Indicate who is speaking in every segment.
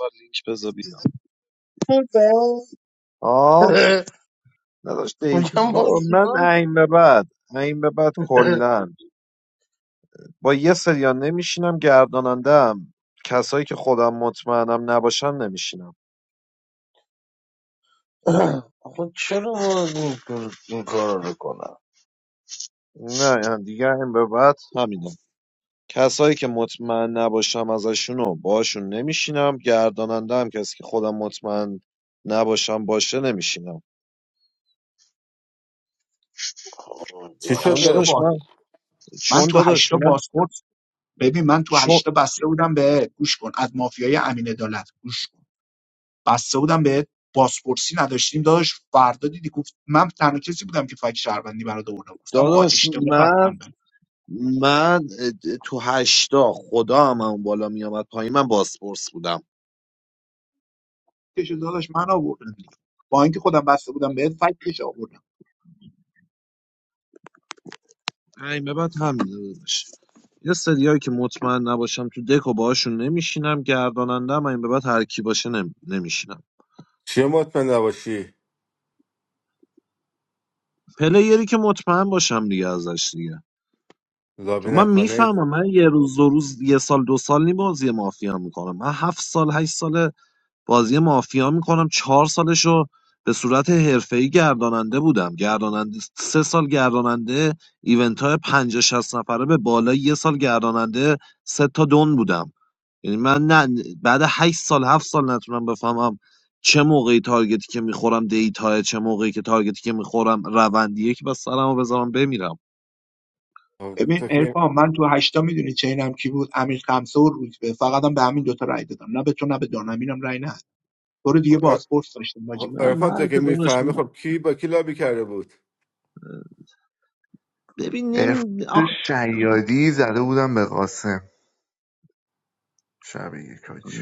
Speaker 1: و لینک بذار بیا
Speaker 2: خدا
Speaker 1: آه نداشت دیتا
Speaker 2: میگم باز
Speaker 1: بابا من
Speaker 2: چیکار
Speaker 1: این به بعد این به بعد کلا با یه سریا نمیشینم گردانندم کسایی که خودم مطمئنم نباشن نمیشینم
Speaker 2: کنم؟ آخه چرا باز این کار این کار رو کنم
Speaker 1: نه یعنی دیگه این به بعد همینه کسایی که مطمئن نباشم ازشونو باشون نمیشینم گرداننده هم کسی که خودم مطمئن نباشم باشه نمیشینم
Speaker 3: چی
Speaker 4: تو
Speaker 1: چون
Speaker 4: هشتا
Speaker 3: شده؟
Speaker 1: داداش
Speaker 4: باز
Speaker 1: من
Speaker 4: من
Speaker 1: چون
Speaker 4: تو
Speaker 1: داداش
Speaker 4: هشتا
Speaker 1: من
Speaker 4: بازپرس ببین من تو
Speaker 1: چون
Speaker 4: هشتا بسته بودم به گوش کن از مافیای امین عدالت گوش کن بسته بودم به بازپرسی نداشتیم داداش فردا دیدی گفت من تنها کسی بودم که فک شهروندی برات آوردم گفتم آقا
Speaker 1: داداش
Speaker 4: اشتباه
Speaker 1: من
Speaker 4: بستم به
Speaker 1: من اه، تو هشتا خدا هم اون بالا میامد پایین من باسپورس بودم
Speaker 4: کش داداش من آوردم دیگه با اینکه خودم بسته بودم بهت فکش آوردم
Speaker 1: این به بعد همینه داداش یه سریایی که مطمئن نباشم تو دکو باشون نمیشینم گرداننده هم این به بعد هر کی باشه نم... نمیشینم
Speaker 3: چیه مطمئن نباشی؟
Speaker 1: پلیری که مطمئن باشم دیگه ازش دیگه
Speaker 3: لابی
Speaker 1: چون من
Speaker 3: نکنید.
Speaker 1: میفهمم من یه روز دو روز یه سال دو سال نی بازی مافیا میکنم من هفت سال هشت سال بازی مافیا میکنم چهار سالشو به صورت حرفه‌ای گرداننده بودم گرداننده سه سال گرداننده ایونت های 50 60 نفره به بالا یه سال گرداننده سه تا دون بودم یعنی من نه بعد 8 سال 7 سال نتونم بفهمم چه موقعی تارگتی که میخورم دیتا چه موقعی که تارگتی که میخورم روندیه که بس سرمو بذارم بمیرم
Speaker 3: خب،
Speaker 4: ببین
Speaker 3: تو که
Speaker 4: ارفان من تو هشتا میدونی چینم کی بود امیر خمسه و روزبه فقط هم به همین دوتا رای دادم نه به تو نه به دانمینم رای نه برو دیگه بازپرس داشتم
Speaker 1: نه
Speaker 3: ارفان تو
Speaker 1: من
Speaker 3: که
Speaker 1: که داداش
Speaker 3: میفهمی
Speaker 1: من-
Speaker 3: خب کی با کی لابی کرده بود
Speaker 1: ببین نمی...
Speaker 5: عرفان
Speaker 1: آخ...
Speaker 5: شیادی زده بودم به قاسم شب یک حاجی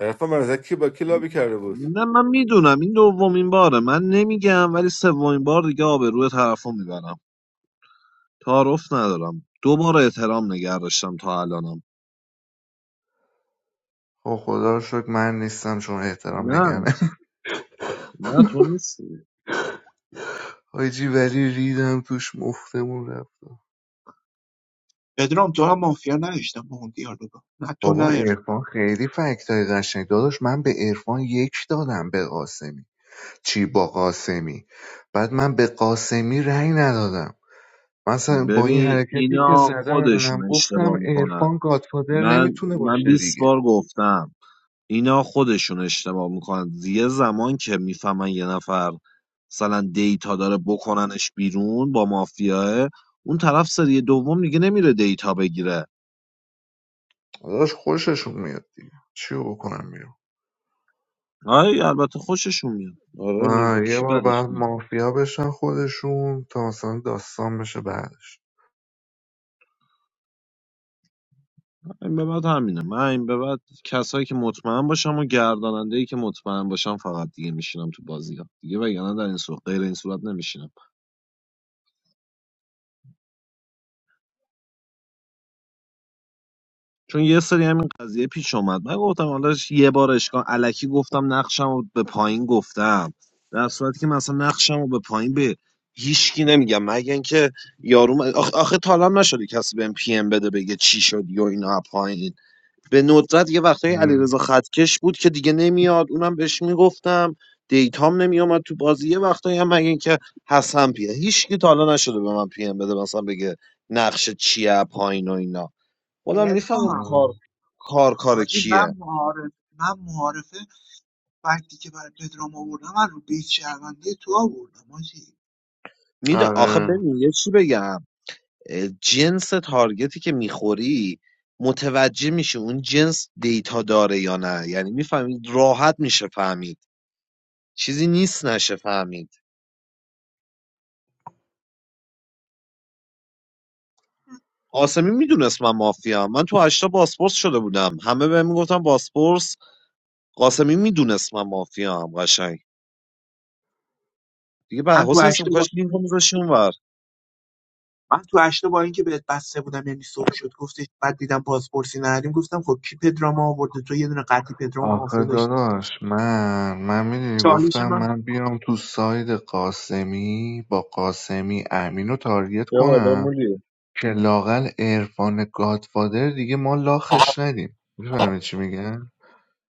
Speaker 3: ارفان من از کی با کی لابی کرده بود
Speaker 1: نه من میدونم این دومین باره من نمیگم ولی سومین بار دیگه آبروی طرفو میبرم تعارف ندارم دو بار احترام نگه داشتم تا الانم
Speaker 5: خب خدا رو شکر من نیستم چون احترام نگرم
Speaker 1: نه نه تو نیستی
Speaker 5: حاجی ولی ریدم توش مفتمون رفت
Speaker 4: پدرام تو هم مافیا نداشتم با اون دیالوگا نه تو نه
Speaker 5: بابا
Speaker 4: ارفان
Speaker 5: عرفان خیلی فکت های قشنگ داداش من به عرفان یک دادم به قاسمی چی با قاسمی بعد من به قاسمی رأی ندادم مثلا با این
Speaker 1: ببین
Speaker 5: حرکتی که
Speaker 1: اینا
Speaker 5: زدم
Speaker 1: خودشون
Speaker 5: گفتم
Speaker 1: اشتباه میکنن
Speaker 5: عرفان گادفادر
Speaker 1: من
Speaker 5: نمیتونه
Speaker 1: من
Speaker 5: باشه
Speaker 1: بیست
Speaker 5: دیگه
Speaker 1: بار گفتم اینا خودشون اشتباه میکنن یه زمان که میفهمن یه نفر مثلا دیتا داره بکننش بیرون با مافیاه اون طرف سری دوم دیگه نمیره دیتا بگیره
Speaker 5: داداش خوششون میاد دیگه چی بکنم بیرون
Speaker 1: آره البته خوششون میاد آره میگه به
Speaker 5: آه، یه
Speaker 1: کی
Speaker 5: بار
Speaker 1: بدش
Speaker 5: بعد
Speaker 1: میاد
Speaker 5: مافیا بشن خودشون تا مثلا داستان بشه بعدش
Speaker 1: این به بعد همینه من این به بعد کسایی که مطمئن باشم و گرداننده ای که مطمئن باشم فقط دیگه میشینم تو بازی ها دیگه وگرنه در این صورت غیر این صورت نمیشینم چون یه سری همین قضیه پیش اومد من گفتم حالا یه بار اشکان الکی گفتم نقشم رو به پایین گفتم در صورتی که مثلا نقشم رو به پایین به هیچکی نمیگم مگه اینکه یارو آخ... آخه, تا الان نشده کسی بهم پی ام بده بگه چی شدی و اینا پایین به ندرت یه وقتای
Speaker 5: مم.
Speaker 1: علیرضا خطکش بود که دیگه نمیاد اونم بهش میگفتم دیتام نمیومد تو بازی یه وقتایی هم مگه اینکه حسن پیه هیچ کی تا حالا نشده به من پی ام بده مثلا بگه نقش چیه پایین و اینا خودم میفهمم
Speaker 4: ارفان
Speaker 1: کار
Speaker 5: مم.
Speaker 1: کار کار
Speaker 4: حاجی
Speaker 1: کیه
Speaker 4: من معارف من معارفه وقتی که برای پدرام آوردم من رو بیت شهروندی تو آوردم حاجی
Speaker 1: میده آخه
Speaker 5: آره
Speaker 1: ببین یه چی بگم اه، جنس تارگتی که میخوری متوجه میشه اون جنس دیتا داره یا نه یعنی میفهمید راحت میشه فهمید چیزی نیست نشه فهمید قاسمی میدونست من مافیا من تو هشتا باسپورس شده بودم همه بهم میگفتن باسپورس قاسمی میدونست من مافیام قشنگ دیگه
Speaker 4: من
Speaker 1: بعد
Speaker 4: تو
Speaker 1: حسین اسم
Speaker 4: هشته با
Speaker 1: کاش لینکو میذاشی اونور
Speaker 4: من تو هشته با اینکه بهت بسته بودم یعنی صبح شد گفتش بعد دیدم پاسپورتی نداریم گفتم خب کی پدرام آورده تو یه دونه قطعی پدرام
Speaker 5: آخه
Speaker 4: مافیا داشتی
Speaker 5: داداش من من میدونی
Speaker 4: چالش
Speaker 5: گفتم
Speaker 4: من
Speaker 5: من بیام تو ساید قاسمی با قاسمی امین رو تارگت
Speaker 1: یا والا
Speaker 5: کنم
Speaker 1: مولی
Speaker 5: که لاقل عرفان گادفادر دیگه ما لاخش ندیم میفهمی چی میگن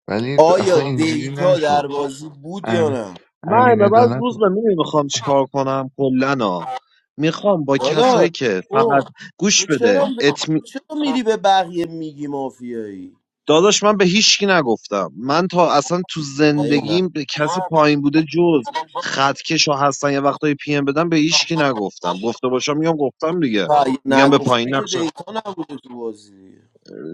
Speaker 5: ولی اصلا
Speaker 6: آیا
Speaker 5: اینجوری
Speaker 6: دیتا
Speaker 5: نشد
Speaker 6: در بازی بود یا
Speaker 5: ام...
Speaker 6: نه
Speaker 1: من
Speaker 5: امین
Speaker 1: اینه بعد
Speaker 5: عدالت
Speaker 1: روز به میدونی میخوام چیکار کنم کلا ها. میخوام با
Speaker 6: داداش
Speaker 1: کسایی که
Speaker 6: او
Speaker 1: فقط گوش
Speaker 6: تو
Speaker 1: بده
Speaker 6: چرا ب... چرا میری به بقیه میگی مافیایی
Speaker 1: داداش من به هیچکی نگفتم من تا اصلا تو
Speaker 6: اگه نه
Speaker 1: زندگیم به کسی پایین بوده جز خطکش ها هستن یه وقتایی پی ام بدم به هیچکی نگفتم گفته باشم میگم گفتم دیگه
Speaker 6: اگه
Speaker 1: میگم به
Speaker 6: نگفتی
Speaker 1: پایین
Speaker 6: که
Speaker 1: نقش
Speaker 6: دیتا نبوده تو بازی دیگه.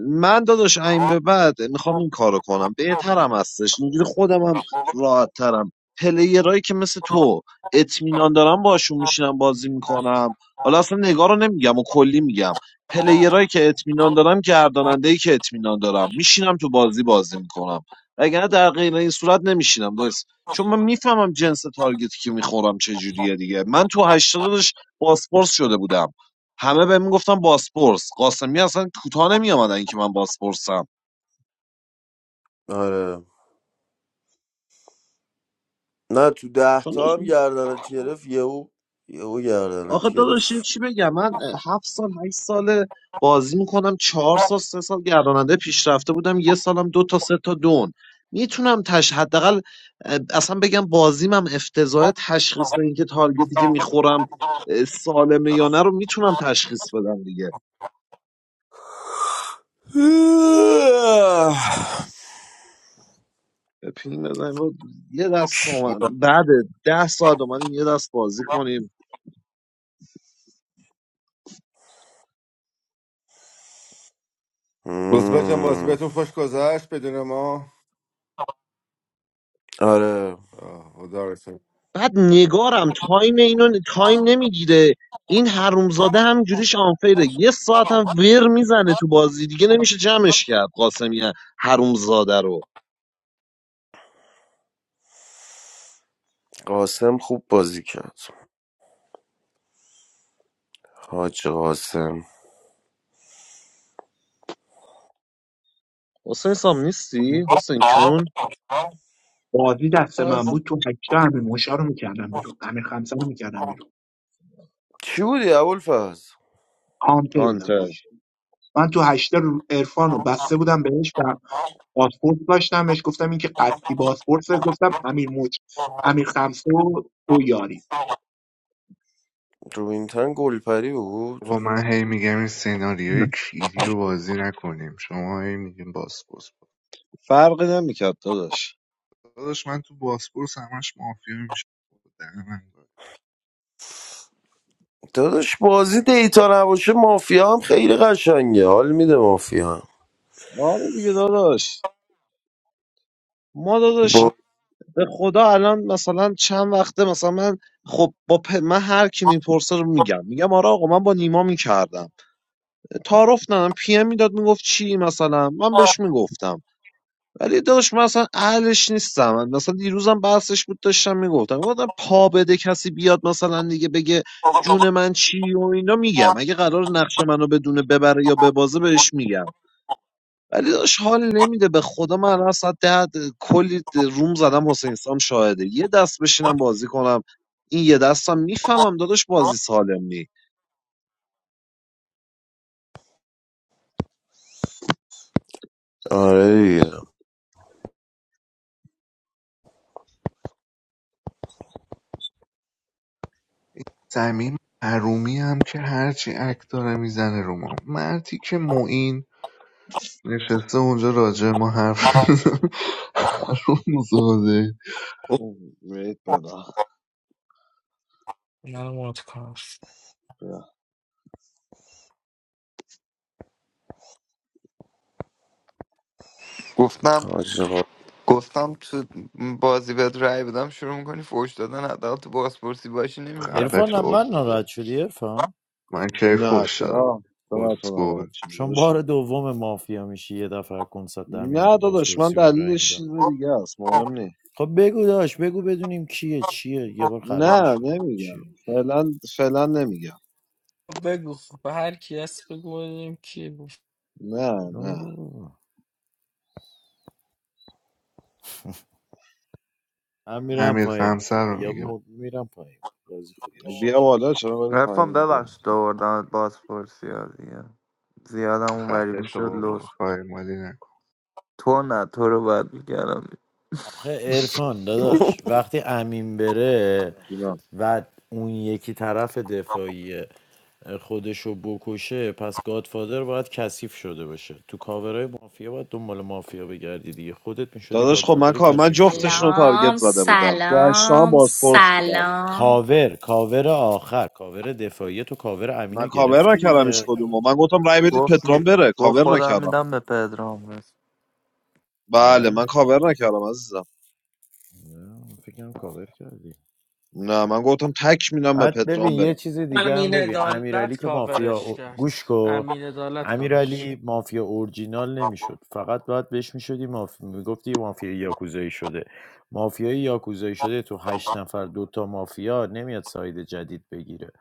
Speaker 1: من داداش این به بعد میخوام این کارو کنم بهترم هستش اینجوری خودم هم راحت ترم پلیرایی که مثل تو اطمینان دارم باشون میشینم بازی میکنم حالا اصلا نگاه رو نمیگم و کلی میگم پلیرایی که اطمینان دارم گرداننده ای که اطمینان دارم میشینم تو بازی بازی میکنم وگرنه در غیر این صورت نمیشینم دوست چون من میفهمم جنس تارگتی که میخورم چجوریه دیگه من تو هشتادش پاسپورت شده بودم همه بهم میگفتن باسپورس قاسمی اصلا کوتاه نمیامدن که من باسپورسم
Speaker 6: آره نه تو ده
Speaker 1: چون
Speaker 6: تا هم گردنت گرفت یهو یهو
Speaker 1: آخه
Speaker 6: گردنت
Speaker 1: داداش یه
Speaker 6: گرفت
Speaker 1: چی بگم من هفت سال هشت سال بازی میکنم چهار سال سه سال گرداننده پیشرفته بودم یه سالم دو تا سه تا دون میتونم تش حداقل اه، اصلا بگم بازیم هم افتضاح تشخیص اینکه تارگتی که میخورم اه، سالمه یا نه رو میتونم تشخیص بدم دیگه بپین بزنیم و یه دست آمد- بعد ده ساعت اومدیم یه دست بازی کنیم
Speaker 3: رزبه جان بازی
Speaker 6: مم.
Speaker 3: بهتون خوش گذشت بدون ما
Speaker 6: آره
Speaker 3: آه، خدا رسون
Speaker 1: بعد نگارم تایم اینو تایم نمیگیره این حرومزاده هم جوریش آنفیره یه ساعت هم ور میزنه تو بازی دیگه نمیشه جمعش کرد قاسمی حرومزاده رو
Speaker 6: قاسم خوب بازی کرد حاج قاسم
Speaker 1: حسین سام نیستی حسین کون
Speaker 4: بازی دست من بود تو هشته همین موشا رو میکردم بیرون همین خمسه رو میکردم بیرون
Speaker 6: چی بودی ابوالفضل
Speaker 4: هانتر بودم
Speaker 1: هانتر
Speaker 4: داشت من تو هشته عرفان رو بسته بودم بهش و پاسپورت داشتمش گفتم این که قطعی پاسپورت گفتم امیر موج امیر خمسه و تو یاری
Speaker 6: روبینتن گلپری بود
Speaker 5: بابا من هی میگم این سناریوی
Speaker 4: نه.
Speaker 5: کلیدی رو بازی نکنیم شما هی میگیم باسپورس
Speaker 1: فرقی نمیکرد داداش
Speaker 5: داداش من تو باسپورس همش مافیا میشه دهن من گاهی.
Speaker 6: داداش بازی دیتا نباشه مافیا هم خیلی قشنگه حال میده مافیا هم
Speaker 1: آره دیگه داداش ما داداش
Speaker 6: با
Speaker 1: به خدا الان مثلا چند وقته مثلا من خب با پ... من هر کی میپرسه رو میگم میگم آره آقا من با نیما میکردم تعارف ندارم پی ام میداد میگفت چی مثلا من بهش میگفتم ولی داداش من اصلا اهلش نیستم من مثلا دیروزم بحثش بود داشتم میگفتم گفتم پا بده کسی بیاد مثلا دیگه بگه جون من چی و اینا میگم اگه قرار نقشه منو بدونه ببره یا ببازه بهش میگم ولی داداش حال نمیده به خدا من الان ساعت ده کلی روم زدم حسین سام شاهده یه دست بشینم بازی کنم این یه دستم میفهمم داداش بازی سالم نی
Speaker 6: آره دیگه
Speaker 5: این صمیم حرومی هم که هرچی اک داره میزنه رو ما مرتی که معین نشسته اونجا راجع به ما حرف می‌زنه. حروم زاده
Speaker 1: اوه، بیایید بالا.
Speaker 7: منو مات کن خب
Speaker 8: گفتم
Speaker 6: حاج آقا.
Speaker 8: گفتم تو بازی بهت رأی بدم شروع میکنی فوش دادن حداقل تو بازپرسی باشی
Speaker 5: خفه
Speaker 8: نمیفهمی
Speaker 9: عرفان
Speaker 5: شو
Speaker 9: من ناراحت
Speaker 5: اسکول
Speaker 9: شدی عرفان
Speaker 5: من کی
Speaker 1: نه
Speaker 5: فوش دارم
Speaker 1: چرا چرا تو ناراحت
Speaker 5: اسکول
Speaker 1: شدی؟
Speaker 9: چون
Speaker 1: داداش
Speaker 9: بار دوم مافیا میشی یه دفعه کنسرت در میام
Speaker 1: نه
Speaker 9: تو
Speaker 1: داداش من
Speaker 9: بازپرسی بهت رای
Speaker 1: دلیلش چیز
Speaker 9: میدم
Speaker 1: دیگه است مهم نیست
Speaker 9: خب بگو داش بگو بدونیم کیه چیه یه بار
Speaker 1: نه
Speaker 9: خرابش کنیم
Speaker 1: نمیگم
Speaker 9: چیه
Speaker 1: فعلا فعلا نمیگم
Speaker 7: بگو خب به هر کی هست بگو ببینیم کی بود
Speaker 1: نه
Speaker 9: نه، نه،
Speaker 1: نه
Speaker 9: نه. نه. من میرم
Speaker 5: امیر
Speaker 9: پایین
Speaker 5: خمسه
Speaker 9: خوبه
Speaker 5: رو
Speaker 9: یا
Speaker 5: میگه
Speaker 9: م- میرم پایین بازی خوبی
Speaker 1: بیا
Speaker 9: باشه.
Speaker 1: بالا چرا بری
Speaker 8: عرفان
Speaker 1: پایین بیا
Speaker 8: ببخشید آوردمت بازپرسی ها دیگه زیادم اونوری
Speaker 5: خفه شو
Speaker 8: میشد
Speaker 5: بابا
Speaker 8: لوس
Speaker 5: خواهی مالی نکن
Speaker 8: تو نه تو رو باید میکردم
Speaker 9: آخه عرفان داداش وقتی امین بره
Speaker 1: جونم
Speaker 9: و اون یکی طرف دفاعی خودشو بکشه پس گادفادر باید کثیف شده باشه تو کاورهای مافیا باید دنبال مافیا بگردی دیگه خودت میشدی
Speaker 1: داداش خب من
Speaker 9: گادفادر
Speaker 1: کار من
Speaker 9: کثیف
Speaker 1: جفتشون رو
Speaker 9: شده
Speaker 1: تارگت
Speaker 10: سلام
Speaker 1: زده بودم تو هشتا هم
Speaker 10: سلام
Speaker 1: بازپرس بودم
Speaker 10: سلام
Speaker 9: کاور کاور آخر کاور دفاعی تو کاور
Speaker 1: من
Speaker 9: امینو
Speaker 1: کاور
Speaker 9: گرفتی
Speaker 1: نکردم هیچ
Speaker 9: دیگه
Speaker 1: کدومو من گفتم رای بدید
Speaker 8: گفت
Speaker 1: پدرام
Speaker 8: می...
Speaker 1: بره
Speaker 8: گفت
Speaker 1: کاور
Speaker 8: خودم
Speaker 1: نکردم
Speaker 8: میدم به پدرام بس.
Speaker 1: بله من
Speaker 9: نه
Speaker 1: کاور نکردم عزیزم
Speaker 9: نه فکرم کاور کردی
Speaker 1: نه من گفتم تک میدم به
Speaker 9: بعد ببین
Speaker 1: پدرام بره
Speaker 9: یه چیز دیگه هم
Speaker 7: امین
Speaker 9: ببین
Speaker 7: عدالت
Speaker 9: امیرعلی که مافیا
Speaker 7: کاورش
Speaker 9: او-
Speaker 7: کرد
Speaker 9: گوش کن
Speaker 7: امین عدالت کاورش کرد
Speaker 9: امیرعلی مافیا اورجینال نمیشد فقط باید بهش میشدی مافیا میگفتی مافیا یاکوزایی شده مافیای یاکوزایی شده تو هشت نفر دوتا مافیا نمیاد ساید جدید بگیره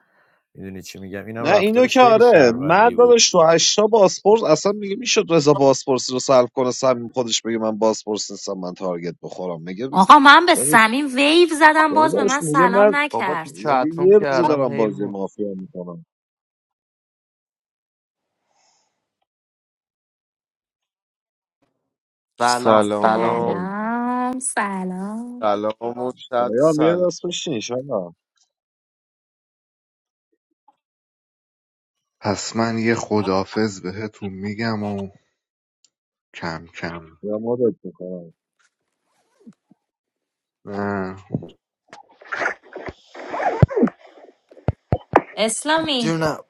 Speaker 9: میدونی چی میگم اینم
Speaker 1: نه اینو
Speaker 9: رفتارش
Speaker 1: که
Speaker 9: خیلی
Speaker 1: آره من
Speaker 9: شهروندی بود
Speaker 1: داداش تو هشتا باسپورس اصلا میگه میشد رضا باسپورس رو سلب کنه سمیم خودش بگه من باسپورس نیستم من تارگت بخورم میگه
Speaker 10: آقا من به
Speaker 1: داداش
Speaker 10: سمین ویو زدم باز به
Speaker 1: داداش
Speaker 10: من
Speaker 1: میگه
Speaker 10: سلام
Speaker 1: من
Speaker 8: بابا تو
Speaker 10: نکرد
Speaker 1: میگه
Speaker 8: چتروم
Speaker 1: یه روزه
Speaker 8: کردم
Speaker 1: دارم بازی
Speaker 8: حیوان
Speaker 1: مافیا میکنم
Speaker 8: سلام سلام
Speaker 6: سلام
Speaker 8: داریم
Speaker 10: سلام سلام
Speaker 6: سلام و صد
Speaker 1: یا بیا
Speaker 6: سلام
Speaker 1: دست بشین شما
Speaker 5: پس من یه خدافز بهتون میگم و کم کم
Speaker 1: یا مدت میکنم
Speaker 5: نه
Speaker 10: اسلامی
Speaker 8: جونم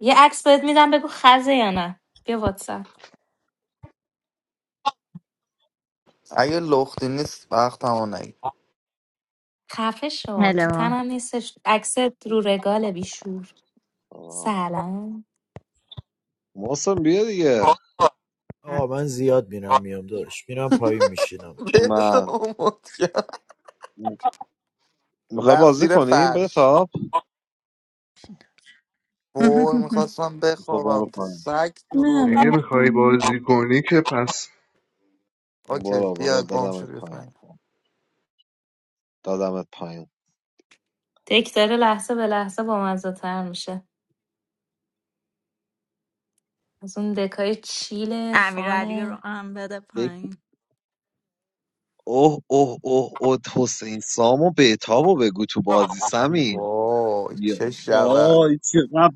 Speaker 10: یه عکس بهت میدم بگو خزه یا نه بیا واتساپ
Speaker 8: اگه لختی نیست وقت همون نگیر
Speaker 10: خفه شو تو
Speaker 11: هلو
Speaker 10: تنم نیستش عکس رو رگال بیشور سلام
Speaker 1: محسن بیا دیگه
Speaker 9: آه من زیاد میرم میام داشت میرم پایین میشینم
Speaker 8: بهتم
Speaker 1: من
Speaker 8: اومد کرد.
Speaker 1: میخوای
Speaker 8: رفت
Speaker 1: بازی
Speaker 8: زیر
Speaker 1: کنیم بده
Speaker 8: فرش
Speaker 1: تاپ
Speaker 8: وای میخواستم
Speaker 1: خب برو
Speaker 8: بخوابم
Speaker 1: پایین
Speaker 8: سگ
Speaker 12: I
Speaker 8: تو
Speaker 12: am a
Speaker 5: اگه
Speaker 8: روحه
Speaker 5: میخوای
Speaker 12: motorhome.
Speaker 5: بازی کنی که پس
Speaker 8: اوکی
Speaker 1: برو برو
Speaker 8: بیا گم شو
Speaker 1: دادمت
Speaker 8: بیا
Speaker 1: پایین
Speaker 8: پایین.
Speaker 1: دادمت پایین
Speaker 10: دک داره لحظه به لحظه با تر میشه از اون دکای چیل
Speaker 11: امیر علی رو
Speaker 10: فانه
Speaker 11: هم بده پایین
Speaker 1: اوه اوه اوه اوه حسین سامو بهتابو بگو تو بازی سمیر
Speaker 8: وای
Speaker 1: بیا.
Speaker 8: چه شود
Speaker 1: آی چقدر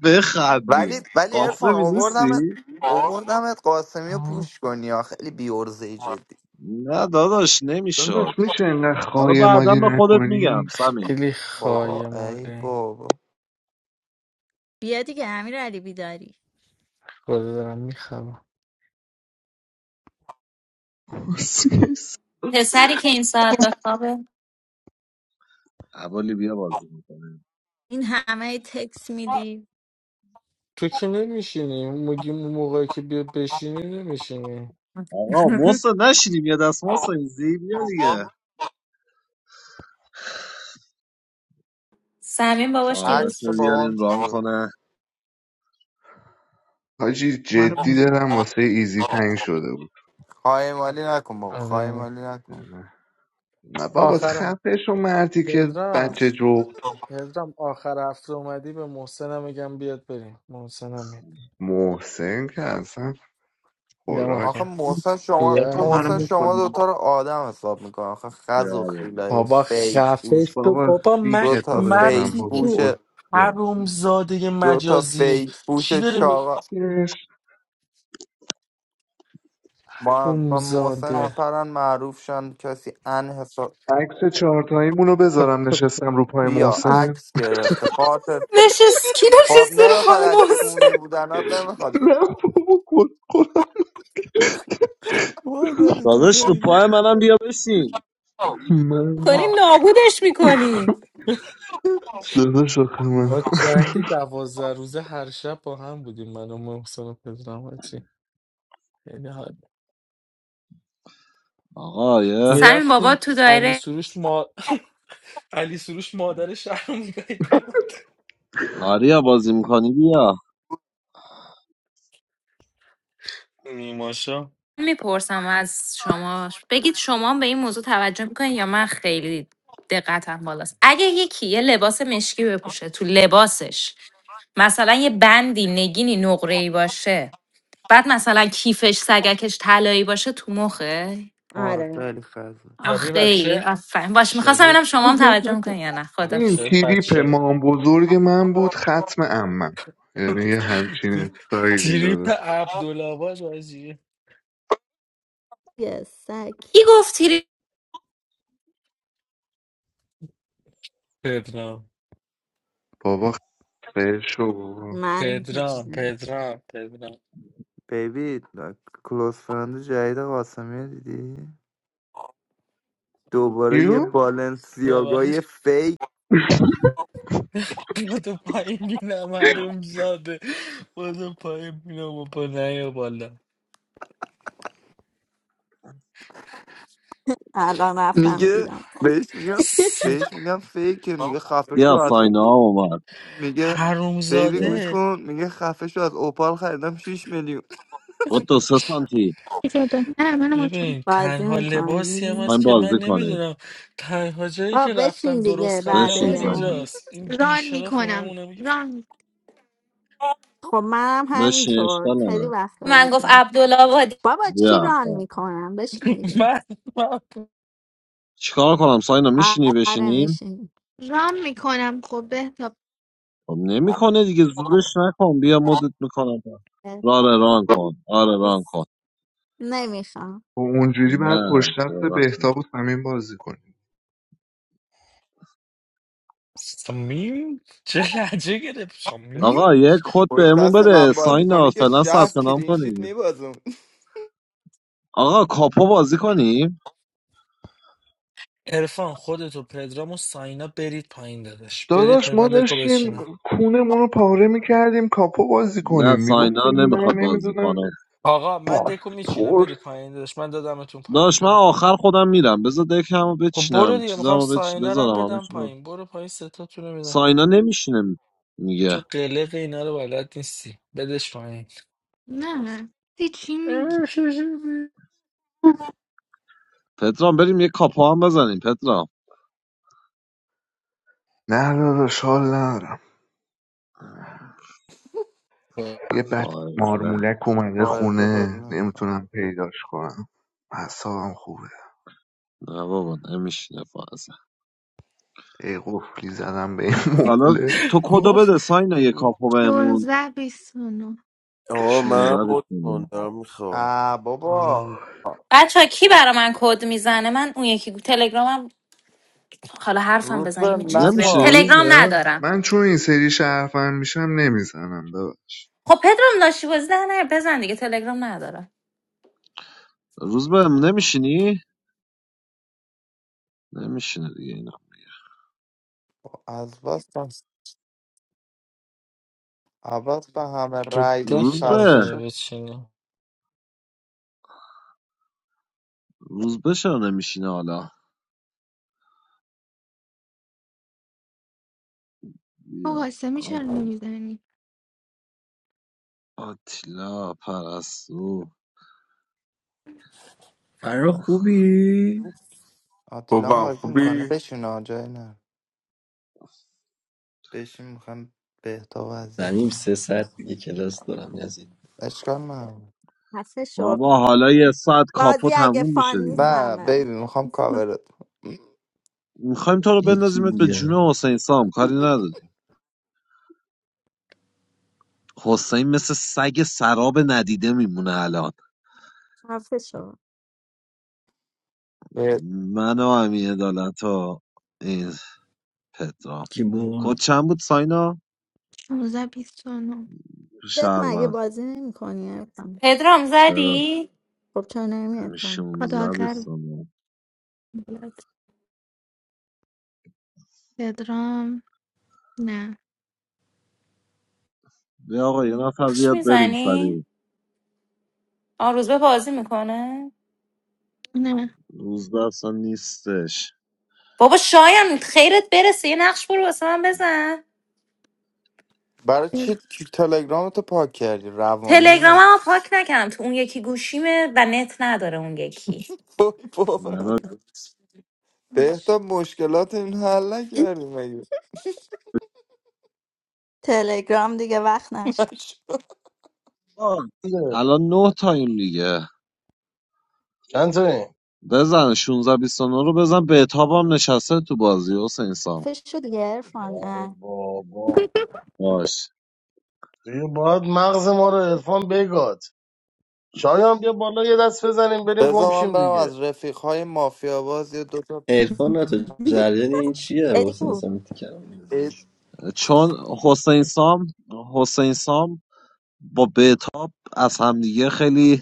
Speaker 8: ولی
Speaker 1: بخندیم
Speaker 8: ولی ارفان
Speaker 1: قاسمی
Speaker 8: اووردمت
Speaker 1: نیستی؟
Speaker 8: اووردمت قاسمی رو
Speaker 7: آه،
Speaker 8: پوش کنی یا خیلی بیورزه جدی
Speaker 1: نه داداش
Speaker 5: داداش
Speaker 1: نمیشد
Speaker 5: میشه اینقدر
Speaker 1: حالا
Speaker 5: خواهی
Speaker 1: بعدا
Speaker 5: مالی
Speaker 1: به خودت میگم
Speaker 5: نکنی
Speaker 1: سمین
Speaker 7: خیلی
Speaker 8: بابا
Speaker 7: خواهی
Speaker 8: ای
Speaker 7: ماله
Speaker 8: بابا
Speaker 11: بیا دیگه امیر علی بیداری
Speaker 7: خدا دارم میخوام
Speaker 10: پسری که این ساعت بخوابه
Speaker 1: اولی بیا بازی میکنیم
Speaker 11: این همه تکس میدی
Speaker 7: تو که نمیشینی میگی اون موقعی که بیا بشینی نمیشینی
Speaker 1: آقا محسن نشینیم یه دست محسن زی بیا دیگه
Speaker 10: سمین باباش
Speaker 1: آرش
Speaker 10: دیروز
Speaker 8: عکس
Speaker 1: رو
Speaker 8: بابام
Speaker 1: بیاریم
Speaker 8: چی
Speaker 1: ران
Speaker 8: شد
Speaker 1: کنه
Speaker 5: حاجی
Speaker 4: منو
Speaker 5: جدی
Speaker 4: بکن.
Speaker 5: دارم واسه ایزی تنگ شده بود
Speaker 8: خواهی مالی نکن بابا خواهی
Speaker 7: آره
Speaker 8: مالی نکن
Speaker 5: نه نه بابا
Speaker 7: آخر
Speaker 5: خفه شو مردی که
Speaker 7: پدرم
Speaker 5: بچه جغد
Speaker 7: پدرم آخر هفته اومدی به محسنم میگم بیاد بریم محسنم میاد
Speaker 5: محسن که اصلا
Speaker 7: میگم
Speaker 8: آخه
Speaker 5: خوراک
Speaker 7: آخر
Speaker 8: محسن شما
Speaker 4: عرفان منو
Speaker 7: بیای
Speaker 8: محسن
Speaker 4: مول
Speaker 8: شما
Speaker 4: کنیم
Speaker 8: دوتا رو آدم حساب میکنه آخه
Speaker 1: بیا
Speaker 8: خز و
Speaker 1: اولی
Speaker 8: خیلایی
Speaker 7: بابا
Speaker 8: فیک
Speaker 7: خفه
Speaker 8: پوش
Speaker 7: شد
Speaker 5: بابا
Speaker 7: بابا
Speaker 5: سی
Speaker 7: من
Speaker 5: که تو
Speaker 8: دوتا
Speaker 5: بزن
Speaker 8: فیک
Speaker 7: مرتی
Speaker 5: بابا
Speaker 7: که
Speaker 8: پوش
Speaker 5: اسکن
Speaker 7: حرومزاده
Speaker 8: دو تا
Speaker 7: مجازی
Speaker 8: فیک پوش
Speaker 7: چی داره می
Speaker 8: چاقا
Speaker 5: کسکش
Speaker 8: با, با محسن
Speaker 7: حرومزاده
Speaker 8: میپرن معروف شن کسی ان حساب
Speaker 5: عکس چهارتاییمون رو بذارم نشستم رو پای
Speaker 8: بیا
Speaker 5: محسن
Speaker 8: عکس گرفته خاطر
Speaker 10: نشست کی
Speaker 8: خب
Speaker 10: نشسته رو
Speaker 8: نمیخواد
Speaker 10: پای
Speaker 8: از
Speaker 10: محسن
Speaker 8: کونی بودنات نمیخواد
Speaker 5: نه
Speaker 8: بگی
Speaker 5: بابا گل خورم
Speaker 7: مادر تو
Speaker 1: داداش رو
Speaker 7: گایده
Speaker 1: پای منم بیا بشین
Speaker 5: من
Speaker 10: کنی نابودش میکنی
Speaker 5: داداش آخه من
Speaker 7: ما جنگ دوازده روزه هر شب با هم بودیم من و محسن و پدرام و چی. خیلی حال
Speaker 1: آقا یه
Speaker 10: سمین بابا
Speaker 7: میرفتیم
Speaker 10: تو
Speaker 7: علی
Speaker 10: دایره
Speaker 7: سروش ما علی سروش مادر شهر میگایدیم
Speaker 1: آریا بازی میکنی بیا
Speaker 7: نیماشا
Speaker 10: میپرسم از شما بگید شما هم به این موضوع توجه میکنین یا من خیلی دقتم بالاست اگه یکی یه لباس مشکی بپوشه تو لباسش مثلا یه بندی نگینی نقره باشه بعد مثلا کیفش سگکش طلایی باشه تو مخه
Speaker 8: آره
Speaker 11: آره
Speaker 8: خیلی خزه
Speaker 10: آخ
Speaker 7: شبیه
Speaker 10: خیلی
Speaker 7: بچه
Speaker 10: آفرین باش میخواستم
Speaker 7: شبیه
Speaker 10: ببینم شما هم توجه میکنین یا نه خدا
Speaker 5: این
Speaker 7: شبیه
Speaker 5: تیریپ
Speaker 7: بچه
Speaker 5: مام بزرگ من بود ختم امم یعنی یه همچین سایلی
Speaker 7: تریپ
Speaker 5: داره
Speaker 7: عبدالعباس بازی
Speaker 11: یه سگ
Speaker 10: کی گفتی
Speaker 7: پدرام
Speaker 5: بابا خشو
Speaker 11: من هیچ
Speaker 7: پدرام
Speaker 11: نه.
Speaker 7: پدرام پدرام
Speaker 8: بیبی کلوز فرند جدید قاسمی رو دیدی دوباره
Speaker 5: یو
Speaker 8: یه بالنسیاگا یه
Speaker 7: ببخش.
Speaker 8: فیک
Speaker 7: بودو پایین بینم حروم زاده بودو پایین بینم و پا نیا بالا
Speaker 11: الان رفتم
Speaker 8: میگه
Speaker 11: دیدم
Speaker 8: بهش میگم
Speaker 7: ست...
Speaker 8: بهش میگم فیکه میگه خفه شو
Speaker 1: بیا
Speaker 8: از
Speaker 1: ساینا اومد
Speaker 8: میگه
Speaker 7: حروم
Speaker 8: بیبی
Speaker 1: بیا.
Speaker 8: گوش
Speaker 7: زاده
Speaker 8: کن میگه خفه شو از اوپال خریدم شیش میلیون
Speaker 1: خود دو سه سانتی
Speaker 13: شده نه منو ماچ کن
Speaker 7: ببین
Speaker 11: بازی
Speaker 7: تنها لباسی هم
Speaker 11: میکنی
Speaker 7: هست
Speaker 1: میخوایم
Speaker 7: که من
Speaker 1: بازی کنید
Speaker 7: نمیدونم تنها جایی
Speaker 11: با
Speaker 7: که
Speaker 11: بشین
Speaker 7: رفتم درست
Speaker 11: دیگه بعد
Speaker 7: خریدم
Speaker 1: بشین
Speaker 11: یه اون
Speaker 1: ساینا
Speaker 13: جدی
Speaker 7: همینجاست این
Speaker 13: ران
Speaker 7: بیشرف رو
Speaker 13: میکنم
Speaker 7: همونه میگه
Speaker 13: ران
Speaker 11: خب منم
Speaker 1: بشین
Speaker 11: همینطور
Speaker 1: اشکال
Speaker 11: خیلی
Speaker 1: نداره
Speaker 11: وقت
Speaker 10: من
Speaker 11: بازی
Speaker 10: گفت
Speaker 11: می
Speaker 10: عبدالله
Speaker 11: بابا چی
Speaker 1: بیا
Speaker 11: ران
Speaker 1: خب
Speaker 11: میکنم بشین دیگه
Speaker 7: من من
Speaker 1: چیکار کنم ساینا میشینی
Speaker 11: آره
Speaker 1: بشینیم
Speaker 11: میشین
Speaker 13: ران میکنم خب بهتاب
Speaker 1: خب نمیکنه دیگه زورش نکن بیا مدت میکنم آره ران کن آره ران کن
Speaker 11: دوست نمیخوام
Speaker 5: و اونجوری
Speaker 1: نه
Speaker 5: بعد پشت دست بهتاب و صمیم بازی کنیم
Speaker 7: سمیم چه لحجه گرفت
Speaker 1: آقا
Speaker 7: سمیم
Speaker 1: یه کد
Speaker 8: پشت
Speaker 1: بهمون
Speaker 8: دست
Speaker 1: بده
Speaker 8: من بازی
Speaker 1: ساینا
Speaker 8: کنی که
Speaker 1: فعلا
Speaker 8: شهر
Speaker 1: ثبت نام
Speaker 8: کلینشیت
Speaker 1: کنیم
Speaker 8: میبازم
Speaker 1: آقا کاپو بازی کنیم
Speaker 7: عرفان خودتو پدرام و ساینا برید پایین دادش برید
Speaker 5: داداش
Speaker 7: پایین
Speaker 5: ما
Speaker 7: من دکو
Speaker 5: داشتیم
Speaker 7: بچینم
Speaker 5: کونمون رو پاره میکردیم کاپو بازی
Speaker 1: نه
Speaker 5: کنیم
Speaker 1: ساینا
Speaker 5: میگفتیم نه
Speaker 1: نمیخواد بازی
Speaker 5: نمیدونم
Speaker 1: کنه
Speaker 7: آقا من دکو میچینم میری
Speaker 5: باسپورس
Speaker 7: پایین دادش من دادمتون پایین
Speaker 1: داش من
Speaker 7: برو پایین
Speaker 1: آخر خودم میرم بذار دکمو
Speaker 7: خب برو
Speaker 1: بچینم
Speaker 7: دیگه میخوام
Speaker 1: چیزامو بچ
Speaker 7: ساینا رو هم
Speaker 1: بذارم همه
Speaker 7: بدم
Speaker 1: چی باز.
Speaker 7: پایین برو پایین ستاتون رو میدم
Speaker 1: ساینا نمیشینه میگه
Speaker 7: تو قلق اینا رو بلد نیستی بدش پایین
Speaker 13: نه دی چی میگی
Speaker 1: پدرام بریم یه کاپو هم بزنیم پدرام
Speaker 5: نه داداش حال ندارم یه بچه
Speaker 1: فازه نه
Speaker 5: مارمولک اومده
Speaker 8: فائزه بازی
Speaker 5: خونه
Speaker 8: نمیکنم
Speaker 5: نمیتونم پیداش کنم حسابم خوبه
Speaker 1: بابا نمیشینه فائزه
Speaker 5: ای قفلی زدم به این
Speaker 1: حالا
Speaker 5: مبله
Speaker 1: تو کدو
Speaker 7: گفت
Speaker 1: بده ساینا یه
Speaker 7: گفت
Speaker 1: کاپو بهمون
Speaker 13: 16 29
Speaker 6: آقا
Speaker 1: 16
Speaker 6: منم بود کن
Speaker 1: بشینیم
Speaker 6: دارم
Speaker 8: آ بابا
Speaker 5: آه.
Speaker 10: بچه ها کی برا من کد میزنه من اون یکی تلگرامم حالا حرفم
Speaker 8: روز به
Speaker 10: بزنیم یه چرتی بهم
Speaker 1: نمیشینی
Speaker 8: نکن
Speaker 1: روز
Speaker 10: تلگرام
Speaker 1: به
Speaker 10: ندارم
Speaker 5: من چون این سری شرفم میشم نمیزنم ببخش
Speaker 10: خب پدرام لاشی بازی در نه بزن دیگه تلگرام ندارم
Speaker 1: روز به نمیشینی نمیشینه دیگه اینا
Speaker 8: از بس بس عباس به همه
Speaker 7: تو
Speaker 8: رای داد
Speaker 7: دک
Speaker 1: روز
Speaker 8: خسته
Speaker 1: به
Speaker 7: نمیتونی
Speaker 8: شد
Speaker 7: بچینم
Speaker 1: روز به چرا نمیشینه حالا
Speaker 13: تو
Speaker 1: بیا
Speaker 13: قاسمی
Speaker 1: آ-
Speaker 13: چرا نمیزنی
Speaker 1: آتیلا پرستو
Speaker 14: فرخ خوبی؟
Speaker 8: آتیلا هم
Speaker 3: خوبم
Speaker 8: بازی میکنه
Speaker 3: خوبی
Speaker 8: بشین ها جای نه بشین میخوام بهتا
Speaker 14: زمیم
Speaker 8: وضعیتش
Speaker 14: سه ساعت دیگه کلاس دارم یزید
Speaker 8: اشکال نه
Speaker 11: خفه شو
Speaker 1: بابا حالا یه ساعت کاپو
Speaker 11: بازی اگه
Speaker 1: تموم میشه
Speaker 11: فان
Speaker 1: دیگه
Speaker 11: نیست من
Speaker 8: نه بیبی
Speaker 11: برم
Speaker 8: میخوام کاورت کنم.
Speaker 1: میخوایم تو رو
Speaker 14: هیچی
Speaker 1: بندازیمت به جون
Speaker 14: دیگه
Speaker 1: حسین سام کاری نداری حسین مثل سگ سراب ندیده میمونه الان
Speaker 11: خفه شو
Speaker 8: اه،
Speaker 1: من و امین عدالت و این پدرام
Speaker 14: کی
Speaker 1: کد
Speaker 14: بود؟
Speaker 1: چند بود ساینا؟
Speaker 13: 16 29
Speaker 11: دت مگه
Speaker 1: شهروند
Speaker 11: بازی نمی کنی
Speaker 10: پدرام
Speaker 1: چرا؟
Speaker 10: زدی
Speaker 11: خب چرا نمی
Speaker 13: خدا
Speaker 1: 16
Speaker 13: آخر
Speaker 1: بیستانه
Speaker 13: بیاد پدرام نه
Speaker 1: بیا آقا یه نفر
Speaker 10: نقش
Speaker 1: بیاد بریم
Speaker 10: میزنی
Speaker 1: سریع
Speaker 10: آن روزبه بازی میکنه
Speaker 13: نه
Speaker 1: روز به اصلا نیستش
Speaker 10: بابا شایان خیرت برسه یه نقش برو واسه من بزن
Speaker 8: برای چی کی- تلگرامتو پاک کردی روانی مگه؟
Speaker 10: تلگرامم پاک نکردم تو اون یکی گوشیمه و نت نداره اون یکی
Speaker 8: وای بابا
Speaker 1: نه
Speaker 8: بهتا
Speaker 13: باش
Speaker 8: مشکلات این حل نکردی
Speaker 11: تلگرام دیگه وقت نش
Speaker 1: آه،
Speaker 2: اصله
Speaker 1: الان نه تایم دیگه
Speaker 2: چند تایی؟
Speaker 1: بزن 16 29 رو بزن به هم نشسته تو بازی حسین سام
Speaker 11: خفه شو دیگه ارفان
Speaker 2: نه
Speaker 11: اه.
Speaker 2: بابا
Speaker 1: باش
Speaker 2: دیگه باید مغز ما رو عرفان بگاد شایان بیا بالا یه دست بزنیم بریم گم
Speaker 8: بذار من
Speaker 2: شیم
Speaker 8: برم
Speaker 2: دیگه
Speaker 8: از رفیق های مافیا باز یه دوتا
Speaker 14: ارفان تو جریان این چیه با حسین
Speaker 11: ادیکو
Speaker 14: سامی تیکرم میزی
Speaker 8: اه،
Speaker 1: چون حسین سام حسین سام با بهتاب از همدیگه خیلی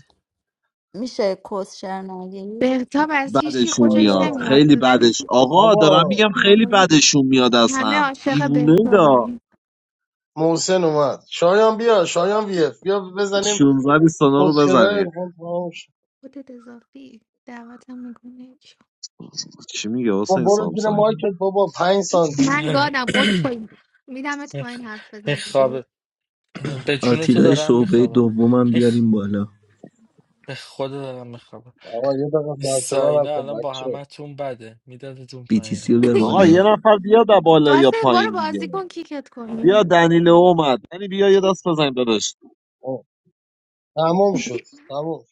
Speaker 11: میشه کسشر نگی
Speaker 13: بهتاب از هیچی
Speaker 1: بدشون
Speaker 13: خوشش
Speaker 1: میاد
Speaker 2: شایان
Speaker 13: نمیاد
Speaker 1: خیلی
Speaker 13: ولی
Speaker 1: بدش آقا دارم
Speaker 2: بابا
Speaker 1: میگم خیلی
Speaker 13: همه
Speaker 1: بدشون میاد از
Speaker 13: همه
Speaker 1: هم
Speaker 13: عاشق
Speaker 1: دیوونه دا
Speaker 13: بهتابن
Speaker 2: محسن اومد شایان بیا شایان ویف بیا بزنیم
Speaker 1: 16 بیستانا رو
Speaker 2: پسکرهای
Speaker 1: بزنید
Speaker 2: عرفان تمام شد
Speaker 13: خودت اضافی دعوتم میکنه
Speaker 1: چی میگه
Speaker 2: با
Speaker 1: حسین
Speaker 2: برو زیر
Speaker 1: سامسایی
Speaker 2: مایکت بابا پنج سانتی
Speaker 13: من
Speaker 7: نه.
Speaker 13: گادم اسکوی میدم پایین حرف
Speaker 7: این
Speaker 13: بزنی
Speaker 7: خوابه به جون تو
Speaker 14: آتیلای
Speaker 7: دارم
Speaker 14: شعبه
Speaker 7: میخوابم
Speaker 14: دومم
Speaker 7: این خ...
Speaker 14: بیاریم بالا
Speaker 7: به خود دارم میخوابم
Speaker 2: آقا یه دقیقه
Speaker 7: این
Speaker 2: سرصدا
Speaker 7: ساینا
Speaker 2: نکن
Speaker 7: الان با
Speaker 2: بچه
Speaker 7: همه تون بده میدادتون پایین
Speaker 14: BTC رو بیار
Speaker 1: آقا
Speaker 7: حواستون
Speaker 14: بالا
Speaker 1: یه نفر بیاد از بالا یا
Speaker 13: قاسم برو
Speaker 1: پایین
Speaker 13: بازی
Speaker 1: دیگه
Speaker 13: کن کیکت
Speaker 1: بیا
Speaker 13: کنی
Speaker 1: دنیل اومد یعنی بیا یه دست بزنیم داداش
Speaker 2: آه، تموم شد تموم شد.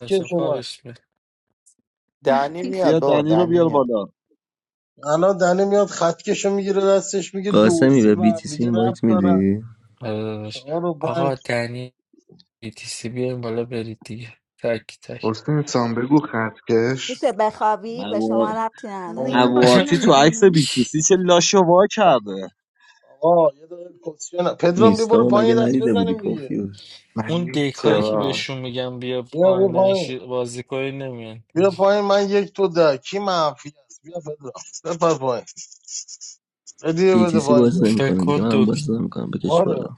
Speaker 7: اصلا
Speaker 2: من
Speaker 7: خوابش می
Speaker 8: دنی میاد
Speaker 1: بیا
Speaker 8: بابا
Speaker 1: دنی رو
Speaker 8: دنی
Speaker 1: بیار
Speaker 8: میاد
Speaker 1: بالا
Speaker 2: الان دنی میاد خطکش رو میگیره دستش میگه دو و
Speaker 14: قاسمی
Speaker 2: سه
Speaker 14: به
Speaker 2: به هم
Speaker 14: BTC
Speaker 2: دیگه ربط
Speaker 14: اینوایت
Speaker 2: دارن
Speaker 14: میدی؟
Speaker 7: آره داداش.
Speaker 2: چهار و
Speaker 7: آقا
Speaker 2: پنج
Speaker 7: دنی BTC بیاین بالا برید دیگه تک تک
Speaker 5: حسین سان بگو خطکش
Speaker 11: میشه بخوابی به شما
Speaker 1: امو-
Speaker 11: ربطی نداره
Speaker 13: زینا
Speaker 2: آه.
Speaker 13: بازی
Speaker 1: امواتی تو عکس
Speaker 13: نمیکنم
Speaker 1: بیتوسی چه لاشو وا کرده
Speaker 2: آقا یه دقیقه کسیه پدرام بیا
Speaker 14: نیستا
Speaker 2: برو
Speaker 14: ما مگه
Speaker 2: پایین یه دست
Speaker 14: ندیده بودی
Speaker 2: بزنیم دیگه
Speaker 14: پوفیوز
Speaker 5: من
Speaker 7: اون دیک هایی
Speaker 5: نیستم
Speaker 7: که
Speaker 1: چرا
Speaker 5: داداش
Speaker 7: بهشون میگم بیا
Speaker 2: بیا بیا
Speaker 7: آنلاین
Speaker 2: پایین
Speaker 7: شی- بازی کنی نمیان
Speaker 2: بیا پایین من یک تو ده کی منفی است بیا پدرام بپر پایین هدیه بده
Speaker 14: BTC
Speaker 2: پایین
Speaker 14: باز
Speaker 2: بیا بابا
Speaker 7: فکر
Speaker 14: نمیکنه دیگه
Speaker 7: کن
Speaker 14: منم
Speaker 7: دکتر
Speaker 14: باز نمیکنم بکش
Speaker 2: بارو
Speaker 14: بالا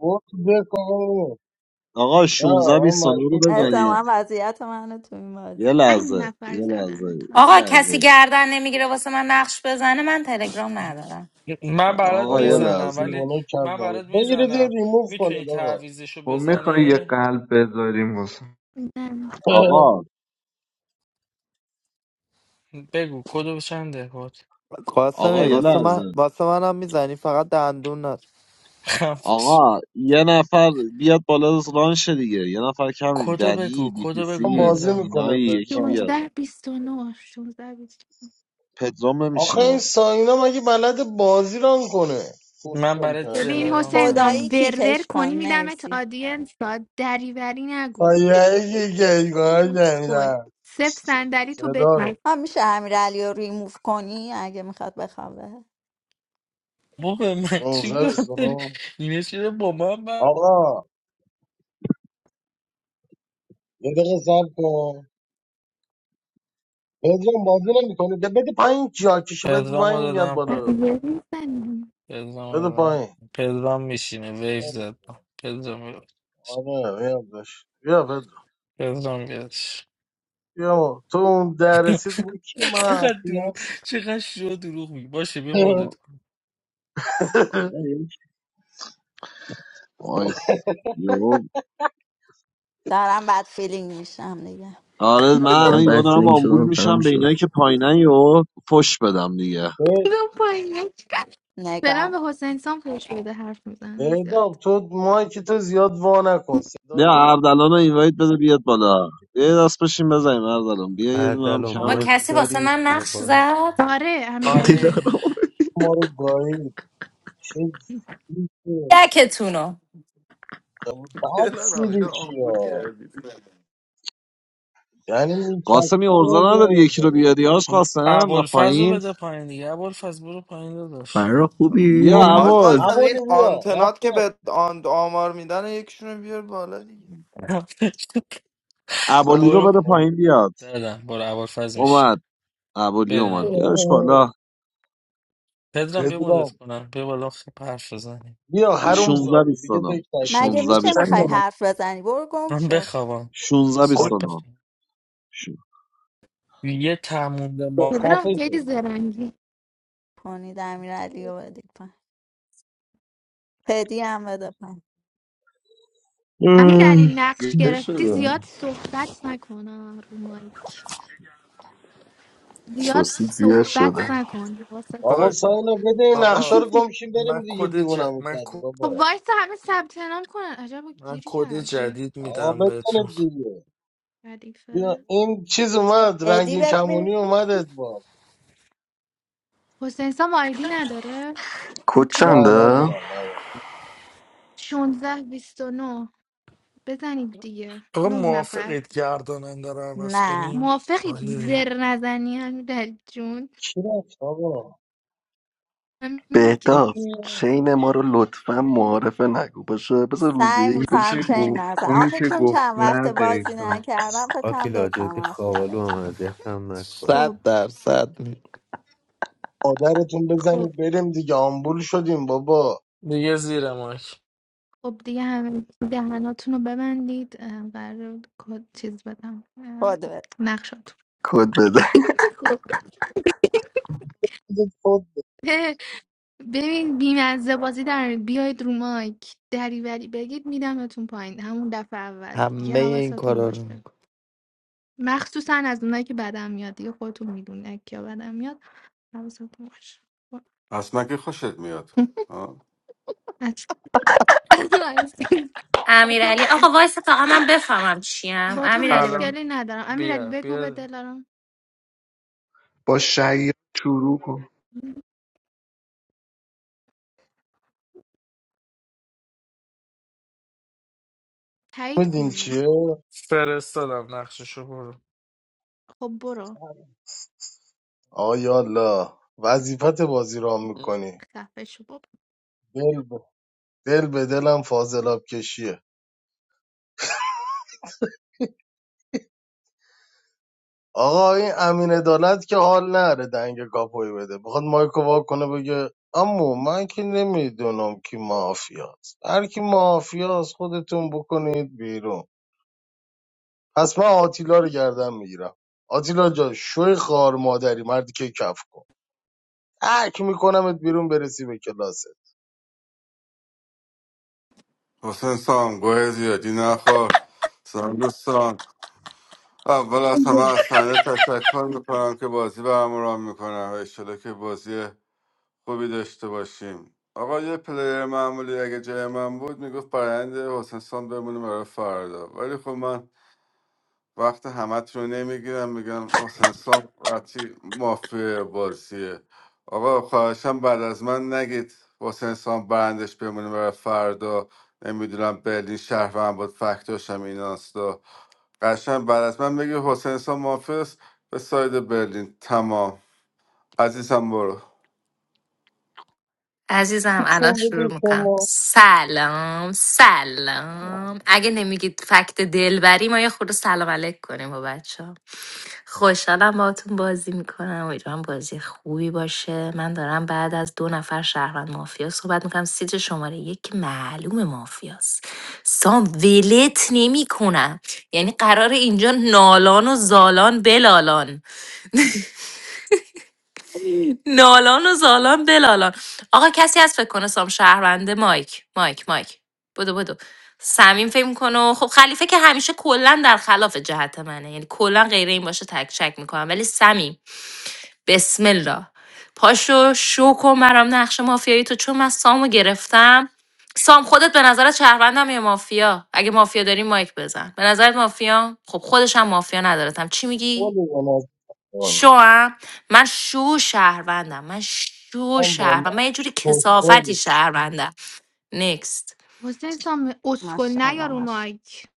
Speaker 2: برو بکن
Speaker 1: آقا
Speaker 2: نه
Speaker 1: 16
Speaker 2: من
Speaker 1: بیستانا رو
Speaker 2: مشکوک
Speaker 1: بزنید
Speaker 11: احتمالا
Speaker 2: نمیشم
Speaker 11: وضعیت منو تو این بازی
Speaker 1: یه
Speaker 13: پنج
Speaker 1: لحظه یه
Speaker 13: نفر
Speaker 1: لحظه
Speaker 13: زدن تا
Speaker 1: یه
Speaker 10: آقا
Speaker 1: لحظه
Speaker 10: کسی گردن نمیگیره واسه من نقش بزنه من تلگرام ندارم
Speaker 7: من برات
Speaker 1: آقا
Speaker 2: بابا
Speaker 1: یه
Speaker 2: این
Speaker 7: میزنم
Speaker 1: لحظه
Speaker 7: ولی
Speaker 2: دیوانه کرد
Speaker 7: من
Speaker 2: ما رو
Speaker 7: برات
Speaker 2: بگیرید یه
Speaker 7: میزنم
Speaker 2: ریموف
Speaker 7: میتونی
Speaker 2: کنید آقا
Speaker 7: تعویزشو
Speaker 5: خب میخوای یه
Speaker 7: بزنی
Speaker 5: قلب بذاریم واسه
Speaker 13: نه
Speaker 1: آقا
Speaker 7: بگو کدو چنده کد
Speaker 1: آقا
Speaker 8: قاسمی
Speaker 1: یه
Speaker 13: بیا.
Speaker 8: واسه من
Speaker 1: لحظه
Speaker 8: واسه منم میزنی فقط دندون نت
Speaker 7: خفش.
Speaker 1: آقا یه نفر بیاد بالا رانشه دیگه یه نفر کمیم
Speaker 7: کدو
Speaker 1: دنی
Speaker 7: بگو
Speaker 1: بی تی
Speaker 7: کدو بگو
Speaker 2: هم
Speaker 1: سی
Speaker 2: بازی
Speaker 7: پدرام
Speaker 2: میکنه
Speaker 1: زینایی یکی
Speaker 2: پدرام
Speaker 1: بیاد
Speaker 13: شانزده بیست و 29 16 بیست.
Speaker 1: پدرام
Speaker 2: آخه این
Speaker 1: نمیشینه
Speaker 2: ساینا مگه بلد بازی ران کنه
Speaker 7: من
Speaker 2: کسول
Speaker 7: برای
Speaker 13: ببین
Speaker 2: کرده
Speaker 7: دلارام
Speaker 13: حسین جان
Speaker 11: خدایی
Speaker 7: زدم
Speaker 13: ورور
Speaker 11: کیکش کن
Speaker 13: کنی میدمت
Speaker 11: مرسی
Speaker 13: آدینس تا دریوری نگو
Speaker 2: خایه گیگاه
Speaker 13: اسکل
Speaker 2: جنگل
Speaker 13: صفر صندلی تو
Speaker 2: صدا
Speaker 13: بتون
Speaker 2: رو
Speaker 11: هم میشه امیرعلی رو ریموف کنی اگه میخواد بخوابه
Speaker 7: بابا من
Speaker 2: 16
Speaker 7: چیکار داری
Speaker 2: 29
Speaker 7: اینه چرا با من بر-
Speaker 2: آقا یه دقیقه سب کن پدرام بازی نمیکنه ده بده پایین جاکشو بده
Speaker 7: پدرام رو
Speaker 2: پایین میاد
Speaker 7: دادم
Speaker 2: بالا
Speaker 7: پایین پدرام رو
Speaker 2: بده
Speaker 7: دادم
Speaker 2: پایین
Speaker 7: پدرام میشینه ویف زد پدرام بیاد
Speaker 2: آره میاد داشت بیا پدرام
Speaker 7: پدرام بیاد
Speaker 2: بیا بابا. تو اون در رسید بگو کی
Speaker 7: چقدر
Speaker 2: مافی
Speaker 7: دروغ
Speaker 2: هست
Speaker 7: چقدر شو دروغ میگی باشه بیا مدت کن
Speaker 1: وایس یو
Speaker 11: دارم بد فیلینگ میشم دیگه
Speaker 1: آره من الان
Speaker 14: من
Speaker 1: یهو
Speaker 14: بعد
Speaker 1: دارم
Speaker 2: مایکته
Speaker 14: فیلم
Speaker 1: آمبول
Speaker 14: شدم تمام
Speaker 1: میشم به
Speaker 14: شد
Speaker 1: اینایی که پایینن یهو فش بدم دیگه
Speaker 13: پایین دلم
Speaker 11: نگار
Speaker 13: به حسین سام خوش بده حرف میزنه زیاد
Speaker 2: بهنام تو مایک تو زیاد وا نکن صدا
Speaker 1: بیا اردلان رو اینوایت بده بیاد بالا بیا یه دست بشین بزنیم اردلان بیا یه دونه هم
Speaker 15: اردل و
Speaker 10: آقا
Speaker 1: کمیم
Speaker 15: مایک
Speaker 10: کسی واسه من
Speaker 15: دارید بیا
Speaker 10: نقش
Speaker 15: بالا
Speaker 10: زد
Speaker 13: آره امیرعلی
Speaker 7: آره
Speaker 14: دلارام
Speaker 2: ما رو گاهی چه زیبه.
Speaker 10: دکتونو
Speaker 2: بد
Speaker 8: دلارام اینو
Speaker 2: سیریکی
Speaker 8: آمبول
Speaker 2: ها
Speaker 8: کردی
Speaker 2: یعنی
Speaker 1: قاسم یه
Speaker 2: میچسته
Speaker 1: ارزه نداری یکی رو
Speaker 2: نمیدونم
Speaker 1: بیاری آش قاسم من
Speaker 7: ابوالفضل رو
Speaker 1: پایین
Speaker 7: بده پایین دیگه ابوالفضل برو پایین داداش
Speaker 14: فرخ
Speaker 2: کو
Speaker 1: بیا
Speaker 14: خوبی؟
Speaker 8: حاج
Speaker 2: عبالی
Speaker 1: عبال
Speaker 8: قاسم این
Speaker 2: عبالی بیا
Speaker 8: آنتنات که
Speaker 2: رفتا
Speaker 8: به آن آمار میدن یکشون رو بیار بالا دیگه
Speaker 2: سب
Speaker 1: عبالی رو
Speaker 7: برو
Speaker 1: بده
Speaker 7: پایین
Speaker 2: کن.
Speaker 1: پایین بیاد
Speaker 7: دادم برو ابوالفضل میشین
Speaker 1: اومد عبالی
Speaker 7: برین
Speaker 1: اومد
Speaker 7: آقا
Speaker 1: بیارش بالا
Speaker 7: پدرام بیا مدت
Speaker 2: پدرام
Speaker 7: کنم بیا بالا خیلی حرف بزنیم
Speaker 2: بیا حروم
Speaker 1: 16
Speaker 2: زاده دیگه
Speaker 1: 29
Speaker 2: تک تکمیل
Speaker 11: مگه
Speaker 2: شد
Speaker 1: 16
Speaker 11: میشه
Speaker 4: چند
Speaker 11: میخوای
Speaker 1: 29
Speaker 4: دارم
Speaker 11: حرف بزنی برو گم
Speaker 7: من
Speaker 11: شو
Speaker 7: بخوابم
Speaker 1: 16
Speaker 7: شب
Speaker 1: 29
Speaker 7: بخیر
Speaker 1: شو.
Speaker 7: یه تموم
Speaker 2: بیا،
Speaker 7: ما
Speaker 2: خفه
Speaker 13: پدرام خیلی
Speaker 2: شد
Speaker 13: زرنگی
Speaker 11: پونید امیرعلی رو بدید پایین پدی هم بده پایین
Speaker 1: ام.
Speaker 13: امیرعلی نقش
Speaker 14: دیگه
Speaker 13: گرفتی
Speaker 14: شده
Speaker 13: زیاد صحبت نکنم رو مایک زیاد
Speaker 14: سوسید زیاد
Speaker 13: صحبت
Speaker 14: شده
Speaker 13: نکن حواست
Speaker 2: بابا
Speaker 7: آقا
Speaker 13: باشه
Speaker 2: ساینا بده این نقشه
Speaker 7: آقا
Speaker 2: رو گمشیم
Speaker 7: من
Speaker 2: بریم دیگه
Speaker 7: کد ج...
Speaker 2: دیوونم
Speaker 7: من
Speaker 2: کرد
Speaker 7: کد
Speaker 13: خب
Speaker 2: بابا
Speaker 13: وایس همه ثبت نام کنن عجب
Speaker 7: من
Speaker 13: گیری
Speaker 7: کد
Speaker 13: کردیم
Speaker 7: جدید
Speaker 2: آقا
Speaker 7: میدم بهتون
Speaker 2: بزنید دیگه بیا
Speaker 13: ردیفه
Speaker 2: این چیز اومد
Speaker 11: ادی
Speaker 2: رنگین
Speaker 11: ببین
Speaker 2: کمونی اومد ادوار
Speaker 13: حسین سام آیدی نداره این
Speaker 14: کد
Speaker 2: نه
Speaker 13: توی
Speaker 14: چنده؟
Speaker 2: ندارم ندارم
Speaker 13: شانزده بیست و نه بزنید دیگه
Speaker 7: آقا
Speaker 13: نه نفر
Speaker 7: موافقید گرداننده رو عوض
Speaker 11: نه
Speaker 7: کنیم
Speaker 13: موافقید
Speaker 7: آره.
Speaker 13: زر نزنی امیرعلی جون
Speaker 2: کی رفت آقا
Speaker 13: همین که
Speaker 14: بهتاب
Speaker 2: یکی
Speaker 13: هست.
Speaker 2: رفت.
Speaker 14: چین ما رو لطفا معارفه نگو باشه بذار روز
Speaker 11: سعی
Speaker 14: یک
Speaker 5: اونی
Speaker 11: میکنم
Speaker 14: بشه
Speaker 5: که
Speaker 14: بگی
Speaker 11: چین
Speaker 5: گفت
Speaker 11: نزن
Speaker 5: اونی
Speaker 11: آخه
Speaker 5: که
Speaker 11: چون
Speaker 5: گفت
Speaker 11: چند وقت
Speaker 5: نه
Speaker 11: بازی
Speaker 5: دیتا
Speaker 11: نکردم فکر کنم
Speaker 15: آتیلا
Speaker 11: دوتا
Speaker 15: جدی
Speaker 11: مافیا
Speaker 15: خوابالو هم
Speaker 11: بتونم
Speaker 15: اذیت هم نکنی
Speaker 8: صد
Speaker 13: خب
Speaker 8: درصد می-
Speaker 2: مادرتون
Speaker 13: خب
Speaker 2: بزنید بریم دیگه آمبول شدیم بابا
Speaker 7: دیگه زیر مایک
Speaker 13: خب دیگه همه دهناتون رو ببندید اه، قرار بود کد چیز بدم
Speaker 11: خود
Speaker 13: اه،
Speaker 11: بده
Speaker 13: نقشاتون
Speaker 14: کد بده
Speaker 13: خب. اه، ببین بیمزه بازی در بیاید رو مایک دریوری بگید میدمتون پایین همون دفعه اول دیگه
Speaker 8: همه این
Speaker 13: حواستون
Speaker 8: کارا رو
Speaker 13: باشه
Speaker 8: میکنه
Speaker 13: مخصوصا از اونایی که بدم میاد دیگه خودتون میدونه کیا بدم میاد حواستون باشه با
Speaker 3: از من که خوشت میاد آه.
Speaker 13: از- با تو
Speaker 10: امیرعلی آقا وایس تا من بفهمم چیم
Speaker 13: با تو
Speaker 10: امیرعلی بگو.
Speaker 7: الان
Speaker 13: مشکلی ندارم امیرعلی
Speaker 7: بیا
Speaker 13: بگو به
Speaker 7: بیا
Speaker 13: دلارم
Speaker 5: با شیاد شروع کن
Speaker 13: تایید
Speaker 2: میدین
Speaker 13: کنید
Speaker 2: چیه
Speaker 7: فرستادم نقششو برو
Speaker 13: خب برو
Speaker 2: آقا یالا وظیفت بازی را میکنی
Speaker 13: خفه شو بابا.
Speaker 2: دل به دل به دلم فاضلاب کشیه آقا این امین عدالت که حال نره دنگ کاپوی بده بخواد مایکو وا کنه بگه امو من که نمیدونم کی مافیاست هر کی مافیاست خودتون بکنید بیرون پس من آتیلا رو گردن میگیرم آتیلا جا شوی خار مادری مردی که کف کن تک میکنمت بیرون برسی به کلاست
Speaker 3: حسین سام گوه زیادی نخور سلام دوستان اول از همه از سنه تشکر میکنم که بازی به همراه میکنم اشتاله که بازی خوبی داشته باشیم آقا یه پلیر معمولی اگه جای من بود میگفت برند حسین سام بمونه برای فردا ولی خب من وقت همت رو نمیگیرم میگم حسین سام وقتی مافیا بازیه آقا خواهشم بعد از من نگید حسین سام برندش بمونه برای فردا نمیدونم برلین شهروند بود فکتاشم ایناستا قشنگ بعد از من بگی حسین سام مافیاست به ساید برلین تمام عزیزم برو
Speaker 10: عزیزم الان
Speaker 2: چون
Speaker 10: شروع
Speaker 2: بودی
Speaker 10: میکنم
Speaker 2: شما
Speaker 10: سلام سلام اگه نمیگید فکت دلبری ما یه خورده سلام علیک کنیم با بچه ها خوشحالم باهاتون بازی میکنم امیدوارم بازی خوبی باشه من دارم بعد از دو نفر شهروند مافیا صحبت میکنم سیت شماره یک که معلوم مافیاست سام ولت نمیکنم یعنی قرار اینجا نالان و زالان بلالان نالان و زالان بلالان آقا کسی هست فکر کنه سام شهرونده مایک مایک مایک بدو بدو سمیم فکر میکنه خب خلیفه که همیشه کلا در خلاف جهت منه یعنی کلا غیر این باشه تک شک میکنم ولی سمیم بسم الله پاشو شو کن برام نقش مافیایی تو چون من سامو گرفتم سام خودت به نظرت شهروندم یا مافیا اگه مافیا داری مایک بزن به نظرت مافیا خب خودش هم مافیا ندارتم چی میگی
Speaker 2: ولی به نظر
Speaker 10: شوم من شو شهروندم من شو
Speaker 2: من با من
Speaker 10: شهروندم من یه جوری کسافتی
Speaker 2: خوشحالی.
Speaker 10: شهروندم نکست
Speaker 13: حسین سام اسکل نیا
Speaker 11: ماشاءالله
Speaker 13: رو
Speaker 11: ماش
Speaker 13: مایک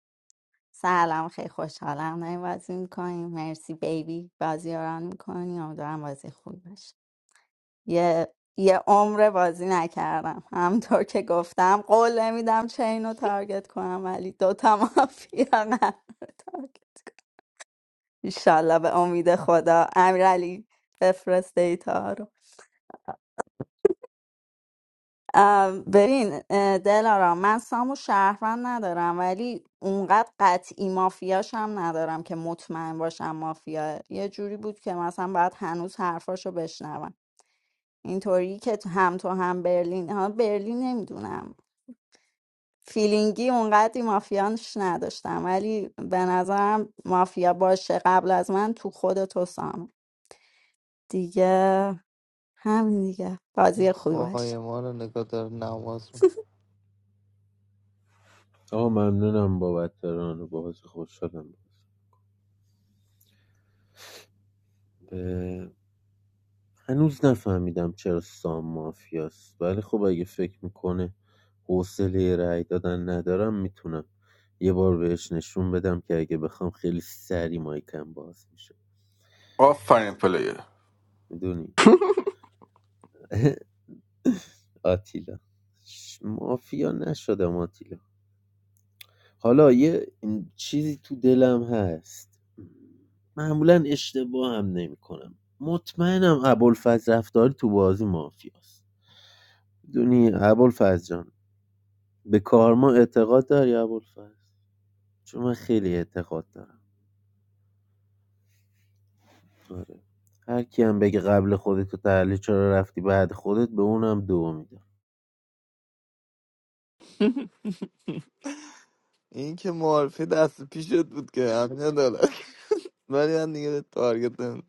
Speaker 11: سلام خیلی خوشحالم داریم بازی میکنیم مرسی بیبی بازی رو ران میکنی امیدوارم بازی خوبی باشه یه یه عمر بازی نکردم همطور که گفتم قول نمیدم چین رو تارگت کنم ولی دوتا مافیا نه ایشالله به امید خدا امیرعلی بفرست دیتا رو ام، ببین اه، دلارام من سامو شهروند ندارم ولی اونقدر قطعی مافیاش هم ندارم که مطمئن باشم مافیاه یه جوری بود که مثلا باید هنوز حرفاشو بشنوم اینطوری که تو- هم تو هم برلین ها برلین نمیدونم فیلینگی اونقدری مافیانش نداشتم ولی به نظرم مافیا باشه قبل از من تو خود تو سام دیگه همین دیگه بازی خوبی
Speaker 8: خواهی
Speaker 11: باشه
Speaker 8: ما رو نگاه داره نماز
Speaker 15: آقا ممنونم بابت ران و بازی خوش شدم به... هنوز نفهمیدم چرا سام مافیاست ولی خب اگه فکر میکنه حوصله رأی دادن ندارم میتونم یه بار بهش نشون بدم که اگه بخوام خیلی سری مایکم باز میشه
Speaker 3: آفرین پلیر
Speaker 15: میدونی آتیلا مافیا نشدم آتیلا حالا یه چیزی تو دلم هست معمولا اشتباه هم نمی‌کنم مطمئنم ابوالفضل رفتاری تو بازی مافیاست می‌دونی ابوالفضل جان به کارما اعتقاد داری ابوالفضل چون من خیلی اعتقاد دارم آره هر کی هم بگه قبل خودت تو تحلیل چرا رفتی بعد خودت به اونم دو میدم
Speaker 8: این که معارفه دست پیشت بود که همین عدالت ولی من دیگه به تارگت نمی‌زنم.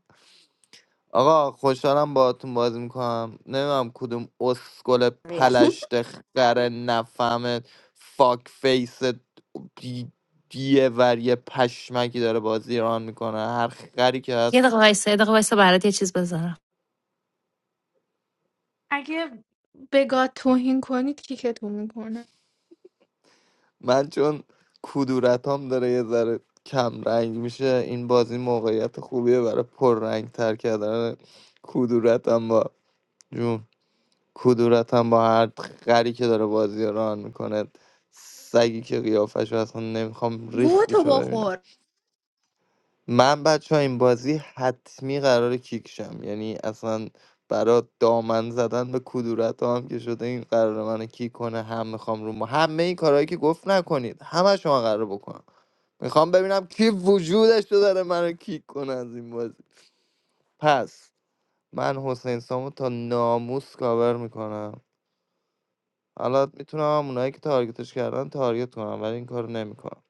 Speaker 8: آقا خوشحالم باهاتون بازی میکنم نمیدونم کدوم اسکل
Speaker 11: بیا.
Speaker 8: پلشت خره نفهمه فاک فیس دی- دیه وری پشمکی داره بازی ایران میکنه هر خری که
Speaker 10: یه
Speaker 8: هست
Speaker 10: دقیقه وایسا یه دقیقه وایسا برات یه چیز بذارم
Speaker 13: اگه به گاد توهین کنید کیکتون میکنه
Speaker 8: من چون کدورتام داره یه ذره کم رنگ میشه این بازی موقعیت خوبیه برای پر رنگ تر کردن کدورتم با جون کدورتم با هر خری که داره بازی رو ران میکنه سگی که قیافش رو اصلا نمیخوام
Speaker 13: گوه تو
Speaker 8: ریختشو ببینم
Speaker 13: بخور
Speaker 8: من بچه ها این بازی حتمی قرار کیکشم یعنی اصلا برا دامن زدن به کدورت هم که شده این قرار منو کیک کنه هم میخوام رو ما همه این کارهایی که گفت نکنید همه شما قرار بکنم میخوام ببینم کی وجودش رو داره منو کیک کنه از این بازی پس من حسین سامو تا ناموس کاور میکنم حالا میتونم اونایی که تارگتش کردن تارگت کنم ولی این کارو نمیکنم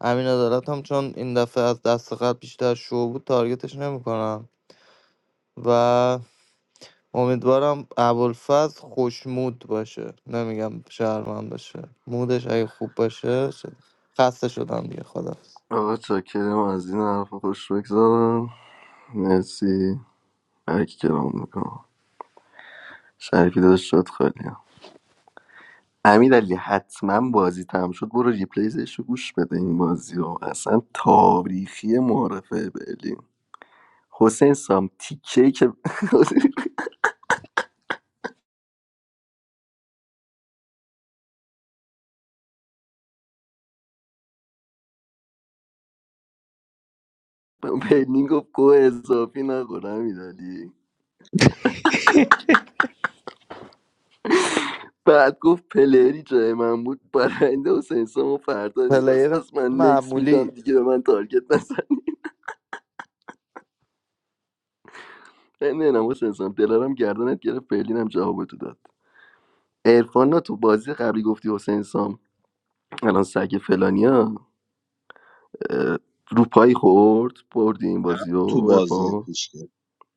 Speaker 8: امین عدالت هم چون این دفعه از دست قبل بیشتر شو بود تارگتش نمیکنم و امیدوارم ابوالفضل خوشمود باشه نمیگم شهرمند باشه مودش اگه خوب باشه شد. خسته شدم دیگه خدا
Speaker 14: آقا چاکرم از این حرف خوش بگذارم مرسی هرکی کرام میکنم شریفی داداش شد خالی امیر علی حتما بازی تم شد برو ریپلیزش رو گوش بده این بازی رو اصلا تاریخی معارفه برلین حسین سام تیکه که برلین گفت گوه اضافی نخور امیر علی. بعد گفت پلری جای من بود برنده حسین سامو فردا میخواست
Speaker 8: پلیر
Speaker 14: پس من نکس میدم
Speaker 8: معمولی
Speaker 14: دیگه به من تارگت نزن نه نه حسین سام دلارم گردنت گرفت برلینم جواب تو داد ارفان تو بازی قبلی گفتی حسین سام الان سگ فلانیا رو پای خورد بردی این بازی رو
Speaker 1: تو بازی
Speaker 14: ارفان
Speaker 1: پیش که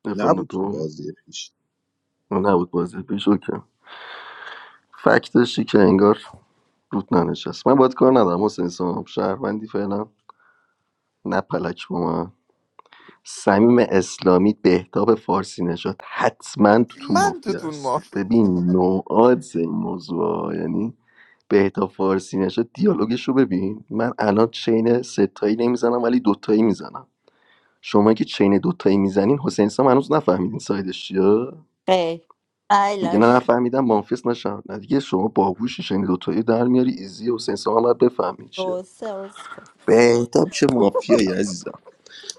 Speaker 14: ارفان
Speaker 1: نبود تو
Speaker 14: تو
Speaker 1: بازی پیش
Speaker 14: نبود بازی پیش اوکم فکتشی که انگار روت ننشست من باید کار ندارم حسین سام شهروندی فعلا نپلک با من صمیم اسلامی بهتاب فارسی نژاد حتما تو تو
Speaker 8: من
Speaker 14: مافیا
Speaker 8: توتون ما
Speaker 14: است ببین نوعات این موضوع ها. یعنی بهتاب فارسی نژاد دیالوگش رو ببین من الان چین ستایی نمیزنم ولی دوتایی میزنم شما که چین دوتایی میزنین حسین سام هنوز نفهمیدین سایدش چیه
Speaker 11: خیلی
Speaker 14: میگه نه
Speaker 11: ایلاشی
Speaker 14: نفهمیدم مانفیس نشم نه دیگه شما باهوشی چین دوتایی در میاری ایزی حسین سام هم باید بفهمید چیه
Speaker 11: دو سه عضو گفت
Speaker 14: بهتاب چه مافیایی عزیزم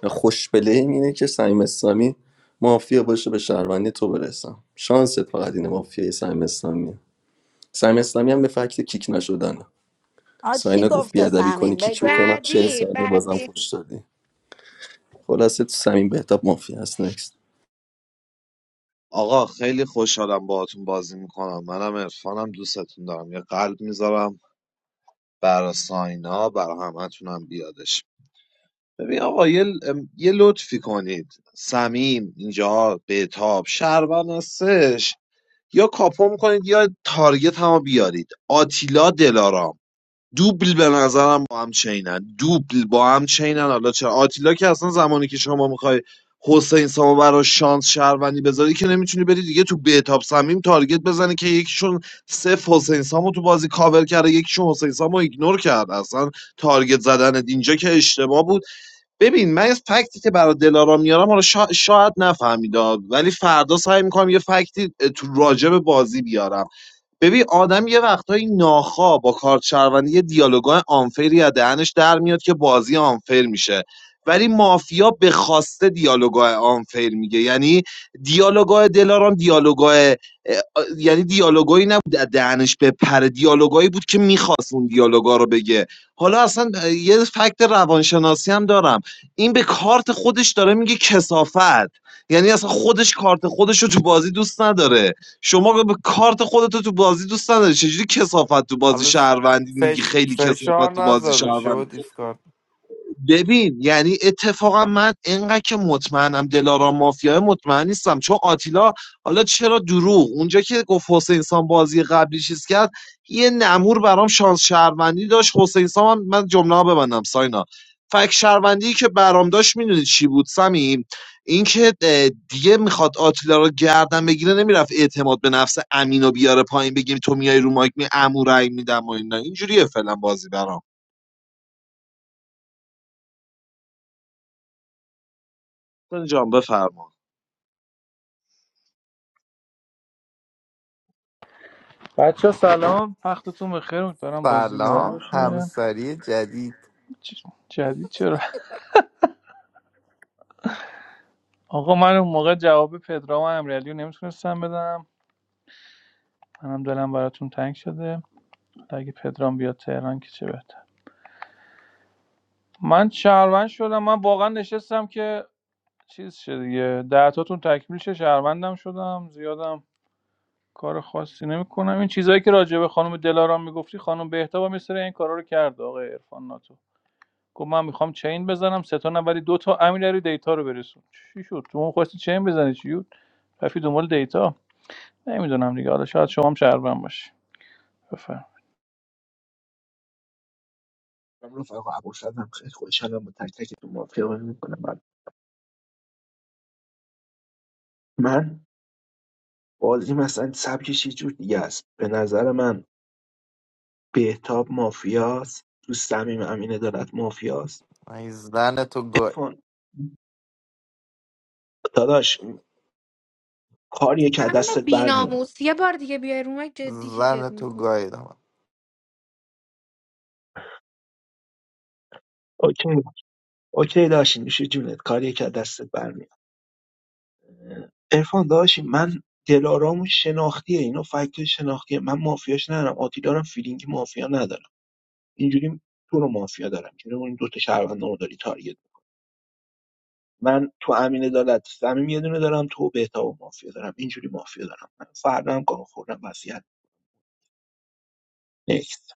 Speaker 14: خوش بلیم اینه که سعیم اسلامی مافیا باشه به شهروندی تو برسم شانست فقط اینه مافیای سعیم اسلامی سعیم اسلامی هم به فکت کیک نشدنه
Speaker 11: آ چی
Speaker 14: ساینا گفت
Speaker 11: گفته
Speaker 14: بیادبی کنی
Speaker 11: سمین
Speaker 14: کیک
Speaker 11: بگو
Speaker 14: میکنم چهل
Speaker 13: بعدی
Speaker 14: ثانیه بازم
Speaker 13: بعدی
Speaker 14: فوش دادی خلاصه تو سمین بهتاب مافیا هست نکست
Speaker 1: آقا خیلی خوشحالم باهاتون بازی میکنم منم عرفانم دوستتون دارم یه قلب میذارم برا ساینا برا همتونم بیادش ببین آقا یه, ام، یه لطفی کنید سمیم اینجا بهتاب شهروند هستش یا کاپو میکنید یا تارگت هم بیارید آتیلا دلارام دوبل به نظرم با هم چینن دوبل با هم چینن حالا چرا آتیلا که اصلا زمانی که شما میخوای حسین سامو برای شانس شهروندی بذاری که نمیتونی بری دیگه تو بهتاب سمیم تارگت بزنی که یکیشون صفر حسین سامو تو بازی کاور کرده یکیشون حسین سامو ایگنور کرد اصلا تارگت زدن اینجا که اشتباه بود ببین من از فکتی که برای دلارا میارم حالا شا- شاید نفهمیدا ولی فردا سعی میکنم یه فکتی اه، تو راجع بازی بیارم ببین آدم یه وقتایی ناخواه با کارت شهروندی یه دیالوگای آنفری از دهنش در میاد که بازی آنفر میشه ولی مافیا به خواسته دیالوگای آنفر میگه یعنی دیالوگای دلارام دیالوگای اه، آ- یعنی دیالوگایی نبود از دهنش به پر دیالوگایی بود که میخواست اون دیالوگا رو بگه حالا اصلا اه، یه فکت روانشناسی هم دارم این به کارت خودش داره میگه کسافت یعنی اصلا خودش کارت خودش رو تو بازی دوست نداره شما به به کارت خودتو تو بازی دوست نداری چجوری کسافت تو بازی
Speaker 8: حالا س-
Speaker 1: شهروندی میگی
Speaker 8: فش...
Speaker 1: خیلی
Speaker 8: فشار
Speaker 1: کسافت تو بازی
Speaker 8: نذار روش
Speaker 1: شهروند
Speaker 8: و دیسکارد
Speaker 1: ببین یعنی اتفاقا من اینقدر که مطمئنم دلارام مافیای مطمئن نیستم چون آتیلا حالا چرا دروغ اونجا که گفت حسین سام بازی قبلی چیز کرد یه نمور برام شانس شهروندی داشت حسین سام هم من جمله ها ببندم ساینا فک شهروندی که برام داشت میدونی چی بود سمیم اینکه اه، دیگه میخواد آتیلا رو گردن بگیره نمیرفت اعتماد به نفس امینو بیاره پایین بگیم تو میای رو مایک می امو رای میدم و اینا اینجوریه فعلا بازی برام جان بفرما
Speaker 16: بچه ها سلام وقتتون بخیر امیدوارم بازی به حال
Speaker 8: سلام
Speaker 16: باشه
Speaker 8: همسری جدید
Speaker 16: چ- جدید چرا آقا من اون موقع جواب پدرام و امیرعلی رو نمیتونستم بدم منم دلم براتون تنگ شده اگه پدرام بیاد تهران که چه بهتر من شهروند شدم من واقعا نشستم که چیز شه دیگه دهتاتون تکمیل شه شهروندم شدم زیادم کار خاصی نمیکنم این چیزایی که راجع به خانم دلارام میگفتی خانم بهتاب هم یه سری این کارا رو کرد آقای عرفان ناتو گفت من میخوام چین بزنم سه تا نه ولی دو تا امیرعلی دیتا رو برسون چی شد شما خواستی چین بزنی چی بود رفتی دنبال دیتا نمیدونم دیگه حالا شاید شما هم شهروند باشی بفرم
Speaker 4: رفقا ابوالفضلم خیلی خوشحالم با تک تکتون. من بازی مثلا سبکش یه جور دیگه است به نظر من بهتاب مافیاست تو صمیم امین دارد مافیاست
Speaker 8: ای زن تو
Speaker 4: کن. کار-
Speaker 13: همون بیناموس یه بار دیگه بیای رو مایک جدی
Speaker 8: زن
Speaker 13: کیکت
Speaker 8: تو
Speaker 13: میکنه
Speaker 8: گاییدم
Speaker 4: اوکی اوکی داشتی میشه جونت کاری که از دستت برمیاد عرفان داداشی من دلارامو شناختیه اینا فکت شناختیه من مافیاش ندارم آتیلا رو هم فیلینگ مافیا ندارم اینجوری تو رو مافیا دارم که اون دو تا شهروند رو داری تارگت من تو امین عدالت صمیم یه دونه دارم تو بهتاب و مافیا دارم اینجوری مافیا دارم من فردا هم گام خوردم وصیت نکست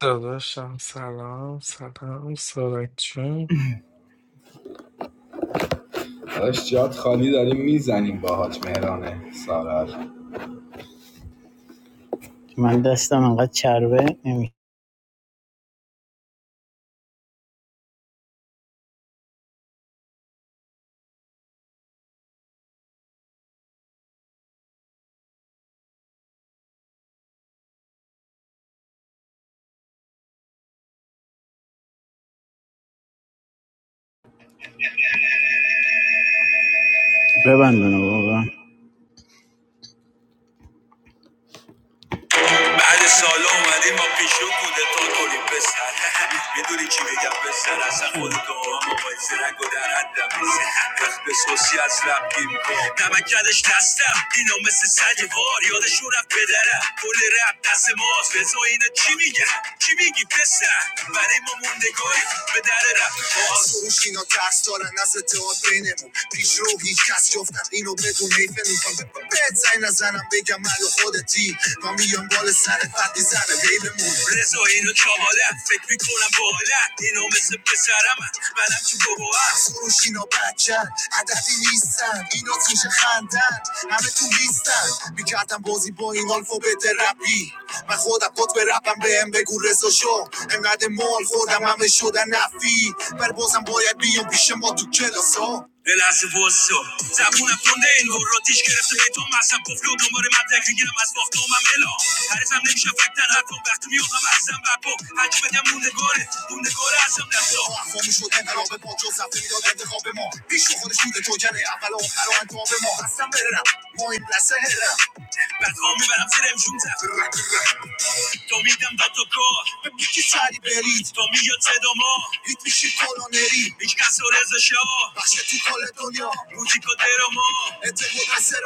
Speaker 7: داداشم سلام سلام سارک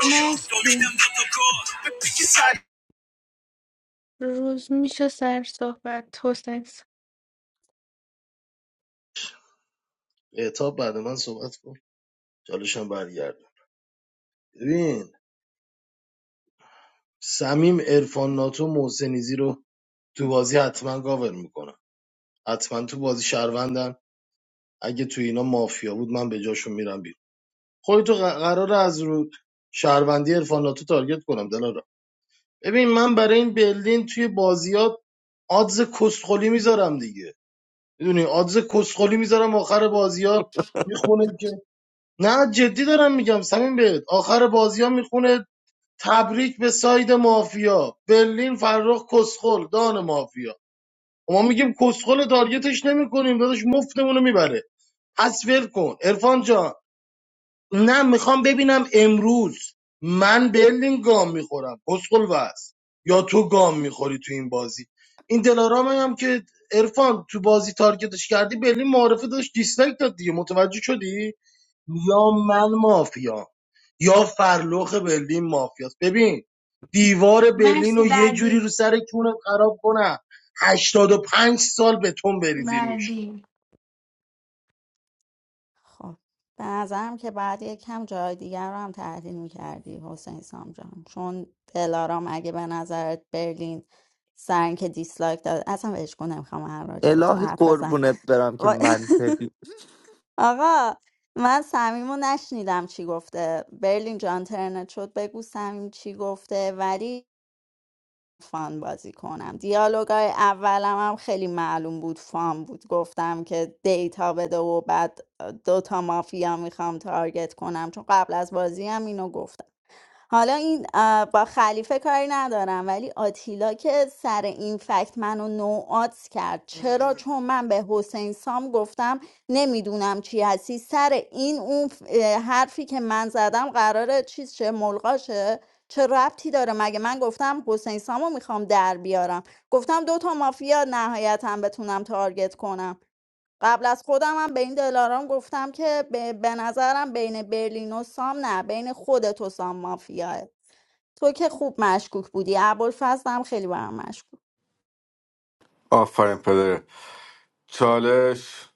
Speaker 13: مرسی روز میشه سر صحبت حسین سام.
Speaker 2: اعتاب بعد من صحبت کن چالشم برگرد ببین صمیم عرفان ناتو محسنیزی رو تو بازی حتما کاور میکنم حتما تو بازی شهروندن اگه تو اینا مافیا بود من به جاشون میرم بیرون خودتو قراره از رو شهروندی عرفان ناتو تارگت کنم دلارا ببین من برای این برلین توی بازیات آدز کسخلی میذارم دیگه میدونی آدز کسخلی میذارم آخر بازی ها میخونه که نه جدی دارم میگم سمین بهت آخر بازی ها میخونه تبریک به ساید مافیا برلین فرخ کسخل دان مافیا و ما میگیم کسخل تارگتش نمیکنیم داداش مفتمون رو میبره پس ول کن ارفان جان نه میخوام ببینم امروز من برلین گام میخورم کسخل وز یا تو گام میخوری تو این بازی این دلارام هم که ارفان تو بازی تارگتش کردی برلین معرفه داشت دیسلایک داد دیگه متوجه شدی یا من مافیا یا فرلوخ برلین مافیاست ببین دیوار برلین
Speaker 13: مرسی
Speaker 2: رو یه جوری
Speaker 13: بعدی
Speaker 2: رو سر کونت خراب کنم 85 سال به بریزی روش
Speaker 13: بعدی
Speaker 11: خب به نظرم که بعد یکم جای دیگر رو هم تحلیل میکردی حسین سام جان چون دلارام اگه به نظرت برلین سر که دیسلایک داد اصلا بهش نمیخوام هر راجع به تو
Speaker 8: الهی
Speaker 11: حرف بزنم
Speaker 8: قربونت برم که
Speaker 11: وای.
Speaker 8: من
Speaker 11: آقا من صمیم رو نشنیدم چی گفته برلین جان ترنت شد بگو صمیم چی گفته ولی فان بازی کنم دیالوگای اولم هم خیلی معلوم بود فان بود گفتم که دیتا بده و بعد دوتا مافیا میخوام تارگت کنم چون قبل از بازی هم اینو گفتم حالا این اه، با خلیفه کاری ندارم ولی آتیلا که سر این فکت منو نوعات کرد چرا چون من به حسین سام گفتم نمیدونم چی هستی سر این اون ف- اه، حرفی که من زدم قراره چیز چه ملغاشه چه ربطی داره مگه من گفتم حسین سامو میخوام در بیارم گفتم دو تا مافیا نهایتا بتونم تارگت کنم قبل از خودم هم به این دلارام گفتم که به, به نظرم بین برلین و سام نه بین خودت و سام مافیاه تو که خوب مشکوک بودی ابوالفضل هم خیلی برام مشکوک
Speaker 3: آفرین پدر چالش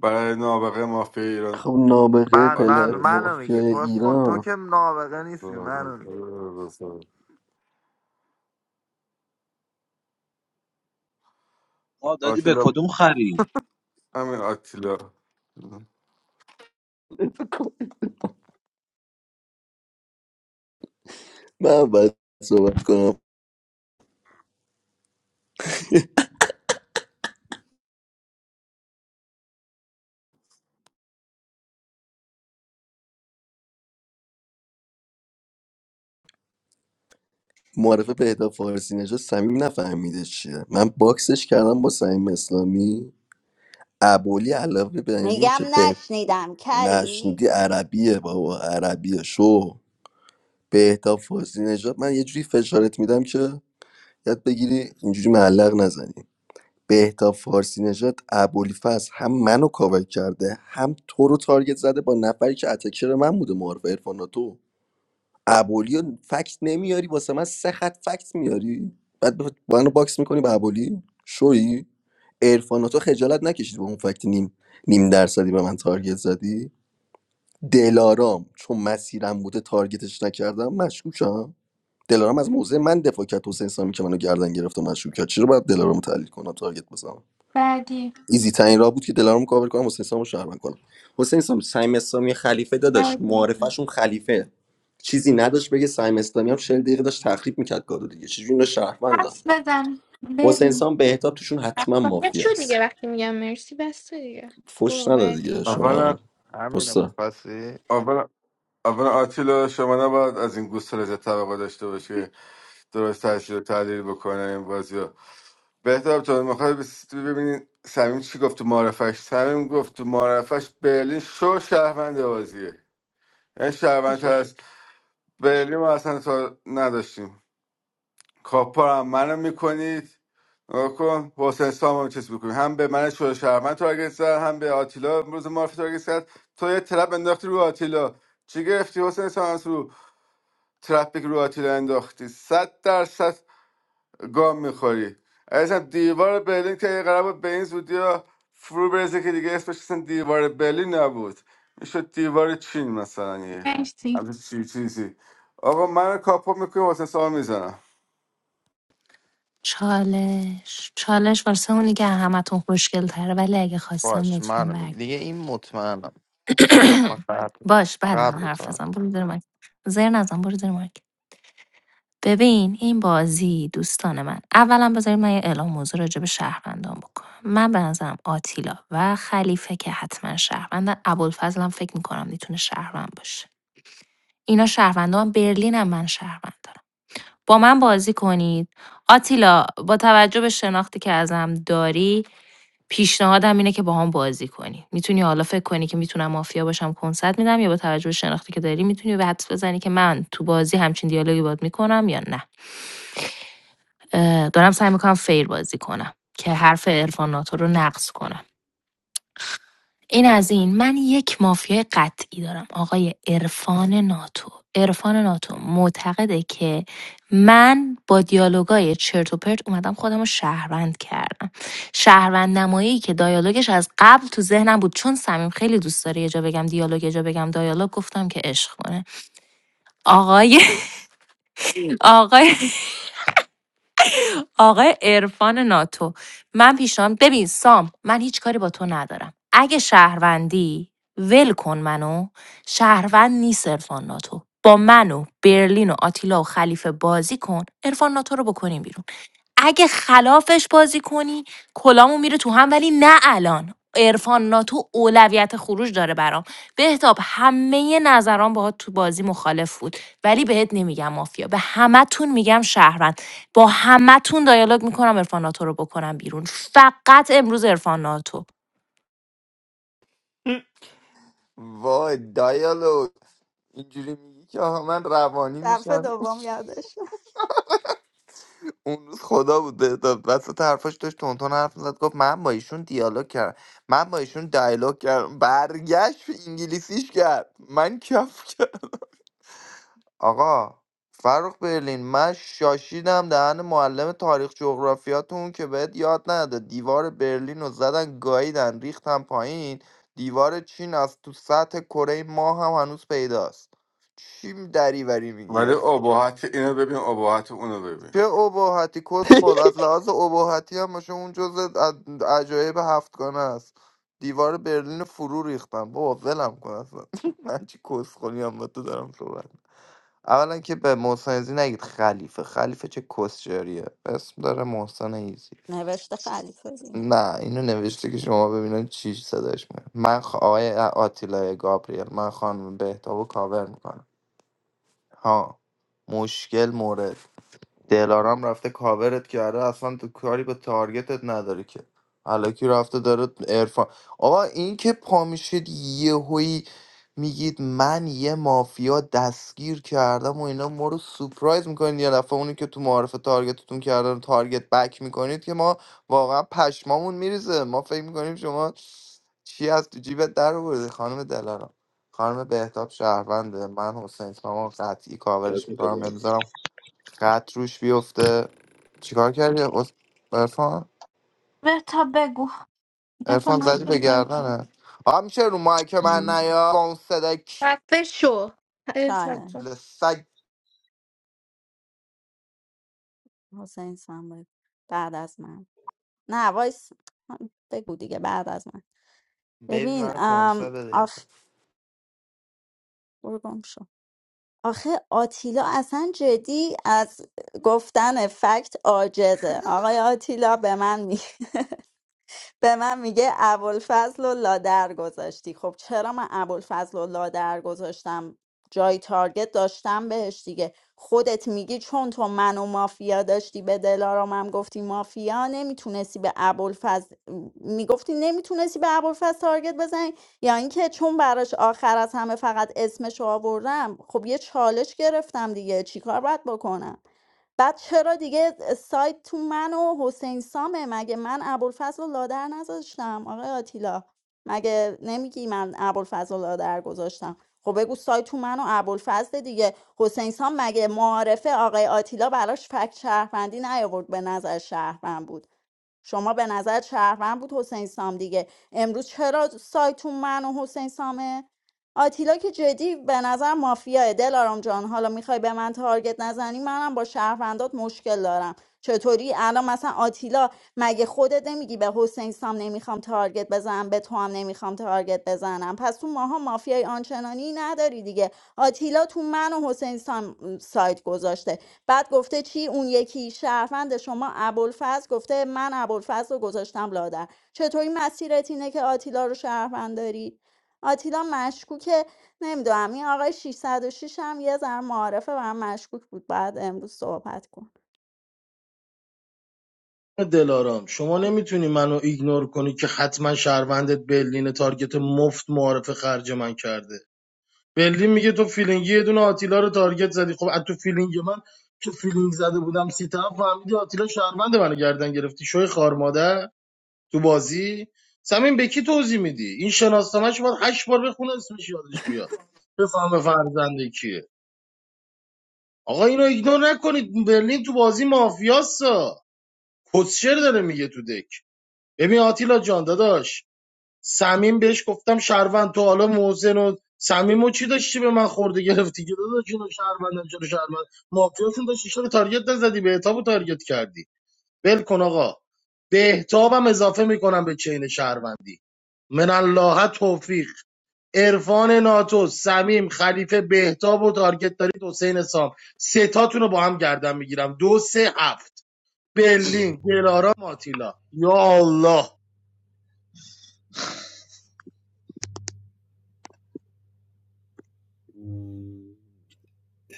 Speaker 3: برای نابغه مافیا ایران
Speaker 14: خب نابغه
Speaker 8: من من
Speaker 14: پله
Speaker 3: آتیلا
Speaker 8: منو میگه
Speaker 14: مافیای
Speaker 8: کسخل تو
Speaker 14: ایران
Speaker 8: که نابغه نیستی منو میگه
Speaker 1: آقا دادی به
Speaker 3: آتیلا
Speaker 1: کدوم خری
Speaker 3: همین آتیلا
Speaker 14: من باید صحبت کنم معرفه بهتاب فارسی نژاد صمیم نفهمیده چیه من باکسش کردم با صمیم اسلامی ابولی علاوه بر این
Speaker 11: میگم
Speaker 14: که بهتاب
Speaker 11: نشنیدم کری
Speaker 14: نشنیدی عربیه بابا عربیه شو بهتاب فازی نژاد من یه جوری فشارت میدم که یاد بگیری اینجوری معلق نزنی بهتاب فارسی نژاد ابوالفضل هم منو کاور کرده هم تو رو تارگت زده با نفری که اتکر من بوده معرف عرفان ابولی رو فکت نمیاری واسه من سه خط فکت میاری بعد به- با منو باکس میکنی به ابولی شویی عرفان خجالت نکشید با اون فکت نیم نیم درصدی به من تارگت زدی دلارام چون مسیرم بوده تارگتش نکردم مشکوکم دلارام از موضع من دفاع کرد حسین سامی که منو گردن گرفت و مشکوک کرد چرا باید دلارام تحلیل کنم تارگت بزنم
Speaker 13: بعدی
Speaker 14: ایزی ترین راه بود که دلارام کاور کنم حسین سامو شهروند کنم حسین سام سیم اسلامی خلیفه داداش
Speaker 13: بعدی
Speaker 14: معارفشون خلیفه چیزی نداشت بگه سیم اسلامی هم 40 دقیقه داشت تخریب میکرد گادو دیگه چجوری اینا شهروندن
Speaker 13: حرف بزن
Speaker 14: حسین
Speaker 13: بریم
Speaker 14: سام بهتاب توشون حتما
Speaker 13: شفافیت
Speaker 14: مافیا
Speaker 13: شو دیگه
Speaker 14: است
Speaker 13: وقتی میگم مرسی بسته دیگه
Speaker 14: فش
Speaker 13: برو
Speaker 14: نده دیگه
Speaker 13: بعدی
Speaker 8: همین
Speaker 14: شما هم
Speaker 3: اولا
Speaker 8: همینو
Speaker 14: استاد
Speaker 8: میخواستی
Speaker 3: اولا اولا آتیلا شما نباید از این گوست رزه توقع داشته باشه که درست تحصیل و تحلیل بکنه این بازی رو بهتر جان میخواد ببینید سمیم چی گفت تو معرفش سمیم گفت تو معرفش برلین شو شهروند بازیه این شهروند تر
Speaker 8: کسش
Speaker 3: از برلین ما اصلا تا نداشتیم کاپارم منو میکنید نگاه کن حسین سام هم چیز میکنی هم به من شوه شهرمن تارگت زد هم به آتیلا امروز معرفی تارگت زد تو یه ترپ انداختی رو آتیلا چی گرفتی حسین سام از رو ترپی که رو آتیلا انداختی صد درصد گام میخوری عزیزم دیوار برلین که یه قرار بود به این زودی ها فرو برزه که دیگه اسمش اصلا دیوار برلین نبود میشد دیوار چین مثلا یه
Speaker 13: مرسی
Speaker 3: همچین چی- چیزی آقا من کاپو میکنیم حسین سام میزنم
Speaker 10: چالش چالش واسه اونی که همتون خوشگل تره ولی اگه خواستم
Speaker 8: باش
Speaker 10: لطفا
Speaker 8: منو
Speaker 10: برگ
Speaker 8: میگه دیگه این مطمئنم ما قبل
Speaker 10: باش بعد من
Speaker 8: قبل تو
Speaker 10: حرف
Speaker 8: هم.
Speaker 10: بزن برو زیر مایک زیر نزن برو زیر مایک. ببین این بازی دوستان من اولا بذارید من یه اعلام موضوع راجع به شهروندان بکنم من به نظرم آتیلا و خلیفه که حتما شهروندن ابوالفضل هم فکر میکنم میتونه شهروند باشه اینا شهروندان برلین هم من شهروند دارم با من بازی کنید آتیلا با توجه به شناختی که ازم داری پیشنهادم اینه که با هم بازی کنی میتونی حالا فکر کنی که میتونم مافیا باشم کنسرت میدم یا با توجه به شناختی که داری میتونی به حدس بزنی که من تو بازی همچین دیالوگی باد میکنم یا نه دارم سعی میکنم فیر بازی کنم که حرف عرفان ناتو رو نقص کنم این از این من یک مافیای قطعی دارم آقای عرفان ناتو عرفان ناتو معتقده که من با دیالوگای چرت و پرت اومدم خودم رو شهروند کردم شهروند نمایی که دیالوگش از قبل تو ذهنم بود چون صمیم خیلی دوست داره یه جا بگم دیالوگ یه جا بگم دیالوگ گفتم که عشق کنه آقای آقای آقای عرفان ناتو من پیشنهاد ببین سام من هیچ کاری با تو ندارم اگه شهروندی ول کن منو شهروند نیست عرفان ناتو با منو، و برلین و آتیلا و خلیفه بازی کن عرفان ناتو رو بکنیم بیرون اگه خلافش بازی کنی کلامو میره تو هم ولی نه الان عرفان ناتو اولویت خروج داره برام بهتاب همه نظران باهات تو بازی مخالف بود ولی بهت نمیگم مافیا به همتون میگم شهروند با همتون دیالوگ میکنم عرفان ناتو رو بکنم بیرون فقط امروز عرفان ناتو
Speaker 8: وای دایالو اینجوری میگی که آقا من روانی
Speaker 11: دفعه
Speaker 8: میشم
Speaker 11: دوم یادش رفت.
Speaker 8: اون روز خدا بود بهداد وسط حرفاش داشت تونتون حرف میزد گفت من با ایشون دیالوگ کردم من با ایشون دیالوگ کردم برگشت انگلیسیش کرد من کف کرد آقا فرخ برلین من شاشیدم دهن معلم تاریخ جغرافیاتون که بهت یاد نداده دیوار برلین رو زدن گاییدن ریختن پایین دیوار چین از تو سطح کره ماه هم هنوز پیداست چی دریوری
Speaker 3: ولی
Speaker 8: میگی
Speaker 3: ابهت اینو ببین ابهت اونو ببین
Speaker 8: چه اباحتی کسخل از لحاظ اباحتی هم باشه اون جز عجایب هفتگانه است دیوار برلین رو فرو ریختم بابا ولم کن اصلا من چی کسخلی هم با تو دارم صحبت می‌کنم. اولا که به محسن ایزی نگید خلیفه خلیفه چه کسجریه اسم داره محسن ایزی
Speaker 11: نوشته خلیفه دی
Speaker 8: نه اینو نوشته که شما ببینن چی صداش میاد من خ... آقای آتیلا گابریل من خانم بهتاب و کاور میکنم ها مشکل مورد دلارام رفته کاورت کرده اصلا تو کاری به تارگتت نداره که الکی رفته داره ارفان آقا این که پا میشید یهویی میگید من یه مافیا دستگیر کردم و اینا ما رو سپرایز میکنید یه دفعه اونی که تو معارف تارگتتون کردن تارگت بک میکنید که ما واقعا پشمامون میریزه ما فکر میکنیم شما چی از تو جیبت در آوردی خانم دلارام خانم بهتاب شهرونده من حسین اسلام قطعی کاورش
Speaker 1: بده
Speaker 8: میکنم
Speaker 1: بده.
Speaker 8: نمیذارم قد روش بیفته چیکار کردی ارفان
Speaker 13: به تا بگو رفا
Speaker 8: ارفان
Speaker 13: من
Speaker 8: زدی به
Speaker 13: بگو باز کن.
Speaker 8: گردنه آ میشه رو مایک من نیا با اون صدای ک-
Speaker 13: خفه شو اه، خفه.
Speaker 8: کوتوله
Speaker 11: چالش
Speaker 8: سگ
Speaker 11: حسین سام بود. بعد از من نه وایس بگو دیگه بعد از من
Speaker 8: ببین
Speaker 11: ببین
Speaker 8: من کنسه
Speaker 11: ام
Speaker 8: بده
Speaker 11: آخ برو گم شو. آخه آتیلا اصلا جدی از گفتن فکت عاجزه آقای آتیلا به من میگه به من میگه ابوالفضل و لادر گذاشتی خب چرا من ابوالفضل و لادر گذاشتم جای تارگت داشتم بهش دیگه خودت میگی چون تو منو مافیا داشتی به دلارام هم گفتی مافیا نمیتونستی به ابوالفضل میگفتی نمیتونستی به ابوالفضل تارگت بزنی یا اینکه چون براش آخر از همه فقط اسمشو آوردم خب یه چالش گرفتم دیگه چیکار باید بکنم بعد چرا دیگه سایت تو من و حسین سامه مگه من ابوالفضل و لادر نذاشتم آقای آتیلا مگه نمیگی من ابوالفضل و لادر گذاشتم خب بگو سایت تو من و ابوالفضل دیگه حسین سام مگه معارفه آقای آتیلا براش فکت شهروندی نیاورد به نظر شهروند بود شما به نظر شهروند بود حسین سام دیگه امروز چرا سایتون من و حسین سامه آتیلا که جدی به نظر مافیاه دلارام جان حالا میخوای به من تارگت نزنی منم با شهروندات مشکل دارم چطوری الان مثلا آتیلا مگه خودت نمیگی به حسین سام نمیخوام تارگت بزنم به تو هم نمیخوام تارگت بزنم پس تو ماها مافیای آنچنانی نداری دیگه آتیلا تو من و حسین سام سایت گذاشته بعد گفته چی اون یکی شهروند شما ابوالفضل گفته من ابوالفضل رو گذاشتم لادر چطوری مسیرت اینه که آتیلا رو شهروند داری آتیلا مشکوکه نمیدونم این آقای 606 هم یه ذره معارفه و هم مشکوک بود بعد امروز صحبت کن
Speaker 2: دلارام شما نمیتونی منو ایگنور کنی که حتما شهروندت برلین تارگت مفت معارف خرج من کرده برلین میگه تو فیلینگی یه دونه آتیلا رو تارگت زدی خب از تو فیلینگ من تو فیلینگ زده بودم سی طرف فهمیدی آتیلا شهروند منو گردن گرفتی شوی خار مادر تو بازی سمین به کی توضیح میدی این شناسنامه‌ش باید هشت بار بخونه اسمش یادش بیاد بفهمه فرزنده کیه آقا اینو ایگنور نکنید برلین تو بازی مافیاسا کسشر داره میگه تو دک ببین آتیلا جان داداش سمین بهش گفتم شهروند تو حالا محسن و سمیمو چی داشتی به من خورده گرفتی که داداش اینو شهروندم چرا شهروند مافیاشون داشتی چرا تارگت نزدی بهتابو تارگت کردی ول کن آقا بهتابم اضافه میکنم به چین شهروندی من الله توفیق عرفان ناتو سمیم خلیفه بهتاب و تارگت دارید حسین سام سه رو با هم گردن میگیرم دو سه هفت برلین دلارا ماتیلا یا الله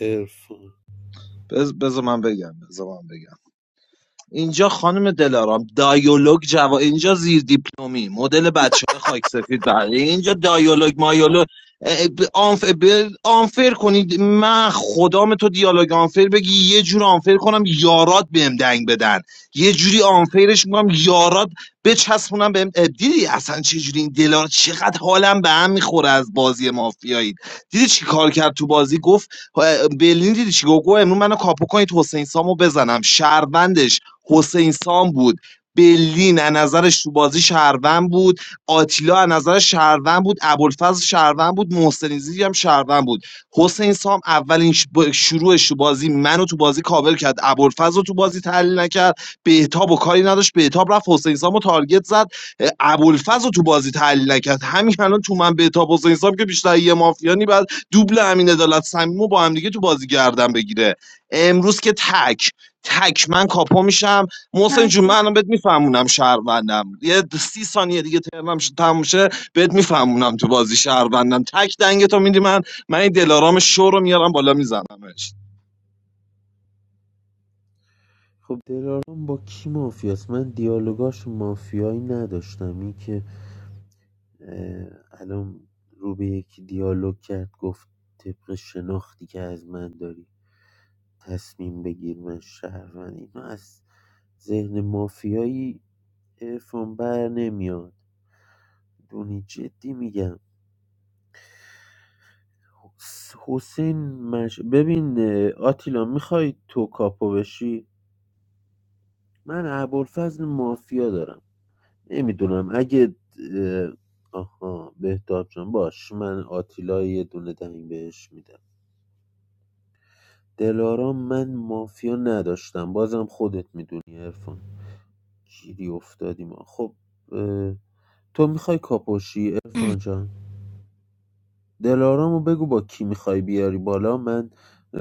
Speaker 15: ارفان
Speaker 1: بز- بذار من بگم بذار من بگم اینجا خانم دلارام دایولوگ جوا اینجا زیر دیپلمی مدل بچه های خاک سفید بله اینجا دایولوگ مایولوگ اه، ب- آنف... ب- آنفر کنید من خدام تو دیالوگ آنفر بگی یه جور آنفر کنم یارات بهم دنگ بدن یه جوری آنفرش میکنم یارات بچسبونم بهم اه، دیدی اصلا چه جوری این دلار چقدر حالم به هم میخوره از بازی مافیایی دیدی چی کار کرد تو بازی گفت برلین دیدی چی گفت گفت امروز منو کاپو کنید حسین سامو بزنم شهروند حسین سام بود بلین از نظرش تو بازی شهروند بود آتیلا از نظر شهروند بود ابوالفضل شهروند بود محسن زیری هم شهروند بود حسین سام اولین ش- با- شروعش تو بازی منو تو بازی کاور کرد ابوالفضل رو تو بازی تحلیل نکرد بهتاب و کاری نداشت بهتاب رفت حسین سامو تارگت زد اه، ابوالفضل رو تو بازی تحلیل نکرد همین الان تو من بهتاب حسین سام که بیشتر یه مافیانی بعد دوبل امین عدالت صمیم رو با هم دیگه تو بازی گردن بگیره امروز که تک تک من کاپو میشم محسن جون من
Speaker 13: مرسی
Speaker 1: الان بهت میفهمونم شهروندم یه د- سی ثانیه دیگه ترمم شه- تموم شه بهت میفهمونم تو بازی شهروندم تک دنگ تو میدی من من این دلارام شو رو میارم بالا میزنمش
Speaker 15: خب دلارام با کی مافیاست من دیالوگاش مافیایی نداشتم این که اه، الان رو به یکی دیالوگ کرد گفت طبق شناختی که از من داری تصمیم بگیر من شهروند اینا از ذهن مافیایی عرفان بر نمیاد دونی جدی میگم حس- حسین مش... ببین آتیلا میخوای تو کاپو بشی من ابوالفضل مافیا دارم نمیدونم اگه آها بهتاب جان باش من آتیلا یه دونه دنگ بهش میدم دلارام من مافیا نداشتم بازم خودت میدونی ارفان گیری افتادیم خب تو میخوای کاپوشی ارفان جان دلارامو بگو با کی میخوای بیاری بالا من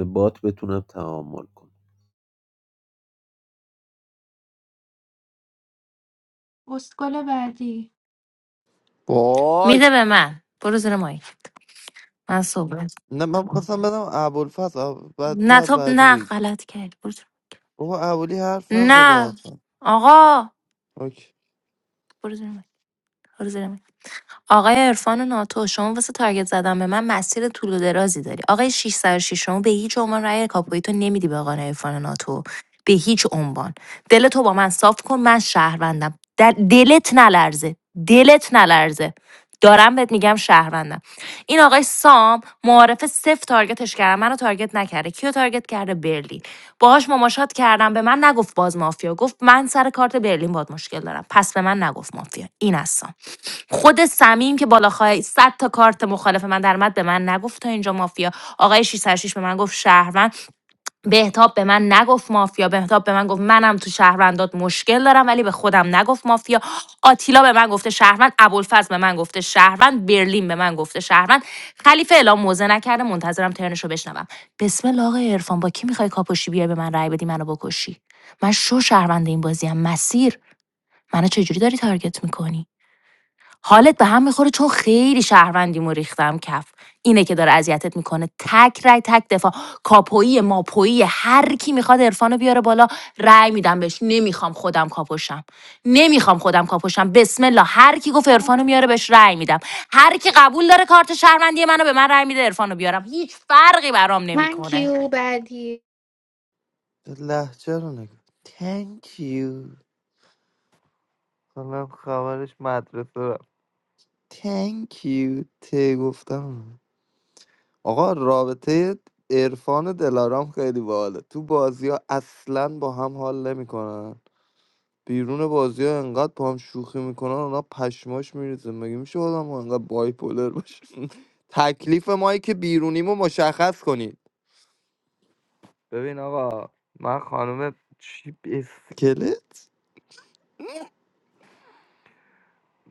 Speaker 15: بات بتونم تعامل کنم
Speaker 13: اسکل بعدی
Speaker 8: وای
Speaker 10: میده به من برو زیر مایک من صحبت
Speaker 8: نه من میخواستم بدم ابوالفضل آب- بعد تو
Speaker 10: نه
Speaker 8: از
Speaker 10: تو
Speaker 8: بعدی
Speaker 10: نه
Speaker 8: بگی
Speaker 10: غلط کرد برو زیر-
Speaker 8: بابا ابولی حرف نزده
Speaker 10: نه
Speaker 8: آفن
Speaker 10: آقا
Speaker 8: اوکی
Speaker 10: برو زیر مایک. برو زیر آقای عرفان ناتو شما واسه تارگت زدن به من مسیر طول و درازی داری آقای 606 شما به هیچ عنوان رأی کاپوی تو نمیدی به آقای عرفان ناتو به هیچ عنوان دل تو با من صاف کن من شهروندم در دلت نلرزه دلت نلرزه دارم بهت میگم شهروندم این آقای سام معارف صفر تارگتش کردم منو تارگت نکرده کیو تارگت کرده برلین باهاش مماشات کردم به من نگفت باز مافیا گفت من سر کارت برلین باد مشکل دارم پس به من نگفت مافیا این از سام خود سمیم که بالا خواهی صد تا کارت مخالف من در اومد به من نگفت تا اینجا مافیا آقای 606 به من گفت شهروند بهتاب به من نگفت مافیا بهتاب به من گفت منم تو شهروندات مشکل دارم ولی به خودم نگفت مافیا آتیلا به من گفته شهروند ابوالفضل به من گفته شهروند برلین به من گفته شهروند خلیفه اعلام موزه نکرده منتظرم ترنشو بشنوم بسم الله آقای عرفان با کی میخوای کاپوشی بیای به من رأی بدی منو بکشی من شو شهروند این بازیم مسیر منو چجوری داری تارگت میکنی حالت به هم میخوره چون خیلی شهروندیمو ریختم کف اینه که داره اذیتت میکنه تک رای تک دفاع کاپویی ماپویی هر کی میخواد عرفانو بیاره بالا رای میدم بهش نمیخوام خودم کاپوشم نمیخوام خودم کاپوشم بسم الله هر کی گفت عرفانو
Speaker 13: مرسی.
Speaker 10: میاره بهش رای میدم هر کی قبول داره کارت شهروندی منو به من رای میده عرفانو بیارم هیچ فرقی برام
Speaker 13: Thank
Speaker 10: نمیکنه
Speaker 13: you بعدی
Speaker 8: لحجه رو نگاه thank you حالا خبرش مدرسه رفت thank you ته گفتم آقا رابطه عرفان دلارام خیلی باحاله تو بازی ها اصلا با هم حال نمیکنن بیرون بازی ها انقدر با هم شوخی میکنن اونا پشماش میریزه مگه میشه آدم ها انقدر بایپولر باشه تکلیف ما که بیرونیمو مشخص کنید ببین آقا من خانم چی اسکلت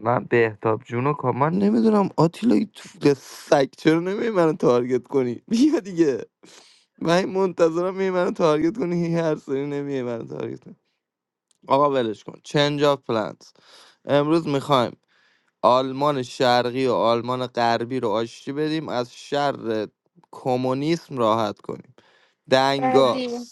Speaker 8: من بهتاب جون و کا- من نمیدونم آتیلا این تو- سگ چرا نمیای منو تارگت کنی بیا دیگه من این منتظرم میای منو تارگت کنی هی هر سری نمیای منو تارگت کنی آقا ولش کن چنج آف پلنت امروز میخوایم آلمان شرقی و آلمان غربی رو آشتی بدیم از شر کمونیسم راحت کنیم دنگا
Speaker 13: بعدی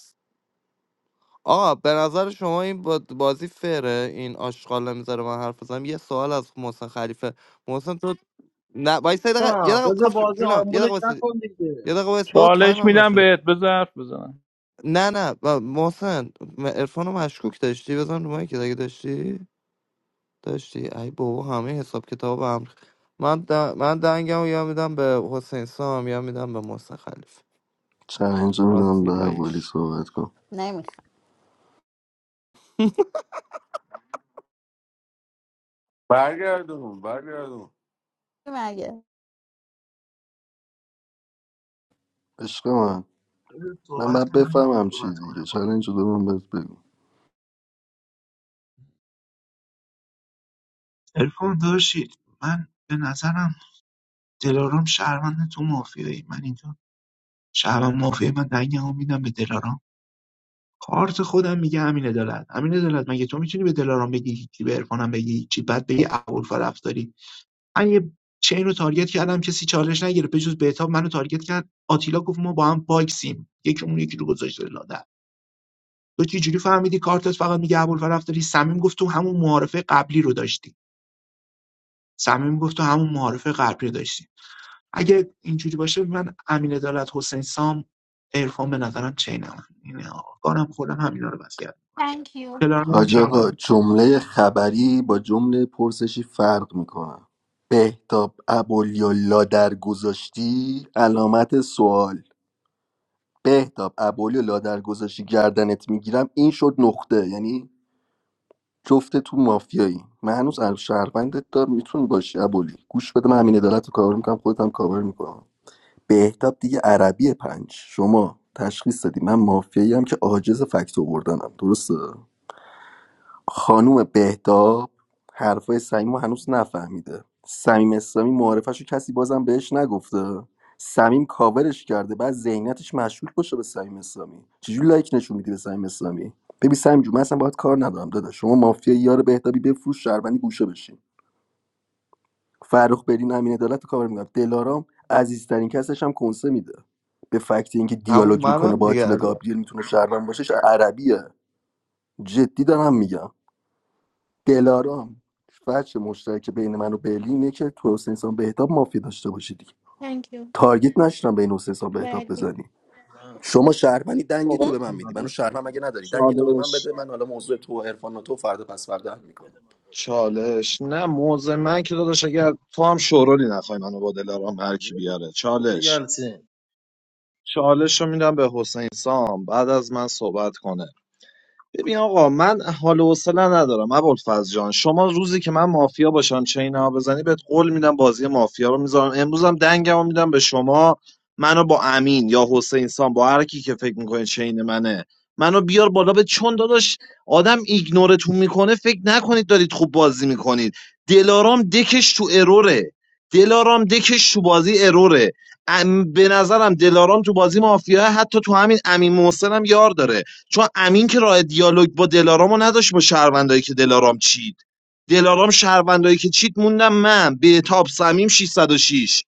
Speaker 8: آقا به نظر شما این با- بازی فره این آشغال نمیذاره من حرف بزنم یه سوال از محسن خلیفه محسن تو نه وایس یه دقیقه یه دقیقه
Speaker 2: بذار
Speaker 8: خفش
Speaker 2: بازی
Speaker 8: جونم یه دقیقه
Speaker 2: آمبولش
Speaker 8: وایس
Speaker 2: نکن دیگه
Speaker 8: یه دقیقه وایس بابا تایم
Speaker 16: چالش
Speaker 8: هم
Speaker 16: میدم
Speaker 8: نشده
Speaker 16: بهت بزرف بزنم
Speaker 8: نه نه با- محسن عرفان رو مشکوک داشتی بزن رو که دیگه داشتی داشتی ای بابا همه حساب کتاب هم من د... من دنگم یا میدم به حسین سام یا میدم به محسن خلیف
Speaker 14: چلنج رو میدم به ولی
Speaker 8: آتیلایش
Speaker 14: صحبت کن
Speaker 11: نمی‌خوام
Speaker 3: برگردون برگردون
Speaker 11: مگه
Speaker 14: عشق من
Speaker 4: بذار
Speaker 14: من
Speaker 4: صحبت
Speaker 14: باید
Speaker 4: کنم
Speaker 14: بفهمم چی
Speaker 4: صحبت
Speaker 14: دیگه
Speaker 4: کنم
Speaker 14: چالنج رو من بهت بگو
Speaker 4: عرفان داشتید من به نظرم دلارام شهروند تو مافیایی من اینجا شهروند مافیایی من دنگمو میدم به دلارام کارت خودم میگه امین عدالت امین عدالت مگه تو میتونی به دلارام بگی هیچی به عرفانم بگی هیچی بعد بگی ابوالفضل رفتاری من یه چین رو تارگت کردم کسی چالش نگرفت به جز بهتاب منو تارگت کرد آتیلا گفت ما با هم باکسیم یکی اون یکی رو گذاشته لاده تو چجوری فهمیدی کارتت فقط میگه ابوالفضل رفتاری صمیم گفت تو همون معارفه قبلی رو داشتی صمیم گفت تو همون معارفه قبلی رو داشتی اگه اینجوری باشه من امین عدالت حسین سام عرفان به نظرم چینم اینه آقا. کارم خودم همینا رو وصیت
Speaker 13: Thank you
Speaker 4: دلارام
Speaker 14: حاج آقا
Speaker 4: هم
Speaker 14: جمله خبری با جمله پرسشی فرق میکنه بهتاب ابولی لا در گذاشتی علامت سوال بهتاب ابولی لا در گذاشتی گردنت میگیرم این شد نقطه یعنی جفت تو مافیایی من هنوز شهروندت دار میتون باشی ابولی گوش بده من همین عدالت رو کاور میکنم خودت هم کاور میکنم بهتاب دیگه عربی پنج شما تشخیص دادی من مافیایی هم که عاجز فکت آوردنم درسته خانوم بهتاب حرفای صمیم رو هنوز نفهمیده صمیم اسلامی معارفش رو کسی بازم بهش نگفته صمیم کاورش کرده بعد ذهنیتش مشکوک باشه به صمیم اسلامی چجوری لایک نشون میدی به صمیم اسلامی ببین صمیم جون من اصلا باهات کار ندارم داده شما مافیا یار بهتابی بفروش شهروندی گوشه بشین فرخ برین امین عدالت رو کاور میکنم دلارام عزیزترین کسش هم کنسه میده به فکت اینکه
Speaker 8: همون
Speaker 14: دیالوگ میکنه
Speaker 8: منم
Speaker 14: با
Speaker 8: دیگه
Speaker 14: آتیلا
Speaker 8: از
Speaker 14: گابریل میتونه شهروند باشش عربیه جدی دارم میگم دلارام فرش مشترک بین من و برلین اینه که تو حسین سان بهتاب مافیا داشته باشی دیگه
Speaker 13: Thank you
Speaker 14: تارگت نشدم بین حسین سان بهتاب
Speaker 13: بعدی
Speaker 14: بزنی
Speaker 2: نه،
Speaker 14: شما شهروندی دنگ تو
Speaker 1: صحبت
Speaker 14: به من میدی
Speaker 1: کنم
Speaker 14: منو شهروند مگه نداری دنگ تو به من
Speaker 1: چالش
Speaker 14: بده من حالا موضوع تو و عرفان و تو فردا پس فردا حل میکنم
Speaker 2: بده من بابا.
Speaker 1: چالش نه موضع من که داداش اگر تو هم شورولی نخوای منو با دلارام هر کی بیاره چالش
Speaker 2: یلسین
Speaker 1: چالش رو میدم به حسین سام بعد از من صحبت کنه ببین آقا من حال و حوصله ندارم ابوالفضل جان شما روزی که من مافیا باشم چین ها بزنی بهت قول میدم بازی مافیا رو میذارم امروزم دنگمو میدم به شما منو با امین یا حسین سان با هر کی که فکر میکنه چین منه منو بیار بالا به چون داداش آدم ایگنورتون میکنه فکر نکنید دارید خوب بازی میکنید دلارام دکش تو اروره دلارام دکش تو بازی اروره ام- به نظرم دلارام تو بازی مافیا حتی تو همین امین محسن هم یار داره چون امین که راه دیالوگ با دلارامو نداشت با شهروندایی که دلارام چید دلارام شهروندایی که چید موندم من بهتاب سمیم 606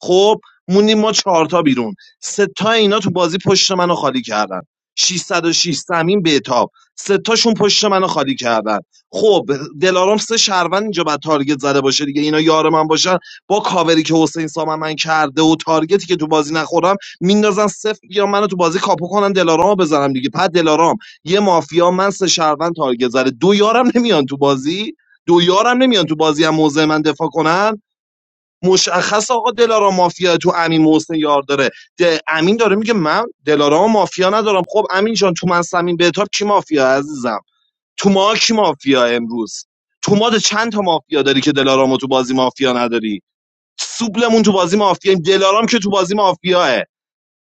Speaker 1: خب موندیم ما چهار تا بیرون سه تا اینا تو بازی پشت منو خالی کردن 606 سمیم بهتاب سه تاشون پشت منو خالی کردن خب دلارام سه شهروند اینجا بعد تارگت زده باشه دیگه اینا یار من باشن با کاوری که حسین سام من کرده و تارگتی که تو بازی نخورم میندازن صفر یا منو تو بازی کاپو کنن دلارامو بزنم دیگه بعد دلارام یه مافیا من سه شهروند تارگت زده دو یارم نمیان تو بازی دو یارم نمیان تو بازی هم موضع من دفاع کنن مشخص آقا دلارام مافیا تو امین محسن یار داره ده امین داره میگه من دلارام مافیا ندارم خب امین جان تو من سمین بهتاب کی مافیا عزیزم تو ما کی مافیا امروز تو ما ده چند تا مافیا داری که دلارامو تو بازی مافیا نداری سوبلمون تو بازی مافیا دلارام که تو بازی مافیاه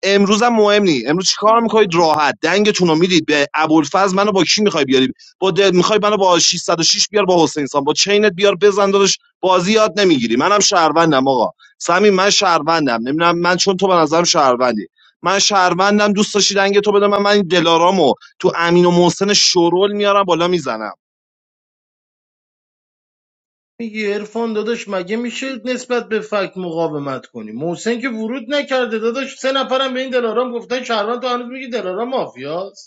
Speaker 1: امروز هم مهم نی امروز چیکار
Speaker 13: Thank
Speaker 1: میکنید
Speaker 13: you
Speaker 1: راحت دنگتون رو میدید به ابوالفضل منو با کی میخوای بیاری با د... میخوای منو با 606 بیار با حسین سان با چینت بیار بزن داداش بازی یاد نمیگیری منم شهروندم آقا سمی من شهروندم نمیدونم من چون تو به نظرم شهروندی من شهروندم دوست داشتی دنگ تو بده من من این دلارامو تو امین و محسن شورول میارم بالا میزنم
Speaker 2: میگی عرفان داداش مگه میشه نسبت به فک مقاومت کنی محسن که ورود نکرده داداش سه نفرم به این دلارام گفتن شهروند تو هنوز میگی دلارام مافیاست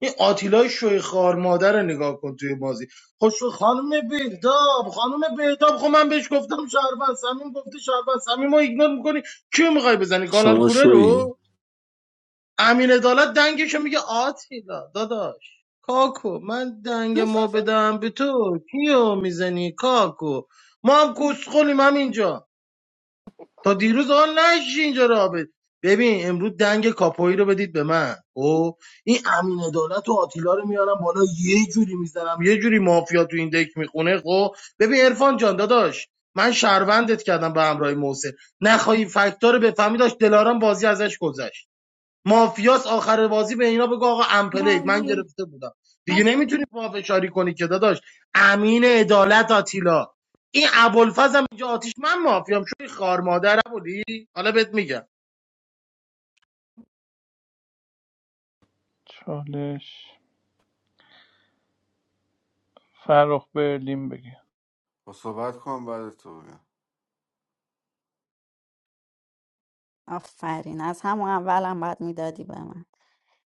Speaker 2: این آتیلای شوی خار مادر رو نگاه کن توی بازی خب خانم بهتاب خانم بهتاب خب من بهش گفتم شهروند سمیم گفته شهروند سمیم ما ایگنور میکنی کیو میخوای بزنی کانال
Speaker 14: شما
Speaker 2: کوره
Speaker 14: شوی
Speaker 2: رو امین عدالت دنگش میگه آتیلا داداش کاکو من دنگ ما بدم به تو کیو میزنی کاکو ما هم کسخلیم هم اینجا تا دیروز آن نشی اینجا را ب- ببین امروز دنگ کاپوی رو بدید به من او این امین عدالت و آتیلا رو میارم بالا یه جوری میزنم یه جوری مافیا تو این دک میخونه خب ببین عرفان جان داداش من شهروندت کردم به همراه محسن نخواهی فکتار رو بفهمی داشت دلارام بازی ازش گذشت مافیاس آخر بازی به اینا بگو آقا امپلید من
Speaker 13: بعدی
Speaker 2: گرفته بودم دیگه
Speaker 13: بس
Speaker 2: نمیتونی
Speaker 13: کن.
Speaker 2: پافشاری کنی که داداش امین عدالت آتیلا این ابوالفضل هم اینجا آتیش من مافیام شوی خار مادر بودی حالا بهت میگم
Speaker 16: چالش فرخ برلین بگی
Speaker 3: با صحبت کنم بعد تو بگم
Speaker 11: آفرین از همون اولم باید میدادی به من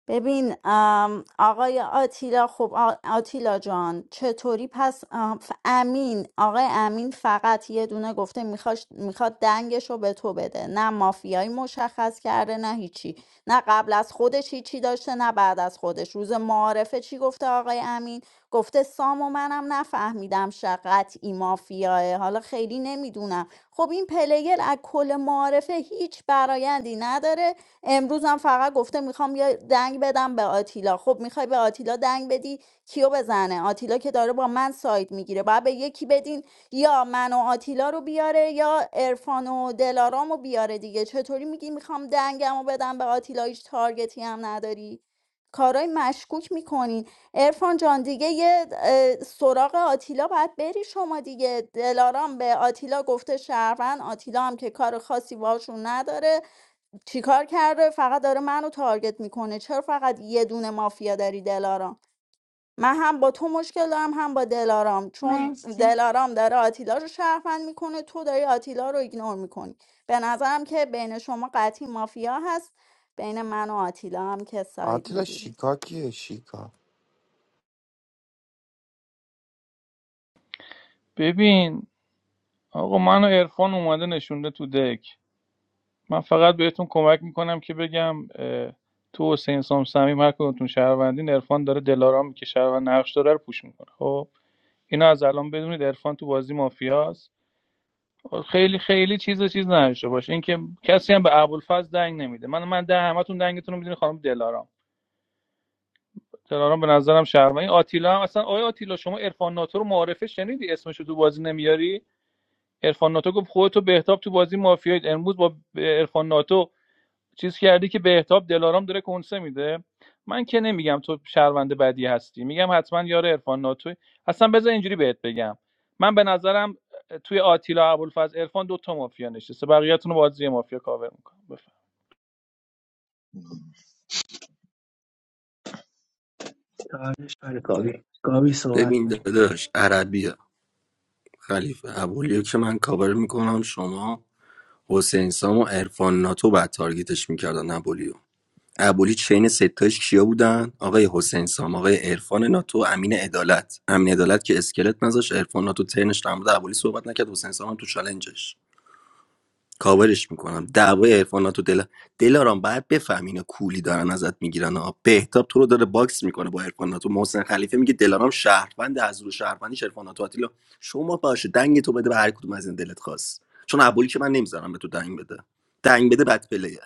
Speaker 11: ببین ام، آقای آتیلا خب آ- آتیلا جان چطوری پس ام، ف- امین آقای امین فقط یه دونه گفته میخواش میخواد دنگش رو به تو بده نه مافیایی مشخص کرده نه هیچی نه قبل از خودش هیچی داشته نه بعد از خودش روز معارفه چی گفته آقای امین گفته سام و منم نفهمیدم شقت ای مافیاه حالا خیلی نمیدونم خب این پلیگر از کل معارفه هیچ برایندی نداره امروز هم فقط گفته میخوام میخوام یه دنگ بدم به آتیلا خب میخوای به آتیلا دنگ بدی کیو بزنه آتیلا که داره با من سایت میگیره باید به یکی بدین یا من و آتیلا رو بیاره یا عرفان و دلارام رو بیاره دیگه چطوری میگی میخوام دنگم رو بدم به آتیلا هیچ تارگتی هم نداری کارای مشکوک میکنین ارفان جان دیگه یه اه، سراغ آتیلا باید بری شما دیگه دلارام به آتیلا گفته شهروند آتیلا هم که کار خاصی باشون نداره چیکار کرده فقط داره منو تارگت میکنه چرا فقط یه دونه مافیا داری دلارام من هم با تو مشکل دارم هم با دلارام چون
Speaker 13: مرسی
Speaker 11: دلارام داره آتیلا رو شهروند میکنه تو داری آتیلا رو ایگنور میکنی به نظرم که بین شما قطعی مافیا هست بین من و آتیلا هم که ساید
Speaker 8: آتیلا
Speaker 11: میگیرید
Speaker 8: شیکا کیه شیکا
Speaker 16: ببین آقا منو عرفان اومده نشونده تو دک من فقط بهتون کمک میکنم که بگم اه، تو حسین سام صمیم هر کدومتون شهروندین عرفان داره دلارامی که شهروند نقش داره رو پوش میکنه خب اینو از الان بدونید عرفان تو بازی مافیاست خیلی خیلی چیز و چیز نداشته باشه اینکه کسی هم به ابوالفضل دنگ نمیده من من ده همتون دنگتون رو میدونی خانم دلارام دلارام به نظرم شرمه این آتیلا هم اصلا آیا آتیلا شما عرفان ناتو رو معارفه شنیدی اسمش رو تو بازی نمیاری عرفان ناتو گفت خودتو بهتاب تو بازی مافیایید امروز با عرفان ناتو چیز کردی که بهتاب دلارام داره کنسه میده من که نمیگم تو شهرونده بدی هستی میگم حتما یار عرفان ناتوی اصلا بذار اینجوری بهت بگم من به نظرم توی آتیلا ابوالفضل عرفان دو تا مافیا نشسته بقیه‌تون رو بازی مافیا کاور میکنم بفهم
Speaker 4: اشکال گاوی گاوی صحبت
Speaker 14: ببین
Speaker 4: کن
Speaker 14: داداش عربیه خلیفه ابولیو که من کاور میکنم شما حسین سام و عرفان ناتو بعد تارگتش میکردن ابولیو ابولی چین ستاش کیا بودن آقای حسین سام آقای عرفان ناتو امین عدالت امین عدالت که اسکلت نذاش عرفان ناتو ترنش در مورد ابولی صحبت نکرد حسین سام هم تو چالنجش کاورش میکنم دعوای عرفان تو دل دلارام باید بفهمی اینا کولی دارن ازت میگیرن ها بهتاب تو رو داره باکس میکنه با عرفان تو محسن خلیفه میگه دلارام شهروند از رو شهروندیش عرفان تو آتیلا شما باشه دنگ تو بده به هر کدوم از این دلت خواست چون ابولی که من نمیذارم به تو دنگ بده دنگ بده بد پلیه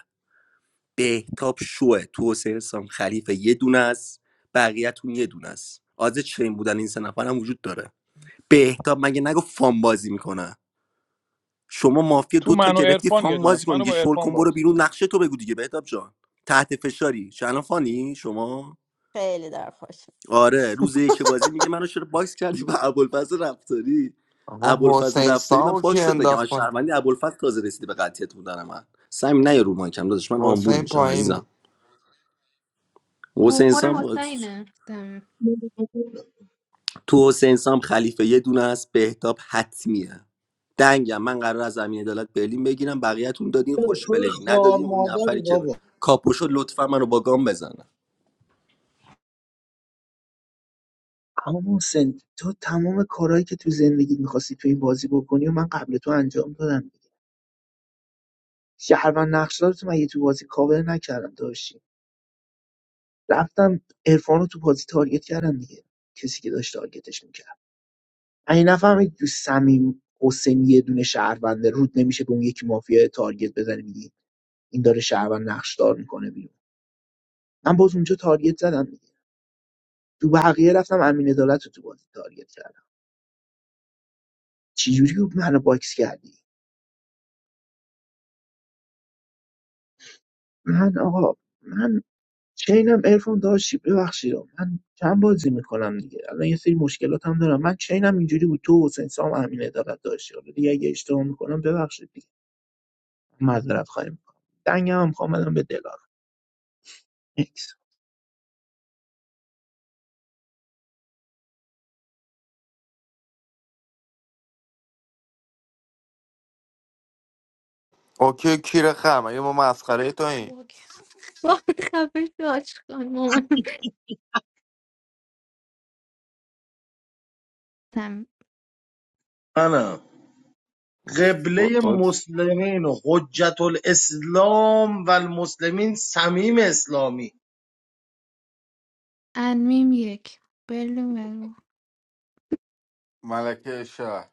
Speaker 14: بهتاب شوه تو حسین سام خلیفه یه دونه است بقیه‌تون یه دونه است آز چین بودن این سه نفرم وجود داره بهتاب مگه نگو فام بازی میکنه شما مافیا
Speaker 16: تو
Speaker 14: دو تا
Speaker 16: من و
Speaker 14: گرفتی
Speaker 16: عرفان یه
Speaker 14: فام
Speaker 16: دونه
Speaker 14: بازی
Speaker 16: است
Speaker 14: کن
Speaker 16: منو
Speaker 14: دیگه
Speaker 16: با
Speaker 14: شل
Speaker 16: عرفان
Speaker 14: کن برو
Speaker 16: باکس
Speaker 14: بیرون
Speaker 16: کن
Speaker 14: نقشه تو بگو دیگه بهتاب جان تحت فشاری شنفانی فانی شما
Speaker 11: خیلی در خوشم
Speaker 14: آره روز یک بازی میگه منو چرا باکس کردی با ابوالفضل رفتاری
Speaker 8: آقا
Speaker 14: ابوالفضل
Speaker 8: حسین
Speaker 14: رفتاری من
Speaker 8: سام رو کی
Speaker 14: باکست نکردم از
Speaker 8: انداخت پایین؟
Speaker 14: شهروندی ابوالفضل تازه رسیدی به قطعیت بودن من سعی نه رو مایکم داداش من آمبول
Speaker 8: حسین
Speaker 14: میشم
Speaker 8: پایین
Speaker 14: عزیزم
Speaker 8: بود
Speaker 14: حسین
Speaker 13: گوخور
Speaker 14: انسان بود
Speaker 13: حسینه دم.
Speaker 14: تو حسین سام خلیفه یه دونه است بهتاب حتمیه دنگم من قرار از امین عدالت برلین بگیرم بقیه‌تون دادین خوش
Speaker 2: شوی
Speaker 14: بلین
Speaker 2: خار
Speaker 14: ندادین اون
Speaker 2: مادری
Speaker 14: نفری که ب-
Speaker 2: بابا
Speaker 14: کاپوشو لطفا منو با گام بزنم
Speaker 4: اما محسن تو تمام کارهایی که تو زندگیت میخواستی تو این بازی بکنی و من قبل تو انجام دادم دیگه شهروند نقشدار تو مگه تو بازی کاور نکردم داشتی رفتم عرفان رو تو بازی تارگت کردم دیگه کسی که داشت تارگتش میکرد این نفهمید تو صمیم حسین یه دونه شهرونده رود نمیشه به اون یکی مافیا تارگت بزنی میگی این داره شهروند نقشدار میکنه بیرون من باز اونجا تارگت زدم دیگه تو بقیه رفتم امین عدالت رو تو بازی تارگت کردم چجوری منو باکس کردی من آقا من چینم ارفان داشت ببخشید من کم بازی میکنم دیگه الان یه سری مشکلات هم دارم من چینم اینجوری بود تو حسین سام امین عدالت داشتی حالا دیگه اگه اشتباه میکنم ببخشید دیگه معذرت خواهی میکنم دنگم هم خواهم بدم به دلار نیکس
Speaker 8: اوکی کیر خم اگه ما مسخره تو
Speaker 13: خب
Speaker 8: این
Speaker 13: اوکی. وای، خفه شو آشقان مامان دم.
Speaker 2: منم قبله مسلمین و حجت الاسلام و المسلمین سمیم اسلامی
Speaker 13: انمیم یک بلو بلو.
Speaker 3: ملکه شهر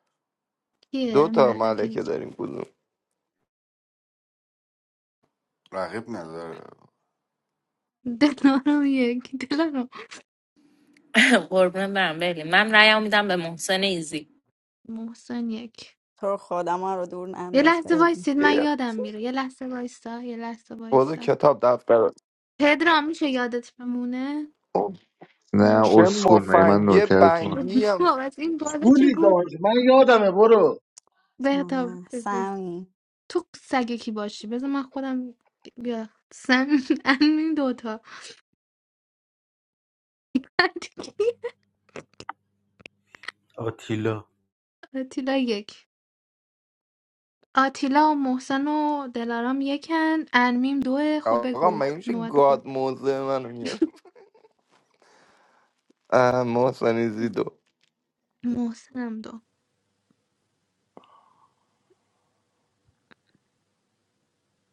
Speaker 8: دو
Speaker 13: یه
Speaker 8: تا
Speaker 13: ملکه
Speaker 8: ملکه داریم کدوم
Speaker 3: رقیب نداره
Speaker 13: دلارم یک دلارم
Speaker 10: قربون برم بلی من رأیمو میدم به محسن ایزی
Speaker 13: محسن یک
Speaker 11: تو رو خدا ما رو دور
Speaker 13: یه
Speaker 11: ننداز
Speaker 13: لحظه
Speaker 11: ببین
Speaker 13: وایسید من
Speaker 8: یه
Speaker 13: یادم میره یه لحظه وایسا یه لحظه
Speaker 8: خود
Speaker 13: وایسا
Speaker 8: کتاب دفتر
Speaker 13: پدرام میشه یادت بمونه
Speaker 8: خب،
Speaker 5: نه
Speaker 13: من
Speaker 8: چه
Speaker 5: اسکل من
Speaker 8: مفنگی
Speaker 5: نوکرتون
Speaker 8: بنگی هم
Speaker 13: بابت این بالا چه
Speaker 2: گولی
Speaker 13: گفت
Speaker 2: داشت من یادمه برو
Speaker 13: بهتا
Speaker 11: آه،
Speaker 13: بگو
Speaker 11: سمی
Speaker 13: تو سگ کی باشی بذار من خودم بیا سن این دوتا
Speaker 15: آتیلا
Speaker 13: آتیلا یک آتیلا و محسن و دلارام یکن انمیم دوه خب
Speaker 8: آقا
Speaker 13: بگو
Speaker 8: مگه میشه
Speaker 13: نوبت خود.
Speaker 8: گاد موزه منو میاره اه، محسن زیدو
Speaker 13: محسنم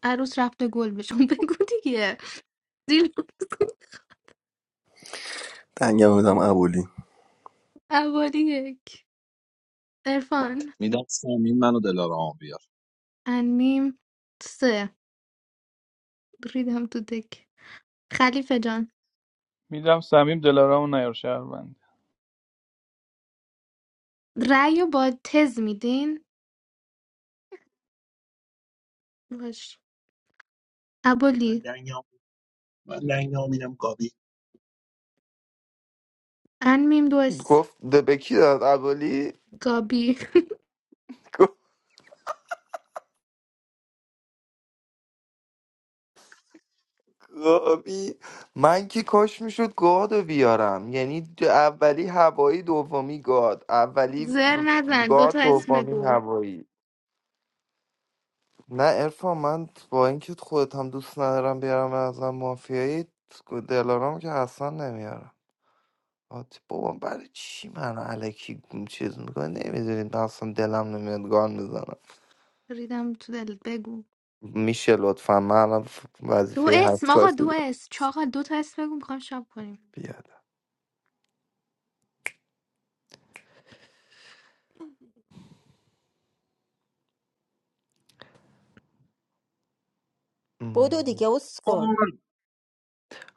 Speaker 13: عروس رفته گل بهشون بگو دیگه زیر
Speaker 14: دنگم بدم ابولی
Speaker 13: عواری یک ارفان
Speaker 1: میدم سمین منو دلارامو بیار
Speaker 13: انمیم سه ریدم تو دک خلیفه جان
Speaker 16: میدم صمیم دلارام و نیار شهروند
Speaker 13: رأی رو با تز میدین باش
Speaker 4: من
Speaker 13: ابولی
Speaker 4: لنگام من لنگام اینم گابی
Speaker 13: انمیم دو
Speaker 8: گفت ده به کی داد ابولی
Speaker 13: گابی
Speaker 8: گفت آبی من که کاش میشد گادو بیارم یعنی د- اولی هوایی دومی گاد اولی
Speaker 13: زر
Speaker 8: ب-
Speaker 13: نزن
Speaker 8: گاد
Speaker 13: دوتا تا اسم
Speaker 8: دومی
Speaker 13: بگو
Speaker 8: هوایی نه ارفان من با اینکه خودت هم دوست ندارم بیارم ازم مافیایی دلارام که اصلا نمیارم آت بابا برای چی من علکی چیز میکنه نمیدونید من اصلا دلم نمیاد گان بزنم
Speaker 13: ریدم تو دلت بگو
Speaker 8: میشه لطفا من الان ف-
Speaker 13: دو
Speaker 8: وظیفه
Speaker 13: اسم آقا
Speaker 8: حساسی
Speaker 13: دو
Speaker 8: دارم.
Speaker 13: اسم چاقا دو تا اسم بگو میخوام شب کنیم
Speaker 8: بیاد
Speaker 11: بودو
Speaker 8: ام.
Speaker 11: دیگه اسکت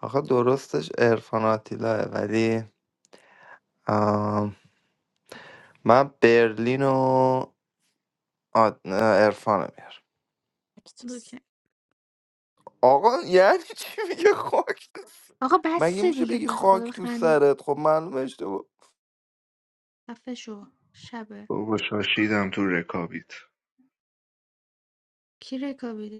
Speaker 8: آخه درستش ارفان آتیلاه ولی آم، من برلین و آد- نه، عرفانو میارم
Speaker 13: اوکی.
Speaker 8: آقا یعنی چی میگه خاک
Speaker 13: آقا
Speaker 8: مگه
Speaker 13: بس
Speaker 8: میشه
Speaker 13: دیگه
Speaker 8: بگی
Speaker 13: به خدا
Speaker 8: خاک تو
Speaker 13: بخند
Speaker 8: سرت خب معلومه اشتباه
Speaker 13: خفه شو شبه
Speaker 5: بابا شاشیدم تو رکابیت
Speaker 13: کی رکابی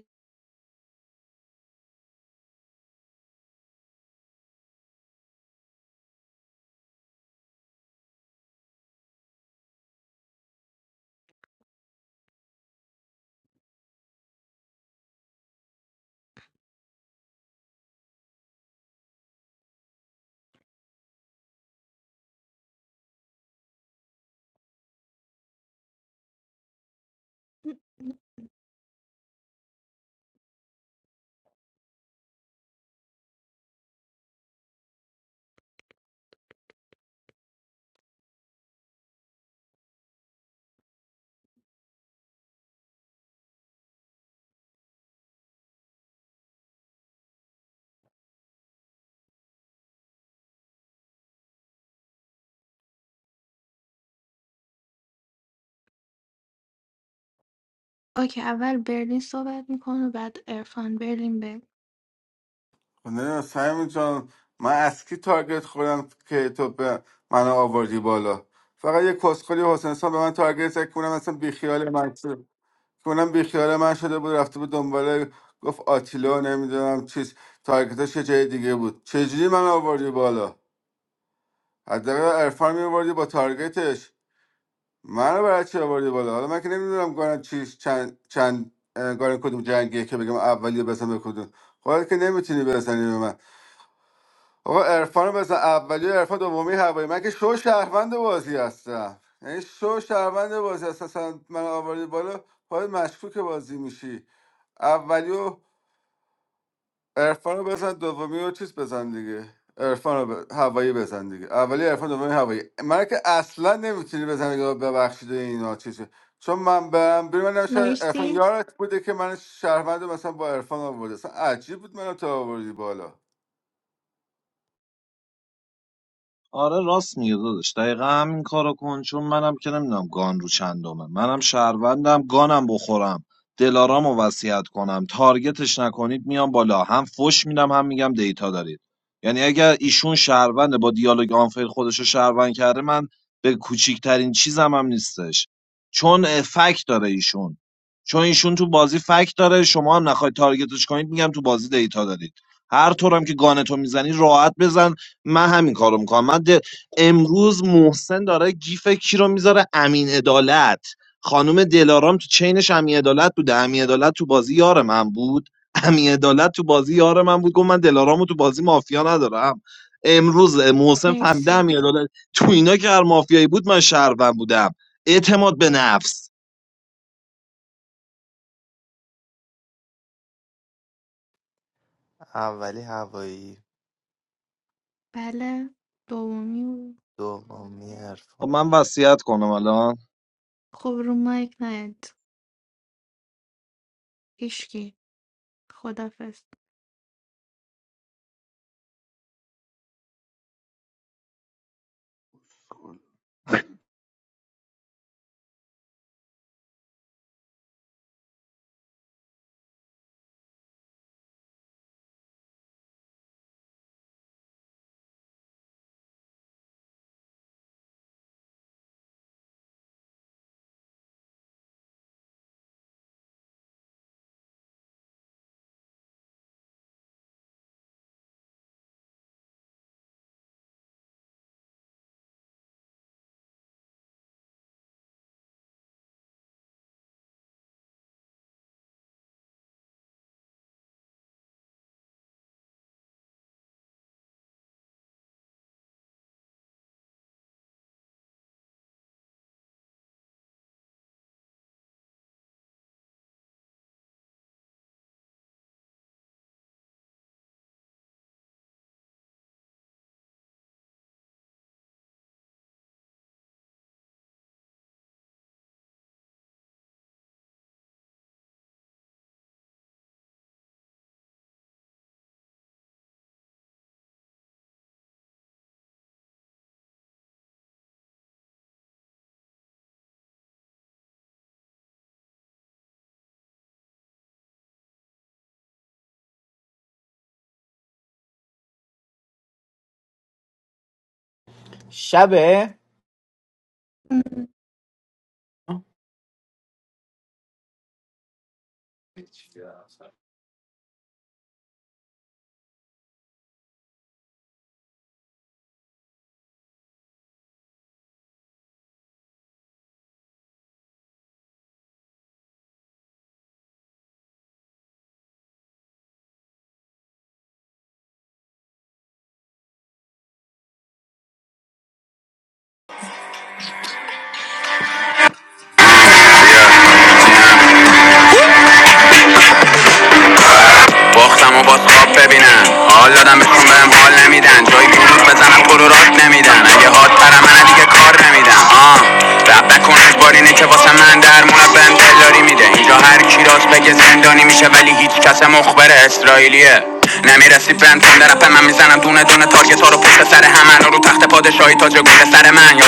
Speaker 13: اوکی اول برلین صحبت میکنه بعد ارفان برلین به
Speaker 3: نه سمی جان من از کی تارگت خوردم که تو به من آوردی بالا فقط یه کسخلی حسین سان به من تارگت زد که اونم اصلا بیخیال من شد که اونم بیخیال من شده بود رفته بود دنباله گفت آتیلا نمیدونم چیز تارگتش یه جای دیگه بود چجوری من آوردی بالا حداقل عرفان میوردی با تارگتش منو برای چی آوردی بالا حالا من که نمیدونم گارن چیش چند چند اه، گارن کدوم جنگیه که بگم اولی بزن به کدوم خودت که نمیتونی بزنی به من آقا عرفان رو بزن اولی و عرفان دومی هوایی من که شو شهروند بازی هستم یعنی شو شهروند بازی هست اصلا من آوردی بالا باید مشکوک بازی میشی اولیو عرفان رو بزن دومی رو چیز بزن دیگه عرفان رو ب... هوایی بزن دیگه اولی عرفان دومی هوایی من که اصلا نمیتونی بزنی که ببخشید و اینا چیزی چون من برم بیرون من نمی‌شه عرفان
Speaker 13: مرسی
Speaker 3: یارت بوده که من شهروند رو مثلا با عرفان آورده اصلا عجیب بود منو تو آوردی بالا
Speaker 1: آره راست میگه داداش دقیقا همین کارو کن چون منم که نمیدونم گان رو چندمه منم شهروندم گانم بخورم دلارام رو وصیت کنم تارگتش نکنید میام بالا هم فش میدم هم میگم دیتا دارید یعنی اگر ایشون شهرونده با دیالوگ آنفیل خودش رو شهروند کرده من به کوچیکترین چیزم هم نیستش چون اه، فک داره ایشون چون ایشون تو بازی فک داره شما هم نخواید تارگتش کنید میگم تو بازی دیتا دارید هر طورم که گانتو میزنی راحت بزن من همین کارو میکنم من ده- امروز محسن داره گیف کی رو میذاره امین عدالت خانم دلارام تو چینش امین عدالت بوده امین عدالت تو بازی یار من بود امین عدالت تو بازی یار من بود گفت من دلارامو تو بازی مافیا ندارم امروز محسن فهمیده
Speaker 13: مرسی
Speaker 1: امین عدالت تو اینا که هر مافیایی بود من شهروند بودم اعتماد به نفس
Speaker 8: اولی هوایی
Speaker 13: بله دومی بود.
Speaker 8: دومی
Speaker 1: خب
Speaker 8: عرفان
Speaker 1: من وصیت کنم الان
Speaker 13: خب رو مایک نید هیشکی خدافز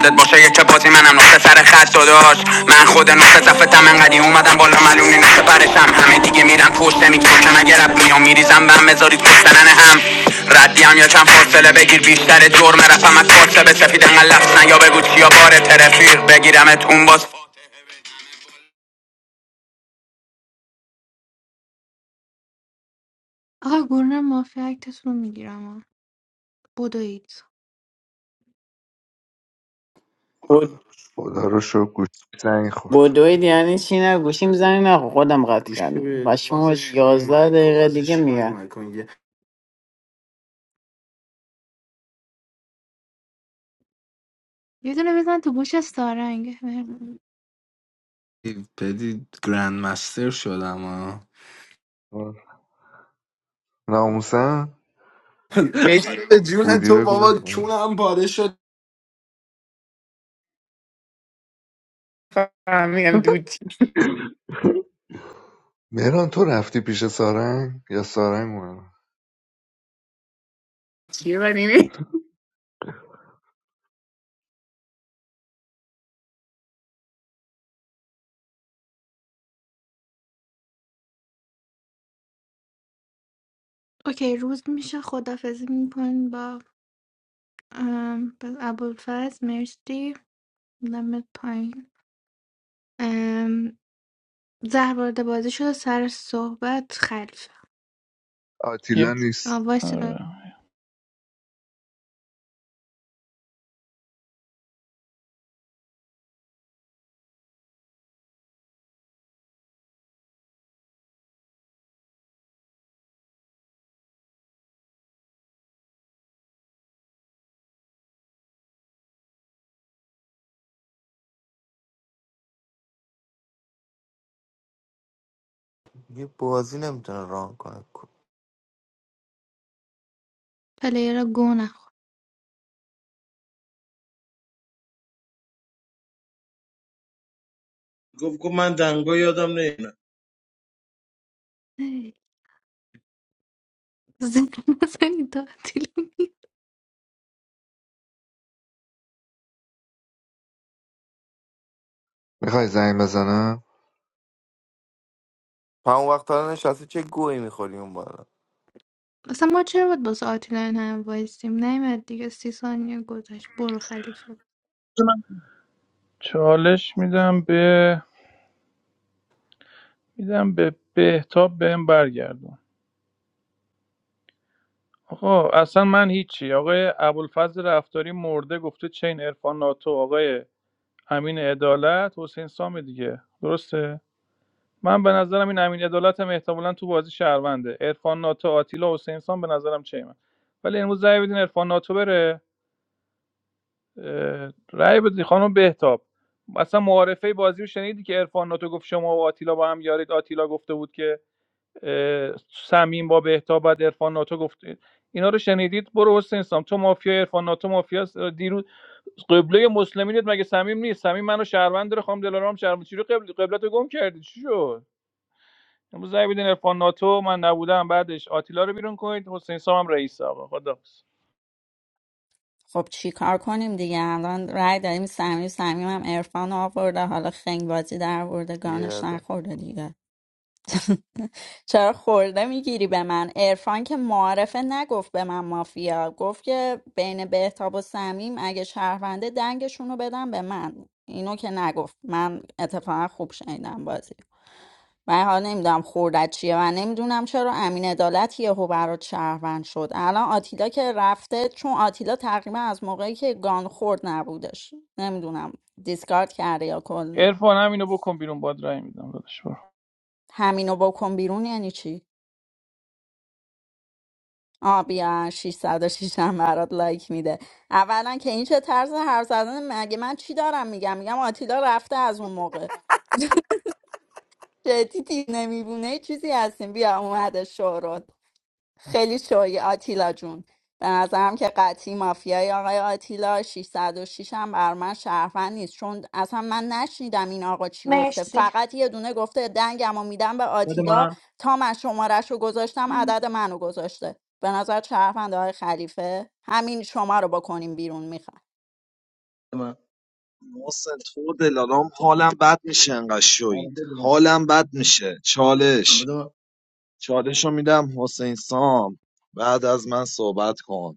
Speaker 17: I'm not afraid of anything.
Speaker 13: آقا گروه مافیا اکتتون رو میگیرم بدوید
Speaker 5: خدا رو شکر گوشی زنگ خورد
Speaker 13: یه دونه بزن تو گوش سارنگ
Speaker 5: ناموسم بودی بگو بزن مهران تو رفتی پیش سارنگ یا سارنگ اومد
Speaker 13: اوکی روز میشه خدافزی میکنیم با ام، با ابوالفضل مرسی نمت پایین ام، زهر وارد بازی شده سر صحبت خلف
Speaker 5: آتیلا
Speaker 16: یک
Speaker 5: نیست
Speaker 13: وایس
Speaker 16: آره.
Speaker 8: یه بازی نمیتونه ران کنه کو-
Speaker 13: پلیر گو نخور
Speaker 2: گفت گفت من دنگا یادم نه بده
Speaker 13: ای، زنگ نزنید تا آتیلا
Speaker 5: میخوای زنگ بزنم
Speaker 8: تو همون وقت الان نشستی چه گویی میخوری اون بالا
Speaker 13: اصلا ما چرا باید باسه آتیلا این همه وایسیم نیمد دیگه سی ثانیه گذشت برو خلیفه
Speaker 2: من
Speaker 16: چالش میدم به میدم به بهتاب بهم برگردون آقا اصلا من هیچی آقای ابوالفضل رفتاری مرده گفته چین عرفان ناتو آقای امین عدالت حسین سام دیگه درسته من به نظرم این امین عدالت هم احتمالا تو بازی شهرونده عرفان ناتو آتیلا حسین سام به نظرم چینه ولی امروز رأی بدین عرفان ناتو بره اه، رأی بدین خانم بهتاب اصلا معارفه بازی رو شنیدی که عرفان ناتو گفت شما و آتیلا با هم یارید آتیلا گفته بود که سمیم با بهتا بعد عرفان ناتو گفت اینا رو شنیدید برو حسین سام تو مافیا عرفان ناتو مافیا دیروز قبله مسلمینت مگه صمیم نیست صمیم منو شهروند داره خانم دلارام شهروند چی رو قبل قبلتو گم کردی چی شد امروز زنگ بدین عرفان ناتو من نبودم بعدش آتیلا رو بیرون کنید حسین سام هم رئیس آقا خدا
Speaker 11: خب چی کار کنیم دیگه الان رای داریم صمیم صمیم هم عرفان آورده حالا خنگ بازی در آورده گانش
Speaker 8: یاره
Speaker 11: نخورده دیگه چرا خورده میگیری به من عرفان که معارفه نگفت به من مافیا گفت که بین بهتاب و صمیم اگه شهرونده دنگشون رو بدن به من اینو که نگفت من اتفاقا خوب شنیدم بازی من حالا نمیدونم خوردت چیه من نمیدونم چرا امین عدالت یهو برات شهروند شد الان آتیلا که رفته چون آتیلا تقریبا از موقعی که گان خورد نبودش نمیدونم دیسکارد کرده یا کل
Speaker 16: عرفان همینو بکن بیرون باد رای میدم داداش برو
Speaker 11: همینو بکن بیرون یعنی چی آ بیا 606 هم برات لایک میده اولا که این چه طرز حرف زدن مگه من چی دارم میگم میگم آتیلا رفته از اون موقع جدی نمیبونه چیزی هستیم بیا اومده شورت خیلی شوی آتیلا جون به نظرم که قطعی مافیای آقای آتیلا 606 هم بر من شهروند نیست چون اصلا من نشنیدم این آقا چی گفته
Speaker 13: مرسی
Speaker 11: فقط یه دونه گفته دنگم و میدم به
Speaker 2: بده
Speaker 11: آتیلا
Speaker 2: من
Speaker 11: تا من شمارش رو گذاشتم عدد منو گذاشته به نظر شهروند آقای خلیفه همین شما رو بکنیم بیرون میخوام
Speaker 2: بده من.
Speaker 1: محسن تو و دلارام حالم بد میشه انقدر
Speaker 2: آره،
Speaker 1: شوید
Speaker 2: بده
Speaker 1: حالم بد میشه چالش
Speaker 2: بده من.
Speaker 1: چالش رو میدم حسین سام بعد از من صحبت کن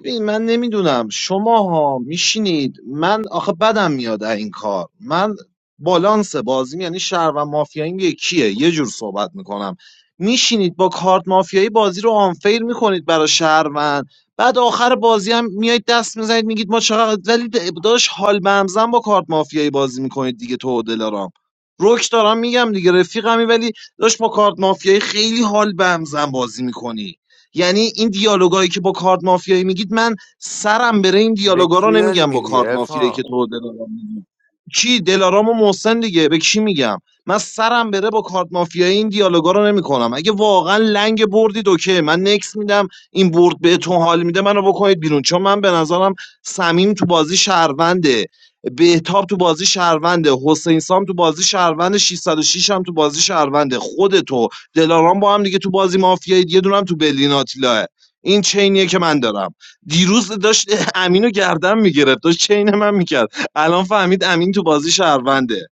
Speaker 1: ببین من نمیدونم شما ها میشینید من آخه بدم میاد از این کار من بالانس بازیم یعنی شهر و مافیاییم یکیه یه جور صحبت میکنم میشینید با کارت مافیایی بازی رو آنفیر میکنید برای شهروند بعد آخر بازی هم میایید دست میزنید میگید ما چقدر ولی داشت حال به همزن با کارت مافیایی بازی میکنید دیگه تو و دلارام روک دارم میگم دیگه رفیقمی ولی داشت با کارت مافیایی خیلی حال به همزن بازی میکنی یعنی این دیالوگایی که با کارت مافیایی میگید من سرم بره این
Speaker 8: به
Speaker 1: دیالوگا رو
Speaker 8: کی داری
Speaker 1: نمیگم با
Speaker 8: میگی
Speaker 1: کارت مافیایی که
Speaker 8: عرفان
Speaker 1: تو و دلارام میگی کی دلارام و محسن دیگه به کی میگم من سرم بره با کارت مافیایی این دیالوگا رو نمیکنم اگه واقعا لنگ بردید اوکی من نکس میدم این برد بهتون حال میده منو بکنید بیرون چون من به نظرم سمیم تو بازی شهرونده بهتاب تو بازی شهرونده حسین سام تو بازی شهرونده 606 هم تو بازی شهرونده خودتو دلارام با هم دیگه تو بازی مافیایی یه دونه هم تو برلین آتیلاه این چینیه که من دارم دیروز داشت امینو گردن میگرفت داشت چین من میکرد الان فهمید امین تو بازی شهرونده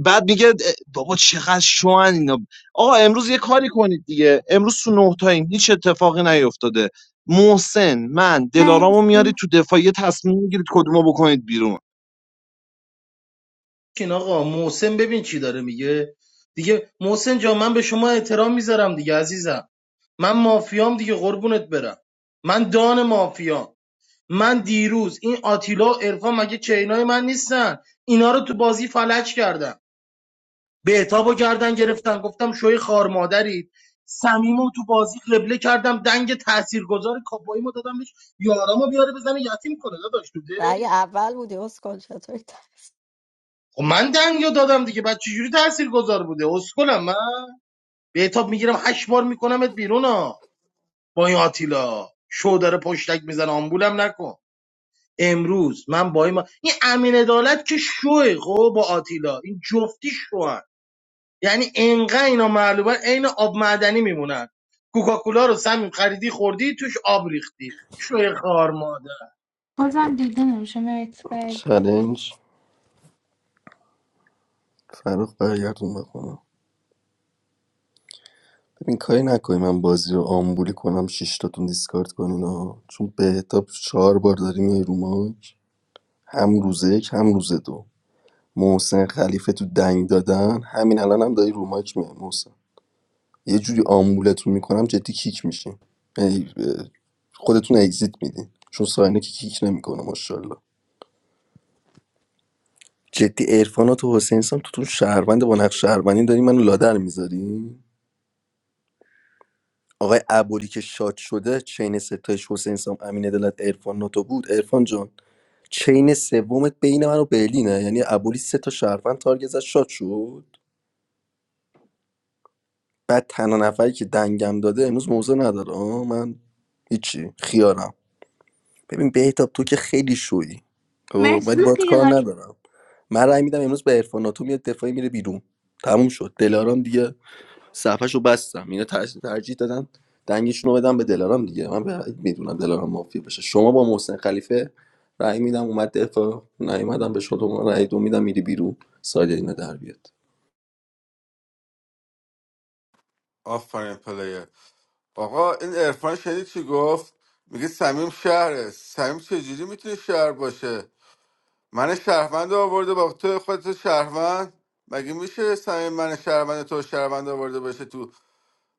Speaker 1: بعد میگه اه، بابا چقدر شوان اینا آقا امروز یه کاری کنید دیگه امروز تو نه تایم هیچ اتفاقی نیفتاده محسن من دلارامو میارید
Speaker 13: مرسی
Speaker 1: تو دفاعیه تصمیم میگیرید کدومو بکنید بیرون
Speaker 2: بشین آقا محسن ببین چی داره میگه دیگه محسن جا من به شما احترام میذارم دیگه عزیزم من مافیام دیگه قربونت برم من دان مافیام من دیروز این آتیلا و عرفان مگه چینای من نیستن اینا رو تو بازی فلج کردم بهتابو کردن گرفتن گفتم شوی خار مادرید صمیمو تو بازی قبله کردم دنگ تاثیرگذار کاپویمو دادم بهش یارامو بیاره بزنه یتیم کنه داداش تو دل.
Speaker 11: رأی اول بودی اسکل چطوری تا-
Speaker 2: خب من دنگو دادم دیگه بعد چجوری تاثیر گذار بوده اسکلم من بهتاب میگیرم هشت بار میکنمت بیرون ها با این آتیلا شو داره پشتک میزنه آمبولم نکن امروز من با این ما... این امین عدالت که شوه خب با آتیلا این جفتی شوهن یعنی انقدر اینا معلومه عین آب معدنی میمونن کوکاکولا رو سمیم خریدی خوردی توش آب ریختی شوی خار مادر
Speaker 13: بازم دیده نمیشه مرسی باید
Speaker 14: چالنج فرخ برگردون بخونم ببین کاری نکنی من بازی رو آمبولی کنم شش شیشتاتون دیسکارد کنین ها چون بهتاب چهار بار داری میای رو ماک هم روزه یک هم روز دو محسن خلیفه تو دنگ دادن همین الان هم داری رو ماک میای محسن یه جوری آمبولتون میکنم جدی کیک میشین یعنی خودتون اگزیت میدین چون ساینه که کیک نمیکنه ماشاءالله جدی عرفانات و حسین سام تو تو شهروند با نقش شهروندی داری منو لادر میذاری آقای عبولی که شاد شده چین ستایش حسین سام امین دلت عرفان ناتو بود عرفان جان چین سومت بین من و برلینه یعنی ابولی سه تا شهروند تارگت زد شاد شد بعد تنها نفری که دنگم داده امروز موزه نداره آه، من هیچی خیارم ببین بهتاب تو که خیلی شویی خب
Speaker 13: مرسی
Speaker 14: ولی باید کار
Speaker 13: خیار
Speaker 14: ندارم من رأی میدم امروز به عرفان تو میاد دفاعی میره بیرون تموم شد دلارام دیگه صفحه رو بستم اینا ترجیح, ترجیح دادن دنگشون رو بدم به دلارام دیگه من بعید میدونم دلارام مافیا بشه شما با محسن خلیفه رأی میدم اومد دفاع نیومدم به شما رأی دو میدم میری بیرون ساید اینا در بیاد
Speaker 3: آفرین پلیر آقا این عرفان شنید چی گفت میگه سمیم شهره سمیم چجوری میتونه شهر باشه من شهروند آورده با تو خودت شهروند مگه میشه سمیم من شهروند تو شهروند آورده باشه تو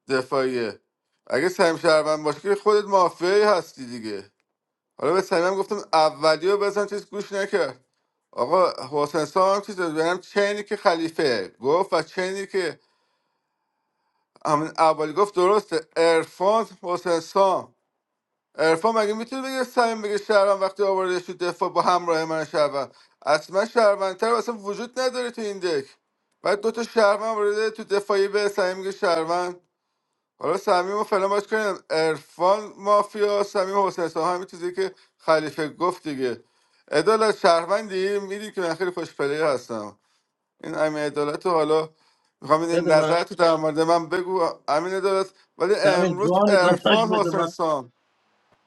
Speaker 3: دفاعیه اگه سمیم شهروند باشه که خودت مافیایی هستی دیگه حالا به سمیم گفتم اولی رو بزن چیز گوش نکرد آقا حسین سام هم چیز بهم چینی که خلیفه گفت و چینی که همین اولی گفت درسته عرفان حسین سام. عرفان مگه میتونه بگه سمیم بگه شهروند وقتی آوردش تو دفاع با همراه من شهروند اصلا شهروندتر اصلا وجود نداره تو این دک بعد دو تا شهروند ورده تو دفاعی به سمیم میگه شهروند حالا صمیم رو فعلا باش کنیم عرفان مافیا صمیم حسین سام همین چیزی که خلیفه گفت دیگه عدالت شهروندی میدی که من خیلی خوش پلیر هستم این امین عدالت رو حالا میخوام
Speaker 2: بده
Speaker 3: این
Speaker 2: من
Speaker 3: نظر تو در مورد من بگو امین عدالت ولی
Speaker 2: سمیم
Speaker 3: امروز
Speaker 2: جان داداش
Speaker 3: عرفان
Speaker 2: بده
Speaker 3: حسین
Speaker 2: من
Speaker 3: سام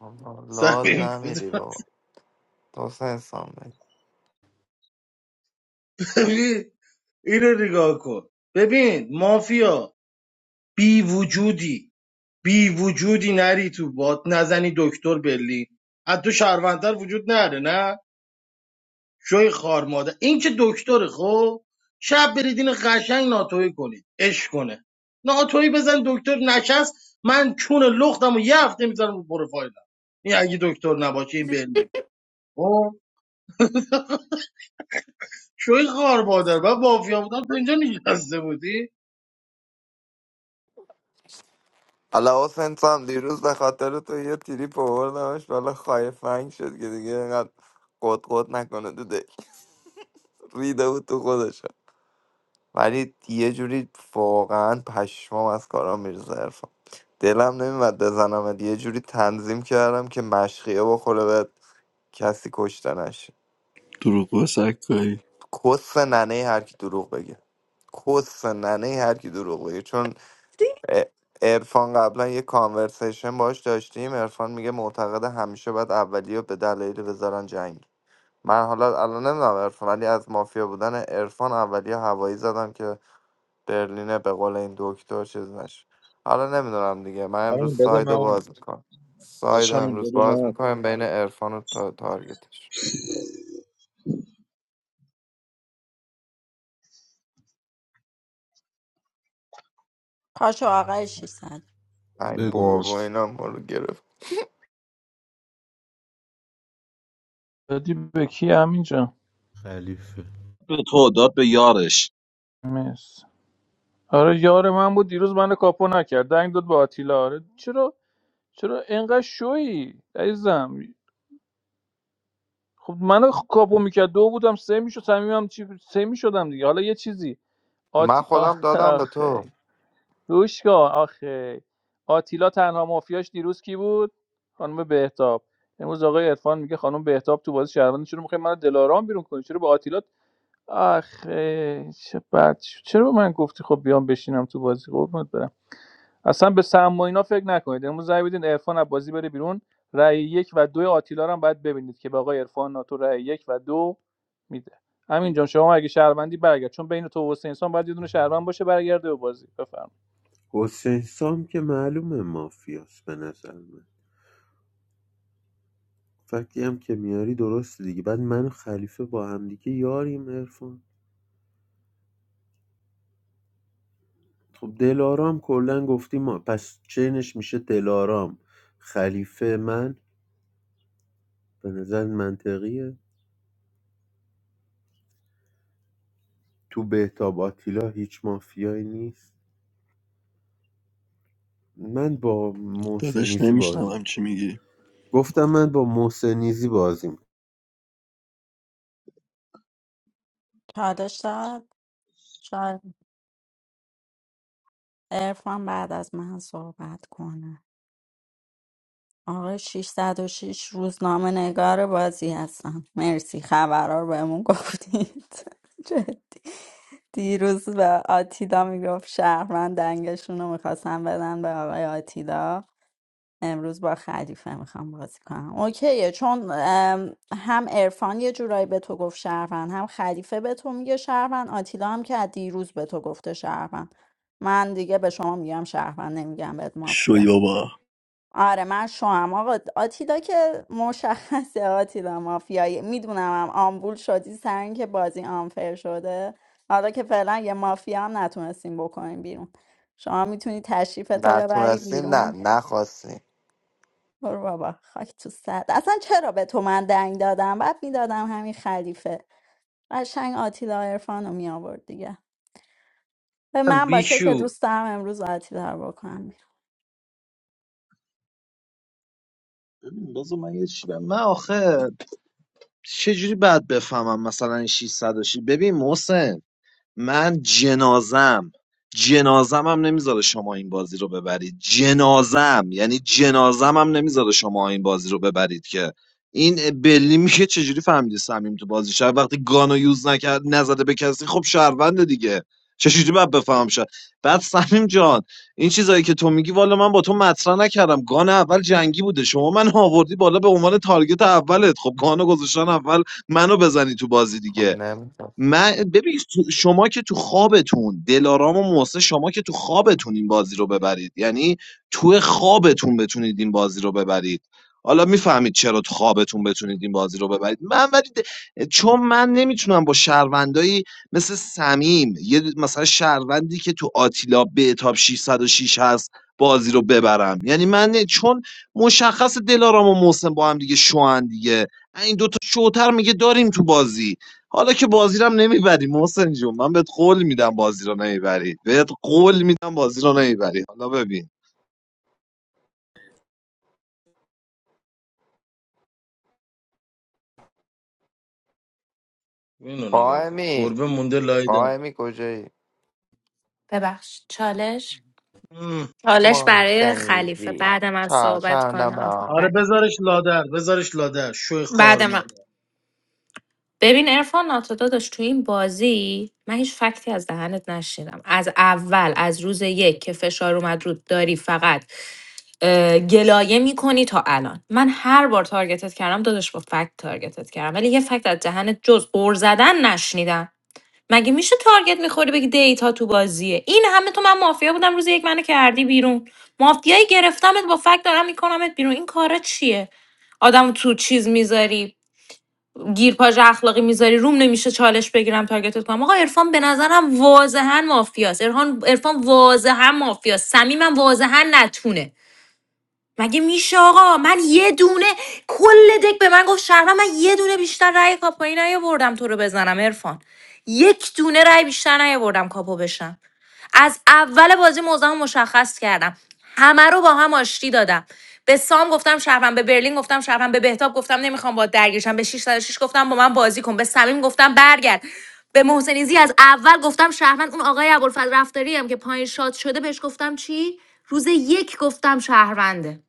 Speaker 8: آقا، لال
Speaker 2: سمیم بده
Speaker 8: نمیری
Speaker 2: من.
Speaker 8: بابا تو حسین انسان بگی
Speaker 2: سمیم. اینو نگاه کن ببین مافیا بی وجودی بی وجودی نری تو باد نزنی دکتر برلین از تو شهروندتر وجود نره نه شوی خار ماده این که دکتر خب شب برید این قشنگ ناتوی کنید اش کنه ناتوی بزن دکتر نشست من چون لختم و یه هفته میذارم رو پروفایلم این اگه دکتر نباشه این برلین خب شوی خار مادر من مافیا بودم تو اینجا نشسته بودی
Speaker 8: حالا حسین سام دیروز به خاطر تو یه تریپ آوردمش بالا خایفنگ شد که دیگه اینقدر قد قد نکنه تو دل ریده بود تو خودش ولی یه جوری واقعا پشمام از کارام میریزه عرفان دلم نمیمد بزنم یه جوری تنظیم کردم که مشقیه بخوره به کسی کشتنش
Speaker 14: دروغ و سکایی
Speaker 8: کس ننه هر کی دروغ بگه کس ننه هر کی دروغ بگه چون ارفان قبلا یه کانورسیشن باش داشتیم ارفان میگه معتقد همیشه باید اولی رو به دلایل بذارن جنگ من حالا الان نمیدونم ارفان ولی از مافیا بودن ارفان اولیا هوایی زدم که برلینه به قول این دکتر چیز نشه حالا نمیدونم دیگه من امروز
Speaker 1: همین بده
Speaker 8: سایدو
Speaker 1: من
Speaker 8: باز میکنم ساید سایدو
Speaker 1: داشتم همین
Speaker 8: امروز
Speaker 1: بده
Speaker 8: باز
Speaker 1: من
Speaker 8: میکنم بین عرفان و تا تارگتش
Speaker 11: پاشو آقای 600
Speaker 8: ای
Speaker 1: اینم
Speaker 15: بگو
Speaker 1: داداش
Speaker 8: بابا
Speaker 15: مس
Speaker 8: اینا ما رو گرفت
Speaker 16: دادی به کی همینجا
Speaker 15: خلیفه
Speaker 1: به تو داد به یارش
Speaker 16: مس آره یار من بود دیروز منو کاپو نکرد دنگ داد به آتیلا آره چرا چرا اینقدر شویی عزیزم خب منو خ- کاپو میکرد دو بودم سه میشد صمیمم چی سه میشدم دیگه حالا یه چیزی
Speaker 8: من
Speaker 16: آتی آه،
Speaker 8: خودم دادم به تو
Speaker 16: آخه گوش آخه آتیلا تنها مافیاش دیروز کی بود خانم بهتاب امروز آقای عرفان میگه خانم بهتاب تو بازی شهروندی چرا میخوای منو دلارام بیرون کنی چرا به آتیلا آخه چه بد شد. چرا به من گفتی خب بیام بشینم تو بازی قربونت برم اصلا به سم و اینا فکر نکنید امروز رأی بدین عرفان از بازی بره بیرون رای یک و دو آتیلا رو هم باید ببینید که به آقای عرفان ناتو رای یک و دو میده همین جان شما اگه شهروندی برگرد چون بین تو و حسین سان باید یه دونه شهروند باشه برگرده به بازی بفرمایید
Speaker 15: حسین سام که معلومه مافیاست به نظر من فکتی هم که میاری درست دیگه بعد من و خلیفه با همدیگه یاریم ارفان خب دلارام کلا گفتی ما پس چینش میشه دلارام خلیفه من به نظر منطقیه تو بهتاب آتیلا هیچ مافیایی نیست من با
Speaker 14: داداش
Speaker 15: محسنیزی بازی
Speaker 14: نمیشنوم چی
Speaker 15: میکنم
Speaker 14: میگی
Speaker 15: گفتم من با محسنیزی بازی میکنم
Speaker 11: چالش داد شاید ارفان بعد از من صحبت کنه آقای 606 روزنامه نگار بازی هستم مرسی خبرها رو بهمون گفتید جدی دیروز به آتیلا میگفت شهروند دنگشون رو میخواستم بدن به آقای آتیلا امروز با خلیفه میخوام بازی کنم اوکیه چون ام، هم عرفان یه جورایی به تو گفت شهروند هم خلیفه به تو میگه شهروند آتیلا هم که از دیروز به تو گفته شهروند من دیگه به شما میگم شهروند نمیگم بهت مافیا
Speaker 14: شوی بابا
Speaker 11: آره من شوام آقا آتیلا که مشخصه آتیلا مافیایی میدونم هم آمبول شدی سر اینکه بازی آنفر شده حالا که فعلا یه مافیا هم نتونستیم بکنیم بیرون شما میتونی تشریف تو ببری
Speaker 8: نتونستی نه
Speaker 11: بیرون
Speaker 8: نخواستی
Speaker 11: برو بابا خاک تو سرد اصلا چرا به تو من دنگ دادم بعد میدادم همین خلیفه قشنگ آتیلا عرفان رو میآورد دیگه به من باشه که
Speaker 2: بیشور
Speaker 11: دوست دارم امروز آتیلا رو بکنم بیرون.
Speaker 1: ببین بذار من یه چی بگم. من آخه چجوری باید بفهمم مثلا این 600 و شی- ببین محسن من جنازم جنازم هم نمیذاره شما این بازی رو ببرید جنازم یعنی جنازم هم نمیذاره شما این بازی رو ببرید که این بلی میشه چجوری فهمیدی سمیم تو بازی شهر وقتی گانو یوز نکرد نزده به کسی خب شهرونده دیگه چجوری باید بفهم شد بعد سمیم جان این چیزایی که تو میگی والا من با تو مطرح نکردم گان اول جنگی بوده شما من آوردی بالا به عنوان تارگت اولت خب گانو گذاشتن اول منو بزنی تو بازی
Speaker 8: خب
Speaker 1: دیگه
Speaker 8: نمیتونست
Speaker 1: من ببین تو- شما که تو خوابتون دلارام و محسن شما که تو خوابتون این بازی رو ببرید یعنی تو خوابتون بتونید این بازی رو ببرید حالا میفهمید چرا تو خوابتون بتونید این بازی رو ببرید من ولی د- چون من نمیتونم با شهروندایی مثل سمیم یه د- مثلا شهروندی که تو آتیلا بهتاب 606 هست بازی رو ببرم یعنی من نه- چون مشخص دلارام و محسن با هم دیگه شوهن دیگه این دوتا شوتر میگه داریم تو بازی حالا که بازی رو هم نمیبری محسن جون من بهت قول میدم بازی رو نمیبری بهت قول میدم بازی رو نمیبری حالا ببین
Speaker 2: اینو نگاه کن
Speaker 8: قائمی
Speaker 2: گربه مونده لای در
Speaker 8: قائمی کجایی
Speaker 10: ببخش چالش
Speaker 2: مم.
Speaker 10: چالش برای خلیفه
Speaker 8: محسنیزی
Speaker 10: بعد من صحبت
Speaker 8: چهارشنبه
Speaker 10: کنه
Speaker 8: با
Speaker 2: آره
Speaker 10: آفر
Speaker 2: بذارش لادر بذارش لادر شوی
Speaker 10: بعد
Speaker 2: خار
Speaker 10: من
Speaker 2: مادر
Speaker 10: ببین ارفان ناتو داداش تو این بازی من هیچ فکتی از دهنت نشیدم از اول از روز یک که فشار اومد رود داری فقط اه، گلایه میکنی تا الان من هر بار تارگتت کردم داداش با فکت تارگتت کردم ولی یه فکت از دهنت جز غر زدن نشنیدم مگه میشه تارگت میخوری بگی دیتا تو بازیه این همه تو من مافیا بودم روز یک منو کردی بیرون مافیایی گرفتمت با فک دارم میکنمت بیرون این کارا چیه آدم تو چیز میذاری گیرپاژ اخلاقی میذاری روم نمیشه چالش بگیرم تارگتت کنم آقا عرفان به نظرم واضحا مافیاست عرفان عرفان واضحا مافیاست صمیمم واضحا نتونه مگه میشه آقا من یه دونه کل دک به من گفت شهر من یه دونه بیشتر رأی کاپایی نیاوردم تو رو بزنم عرفان یک دونه رأی بیشتر نیاوردم کاپو بشم از اول بازی موضعم مشخص کردم همه رو با هم آشتی دادم به سام گفتم شهرم به برلین گفتم شهرم به بهتاب گفتم نمیخوام با درگیرشم به شش گفتم با من بازی کن به صمیم گفتم برگرد به محسنیزی از اول گفتم شهروند اون آقای ابوالفضل رفتاری هم که پایین شاد شده بهش گفتم چی روز یک گفتم شهرونده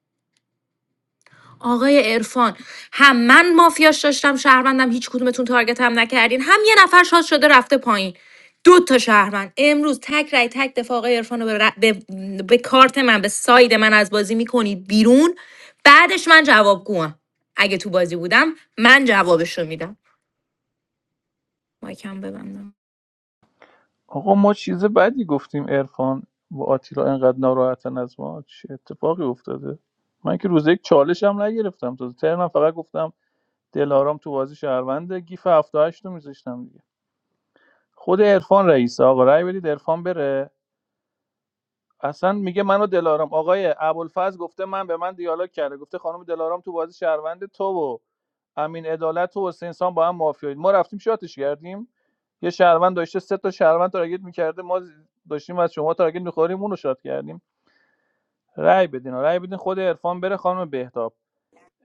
Speaker 10: آقای عرفان هم من مافیاش داشتم شهروندم هیچ کدومتون تارگت هم نکردین هم یه نفر شاد شده رفته پایین دو تا شهروند امروز تک رای تک دفاع آقای عرفان رو به, ر- به, به کارت من به ساید من از بازی میکنید بیرون بعدش من جواب گوهم اگه تو بازی بودم من جوابش رو میدم مایکم ببندم
Speaker 16: آقا ما چیز بدی گفتیم عرفان و آتیلا انقدر ناراحتن از ما چه اتفاقی افتاده من که روز یک چالش هم نگرفتم تو ترنم فقط گفتم دلارام تو بازی شهرونده گیف 78 رو میذاشتم دیگه خود عرفان رئیس آقا رأی بدید عرفان بره اصلا میگه منو دلارام آقای ابوالفضل گفته من به من دیالوگ کرده گفته خانم دلارام تو بازی شهروند تو و امین عدالت و حسین سام با هم مافیایید ما رفتیم شاتش کردیم یه شهروند داشته سه تا شهروند تارگت میکرده ما داشتیم از شما تارگت میخوریم اونو شات کردیم رأی بدین رأی بدین خود عرفان بره خانم بهتاب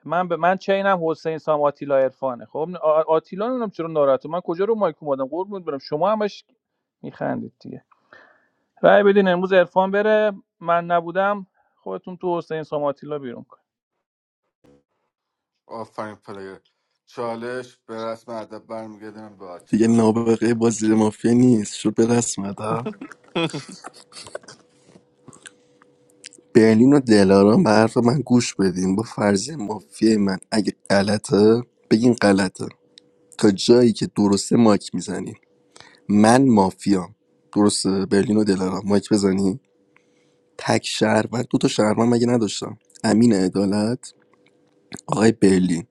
Speaker 16: من به من چینم حسین سام آتیلا عرفانه خب آتیلا نمیدونم چرا ناراحته من کجا رو مایک اومدم قربونت برم شما همش میخندید دیگه. رای بدین امروز عرفان بره من نبودم خودتون تو حسین ساماتیلا بیرون کن
Speaker 3: آفرین پلیر چالش به رسم ادب برمیگردم به
Speaker 14: دیگه
Speaker 3: آتیلا
Speaker 14: نابغه بازی مافیا نیست شد به رسم ادب. برلین و دلارام به حرف من گوش بدین با فرضیه مافیای من اگه غلطه بگین غلطه تا جایی که درسته مایک میزنین من مافیام درسته برلین و دلارام مایک بزنین تک شهروند دو تا شهروند مگه نداشتم امین عدالت آقای برلین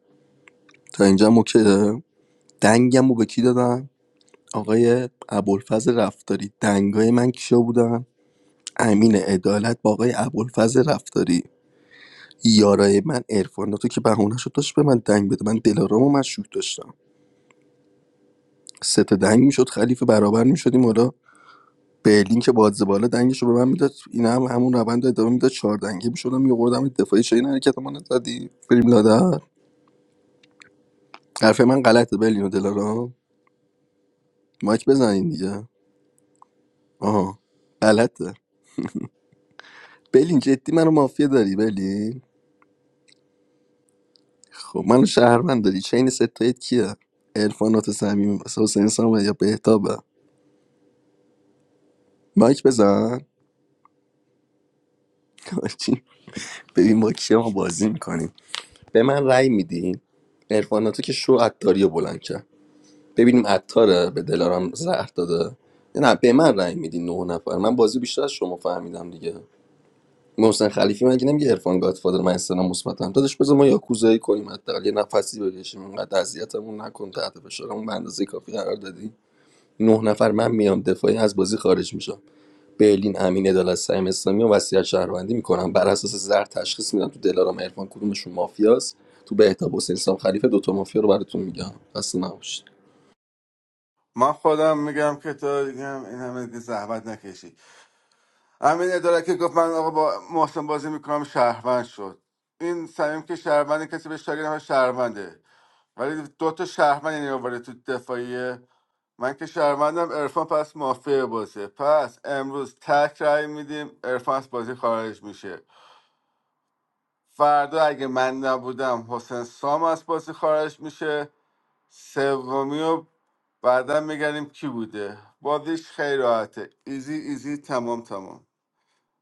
Speaker 14: تا اینجا هم اوکیه دنگم رو به کی دادم آقای ابوالفضل رفتاری دنگای من کیا بودن امین عدالت با آقای ابوالفضل رفتاری یارای من عرفان تو که بهونه شد داشت به من دنگ بده من دلارامو مشروط داشتم سه تا دنگ میشد خلیفه برابر میشدیم حالا برلین که بادز بالا دنگش رو به من میداد این هم همون روند رو ادامه میداد چهار دنگی میشدم میوردم دفاعی چه این حرکت ما نزدی بریم لادر حرف من غلطه برلین و دلارام مایک بزنین دیگه آها غلطه برلین جدی منو مافیا داری برلین خب منو شهروند داری چین ستایت کیه عرفانات صمیم حسین سام یا بهتابه مایک بزن ببین با کیا ما بازی میکنیم به من رأی میدین ارفاناتو که شو عطاری رو بلند کرد ببینیم عطاره به دلارم زهر داده نه به من رأی میدین نه نفر من بازی بیشتر از شما فهمیدم دیگه محسن خلیفی مگه نمیگه عرفان گادفادر من استنام مثبتم داداش بذار ما یاکوزایی کنیم حداقل یه نفسی بکشیم اینقدر اذیتمون نکن تحت فشارمون به اندازه کافی قرار دادی نه نفر من میام دفاعی از بازی خارج میشم برلین امین عدالت‌سلیم اسلامی و وصیت شهروندی میکنم بر اساس زر تشخیص میدم تو دلارام عرفان کدومشون مافیاست تو بهتاب حسین سام خلیفه دوتا مافیا رو براتون میگم اصلا نباشید
Speaker 3: من خودم میگم که تا دیگه هم این همه دیگه زحمت نکشی همین اداره که گفت من آقا با محسن بازی میکنم شهروند شد این سمیم که شهروند کسی به تاگیر نمیشه شهرونده ولی دو تا شهروند یعنی آورده تو دفاعیه من که شهروندم عرفان پس مافیا بازه پس امروز تک رای میدیم عرفان از بازی خارج میشه فردا اگه من نبودم حسین سام از بازی خارج میشه سومی رو بعدا میگنیم کی بوده بازیش خیلی راحته ایزی ایزی تمام تمام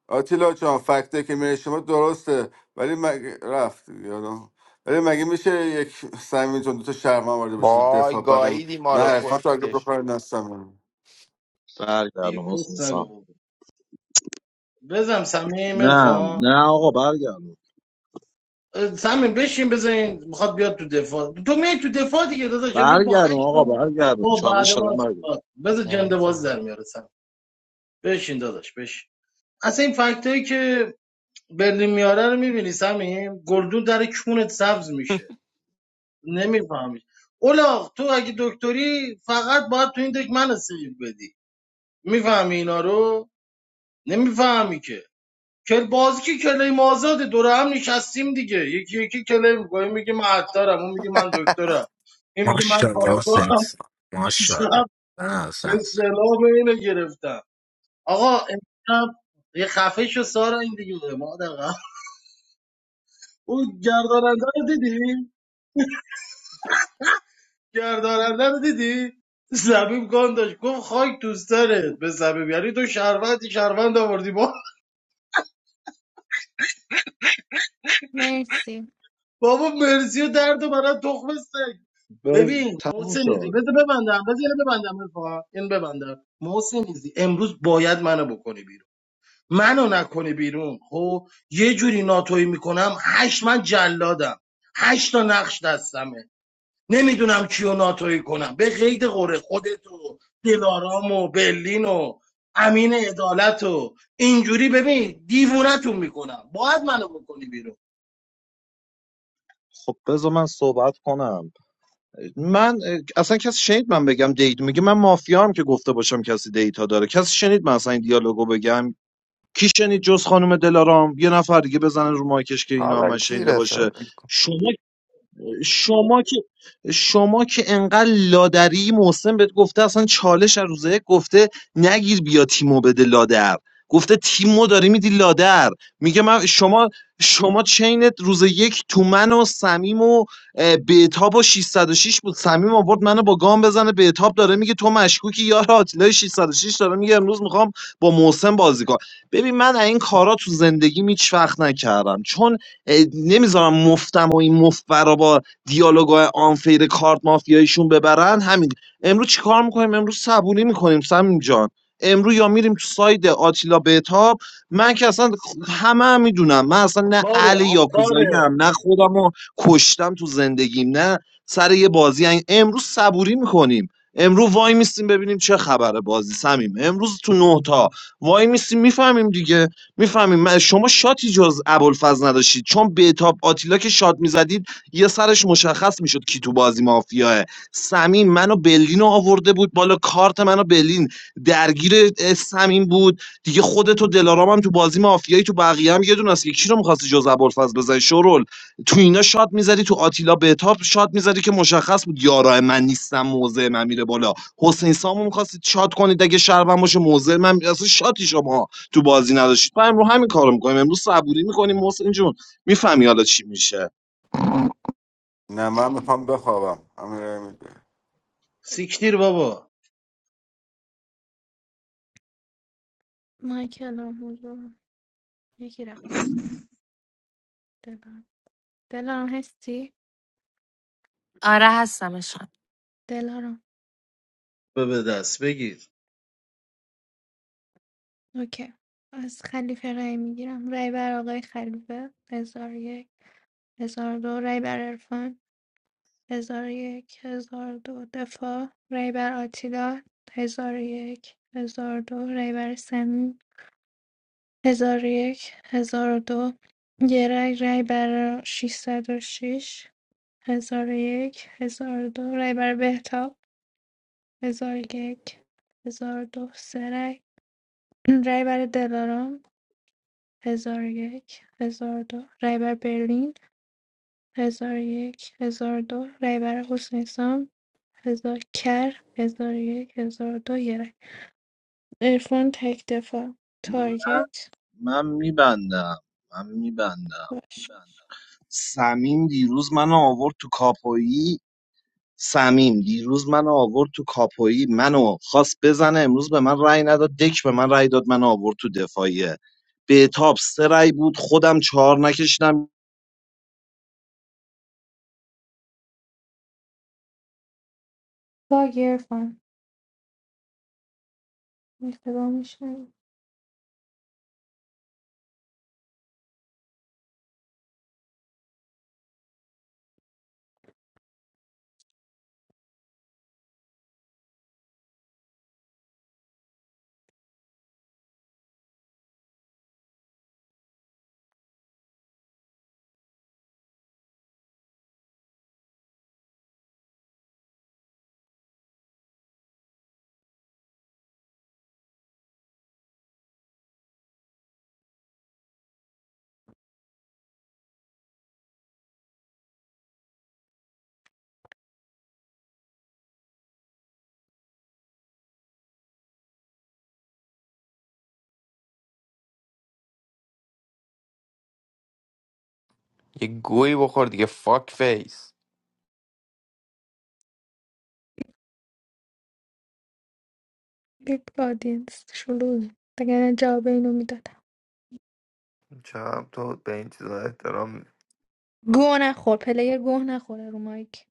Speaker 3: آتیلا جان فکته که میره شما درسته ولی مگه رفت یادم ولی مگه میشه یک سمین جان دوتا شهرمن وارده بشه تو
Speaker 8: وای
Speaker 3: دفاع بعدم
Speaker 8: گاییدی ما
Speaker 3: نه
Speaker 8: رو
Speaker 3: ارفان تا
Speaker 8: کس
Speaker 3: اگه بخواه
Speaker 8: کشتی
Speaker 3: نه سمیم
Speaker 2: دیگه
Speaker 1: برگردم حسین
Speaker 2: کس نگو
Speaker 1: سام
Speaker 2: بابا بزن سمیم
Speaker 1: نه
Speaker 2: ارفان
Speaker 1: نه آقا برگردم
Speaker 2: سمیم بشین بزنین میخواد بیاد تو دفاع تو می تو دفاع دیگه داداش امروز با
Speaker 1: برگردم
Speaker 2: هشت
Speaker 1: آقا
Speaker 2: تا-
Speaker 1: برگردم
Speaker 2: با بعد
Speaker 1: چالش
Speaker 2: ما
Speaker 1: شدم
Speaker 2: است.
Speaker 1: برگردم
Speaker 2: بذار
Speaker 8: ای
Speaker 2: جنده باز
Speaker 8: بابا
Speaker 2: در میاره سمیم بشین داداش بشین اصلا این فکت که برلین میاره رو میبینی سمیم گلدون در کونت سبز میشه نمیفهمی اولاغ تو اگه دکتری فقط باید تو این دک من سیو بدی میفهمی اینا رو نمیفهمی که کل بازی که کلیم آزاده دور هم نشستیم دیگه یکی یکی کلیم میگه میگه من عطارم اون میگه من دکترم این میگه من
Speaker 18: MashaAllah,
Speaker 2: کاراگاهم
Speaker 18: sense.
Speaker 2: شب
Speaker 18: MashaAllah. Ah, sense.
Speaker 2: استعلام اینو گرفتم آقا امشب یه خفه شو سارا این دیگه مادر قبل. اون گرداننده رو دیدی گرداننده رو دیدی زمین گان داشت گفت خاک تو سرت به زمین یعنی تو شهروندی شهروند آوردی با
Speaker 13: مرسی
Speaker 2: بابا مرسی و درد و برای تخم سگ
Speaker 1: بز...
Speaker 2: ببین
Speaker 1: تموم
Speaker 2: محسن ایزی
Speaker 1: شد
Speaker 2: بذار ببندم بذار اینو ببندم رفاقا. اینو ببندم محسن ایزی امروز باید منو بکنی بیرون منو نکنی بیرون خب یه جوری ناتوی میکنم هشت من جلادم هشت تا نقش دستمه نمیدونم کیو ناتوی کنم به قید قره خودت و دلارام و برلین و امین عدالت و اینجوری ببین دیوونتون میکنم باید منو بکنی بیرون
Speaker 1: خب بذار من صحبت کنم من اه، اصلا کسی شنید من بگم دیت میگه من مافیام که گفته باشم کسی دیتا داره کسی شنید من اصلا این دیالوگو بگم کی شنید جز خانم دلارام یه نفر دیگه بزنه رو مایکش که اینا
Speaker 8: حالا
Speaker 1: من
Speaker 8: کی
Speaker 1: شنیده باشه
Speaker 8: رسه
Speaker 1: شما شما که شما که انقدر لادری محسن بهت گفته اصلا چالش از روزه یک گفته نگیر بیا تیمو بده لادر گفته تیمو داری میدی لادر میگه من شما شما چینت روز یک تو من و سمیم و اه، بهتاب و 606 بود سمیم آورد منو با گام بزنه بهتاب داره میگه تو مشکوکی یار آتیلای 606 داره میگه امروز میخوام با محسن بازی کنم ببین من از این کارا تو زندگی هیچ وقت نکردم چون اه، نمیذارم مفتم و این مفت برا با دیالوگای آنفیر کارت مافیاییشون ببرن همین امروز چیکار میکنیم امروز صبونی میکنیم سمیم جان امروز یا میریم تو ساید آتیلا بهتاب من که اصلا همه هم میدونم من اصلا نه
Speaker 2: عطاره
Speaker 1: اهل یاکوزایی
Speaker 2: عطاره
Speaker 1: هم نه خودم کشتم تو زندگیم نه سر یه بازی هن. امروز صبوری میکنیم امروز وای میستیم ببینیم چه خبره بازی سمیم امروز تو نه تا وای میستیم میفهمیم دیگه میفهمیم شما شاتی جز ابوالفضل نداشتید چون بهتاب آتیلا که شات میزدید یه سرش مشخص میشد کی تو بازی مافیاه سمین منو بلین رو آورده بود بالا کارت منو بلین درگیر سمین بود دیگه خودت و دلارام هم تو بازی مافیایی تو بقیه هم یه دونه است که کی رو میخواستی جز ابوالفضل بزنی شورول تو اینا شات میزدی تو آتیلا بهتاب شات میزدی که مشخص بود یارا من نیستم موضع من میره بالا حسین سامو میخواستید شات کنید اگه شربم باشه موضع من میره اصلا شاتی شما تو بازی نداشتید ما امروز همین کارو میکنیم امروز صبوری میکنیم محسن جون میفهمی حالا چی میشه
Speaker 3: نه من میخوام بخوابم امیر میده
Speaker 2: سیکتیر بابا
Speaker 13: مایکلم حضور یکی رفت دلارم دلارم هستی؟
Speaker 10: آره هستم اشان
Speaker 13: دلارم
Speaker 2: به به دست بگیر
Speaker 13: اوکی از خلیفه رای میگیرم رای بر آقای خلیفه هزار و یک هزار و دو رای بر عرفان هزار یک هزار دو دفاع ری بر آتیلا هزار یک هزار دو ری بر سمین هزار یک هزار دو یه رای رای بر ششصد و شش هزار یک هزار دو رای بر بهتاب هزار یک هزار دو سه رای رای بر دلارام هزار یک هزار دو رای بر برلین هزار یک هزار دو رای بر حسین سام هزار کر هزار یک هزار دو یه رای عرفان تک دفاع تارگت
Speaker 1: من میبندم من میبندم
Speaker 13: باش
Speaker 1: سمیم دیروز منو آورد تو کاپویی سمیم دیروز منو آورد تو کاپویی منو خواست بزنه امروز به من رأی نداد دک به من رأی داد منو آورد تو دفاعیه به تاب سه رأی بود خودم چهار نکشیدم
Speaker 13: باگ عرفان اشتباه میشه
Speaker 8: یه گویی بخور دیگه فاک فیس
Speaker 13: یک آدینس شلوغ دیگه نه جواب اینو میدادم
Speaker 8: چرا تو به این چیزا احترام
Speaker 13: گوه نخور پلیر گوه نخوره رو مایک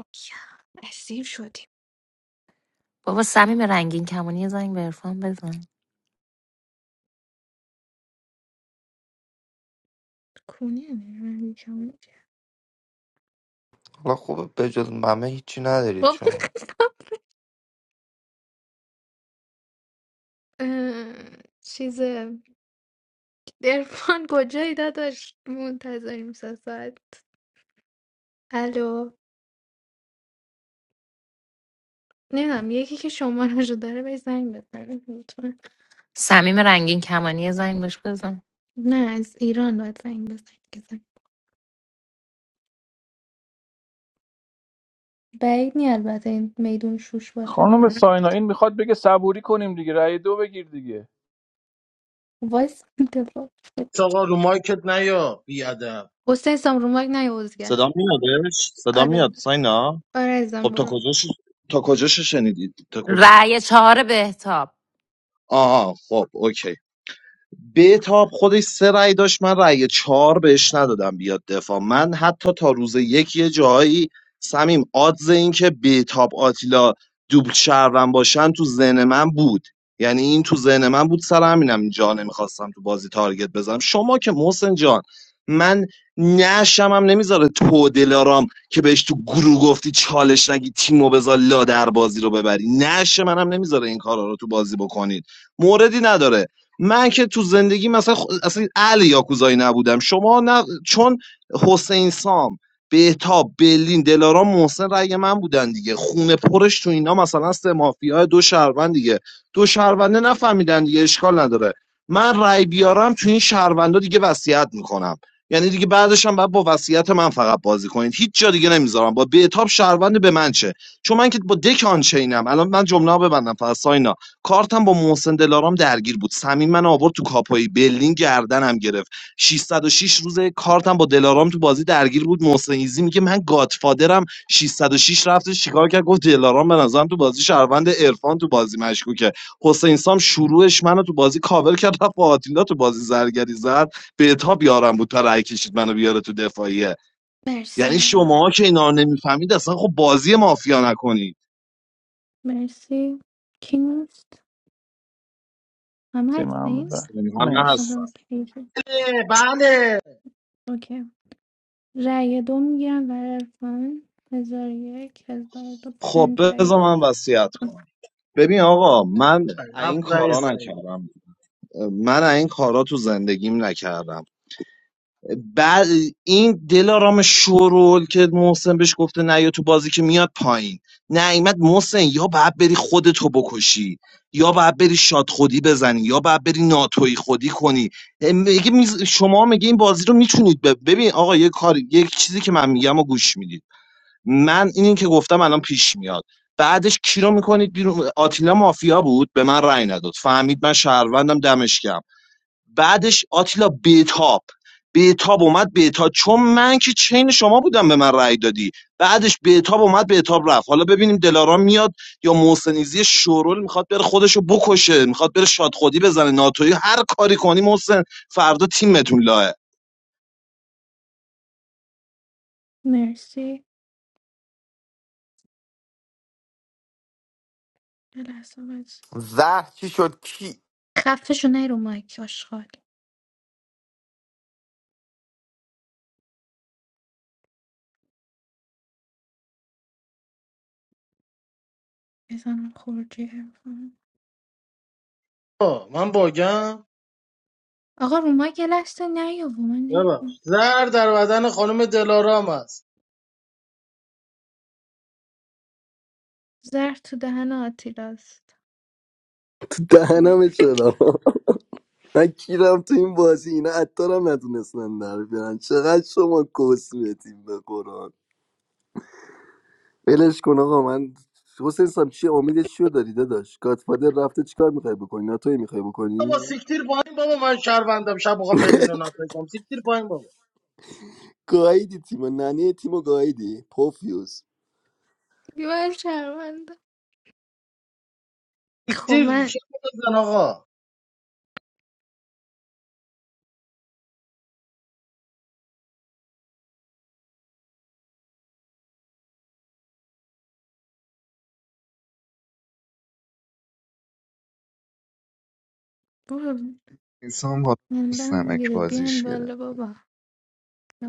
Speaker 13: یا، اسیر شدیم
Speaker 10: بابا سمیم رنگین کمانی یه زنگ به عرفان بزن
Speaker 13: کونیه نه، من یکم
Speaker 8: حالا خوبه بجز ممه هیچی ندارید
Speaker 13: بابا
Speaker 8: شما
Speaker 13: قسم. اه، چیز درفان کجایی داداش منتظریم سه ساعت الو نمیدونم یکی که شمارهشو داره بهش زنگ بزنه لطفا
Speaker 10: سمیم رنگین کمانی یه زنگ بهش بزن
Speaker 13: نه از ایران باید زنگ بزنی که زنگ- بعید نی البته این میدون شوش باشه
Speaker 16: خانم ساینا این میخواد بگه صبوری کنیم دیگه رای دو بگیر دیگه
Speaker 13: وایس دفاع
Speaker 2: آقا رو مایکت نیا بیادم
Speaker 13: حسین اسلام رو مایک نیوزگر
Speaker 1: صدا میادش صدا میاد
Speaker 13: آره
Speaker 1: ساینا
Speaker 13: آره
Speaker 1: خب
Speaker 13: ازم
Speaker 1: تا
Speaker 13: برو
Speaker 1: کجاش تا کجاش شنیدید تا کجا
Speaker 10: رأی چهار بهتاب
Speaker 1: آها خب اوکی بهتاب خودش سه رأی داشت من رأی چهار بهش ندادم بیاد دفاع من حتی تا روز یک یه جاهایی سمیم آدز این که بهتاب آتیلا دوبل شهرون باشن تو ذهن من بود یعنی این تو ذهن من بود سر همینم اینجا نمیخواستم تو بازی تارگت بزنم شما که محسن جان من نشم هم نمیذاره تو دلارام که بهش تو گروه گفتی چالش نگی تیمو بذار لا در بازی رو ببری نشه منم نمیذاره این کارا رو تو بازی بکنید موردی نداره من که تو زندگی مثلا خ... اصلا اهل یاکوزایی نبودم شما نه چون حسین سام بهتاب برلین دلارام محسن رأی من بودن دیگه خونه پرش تو اینا مثلا سه مافیا دو شهروند دیگه دو شهرونده نفهمیدن دیگه اشکال نداره من رأی بیارم تو این شهروندا دیگه وصیت میکنم یعنی دیگه بعدش هم باید با وصیت من فقط بازی کنید هیچ جا دیگه نمیذارم با بهتاب شهروند به من چه چون من که با دک آنچینم الان من جمله ببندم فقط ساین کارتم با محسن دلارام درگیر بود سمین من آورد تو کاپایی بلین گردنم گرفت 606 روزه کارتم با دلارام تو بازی درگیر بود محسن ایزی میگه من گادفادرم 606 رفتش چیکار کرد گفت دلارام به نظرم تو بازی شهروند عرفان تو بازی مشکوکه حسین سام شروعش منو تو بازی کاور کرد رفت با آتیلا تو بازی زرگری زد به اتاب یارم بود تا رای کشید منو بیاره تو دفاعیه
Speaker 13: مرسی
Speaker 1: یعنی
Speaker 13: من
Speaker 1: شماها که اینا رو نمیفهمید اصلا خب بازی مافیا نکنید
Speaker 13: مرسی کی نیست همه
Speaker 16: سیم همه
Speaker 13: هستین
Speaker 16: بر
Speaker 1: من
Speaker 16: مرسی
Speaker 13: آره
Speaker 1: هستم
Speaker 13: اوکی
Speaker 2: بله بله
Speaker 13: اوکی رأی دو میگیرم برای عرفان هزار یک هزار و دو
Speaker 1: خب
Speaker 13: پنج رأی
Speaker 1: بذار من وصیت کنم ببین آقا من
Speaker 2: هفت
Speaker 1: این کارا
Speaker 2: رئیس رئیس
Speaker 1: نکردم من این کارا تو زندگیم نکردم بعد این دلارام شورول که محسن بهش گفته نه یا تو بازی که میاد پایین نیومد محسن یا باید بری خودتو بکشی یا باید بری شاد خودی بزنی یا باید بری ناتوی خودی کنی میگه میز- شما میگه این بازی رو میتونید ببین آقا یه کاری یک چیزی که من میگم و گوش میدید من اینی که گفتم الان پیش میاد بعدش کی رو میکنید بیرون آتیلا مافیا بود به من رأی نداد فهمید من شهروندم دمش گرم بعدش آتیلا بیتاب بتاب اومد بتاب چون من که چین شما بودم به من رأی دادی بعدش بتاب اومد بتاب رفت حالا ببینیم دلارام میاد یا محسنیزی شورول میخواد بره خودشو بکشه میخواد بره شادخودی بزنه ناتوی هر کاری کنی محسن فردا تیمتون لاه
Speaker 13: مرسی یه لحظه وایس.
Speaker 8: زهر چی شد کی
Speaker 13: خفه شو نی رو مایک آشغال بزنم خروجی حرفم
Speaker 2: آه، من باگم
Speaker 13: آقا رو ما یه نیا و من
Speaker 2: ببخش
Speaker 13: نیم
Speaker 2: زر در بدن خانم دلارام است
Speaker 13: زهر تو دهن آتیلاست
Speaker 14: تو دهنم چرا من کیرم تو این بازی اینا عطارم نتونستن در بیارن چقدر شما کسمتیم به قرآن ولش کن آقا من حسین سام چی امیدش چیو داری داداش گادفادر رفته چیکار میخوای بکنی ناتوی میخوای
Speaker 2: بابا
Speaker 14: بکنی
Speaker 2: سیکتیر پایین بابا من شهروندم شب میخوام برلین رو ناتوی کنم سیکتیر پایین بابا
Speaker 14: گایدی تیمو ننه تیمو گایدی پوفیوس
Speaker 13: دیوار شرمنده خب
Speaker 2: دیکتیر
Speaker 13: من
Speaker 2: چه بزن آقا
Speaker 13: بابا
Speaker 5: انسان با
Speaker 13: موندم
Speaker 5: نمک
Speaker 13: میگیره بیاین
Speaker 5: بازیش گرفت
Speaker 13: بالا بابا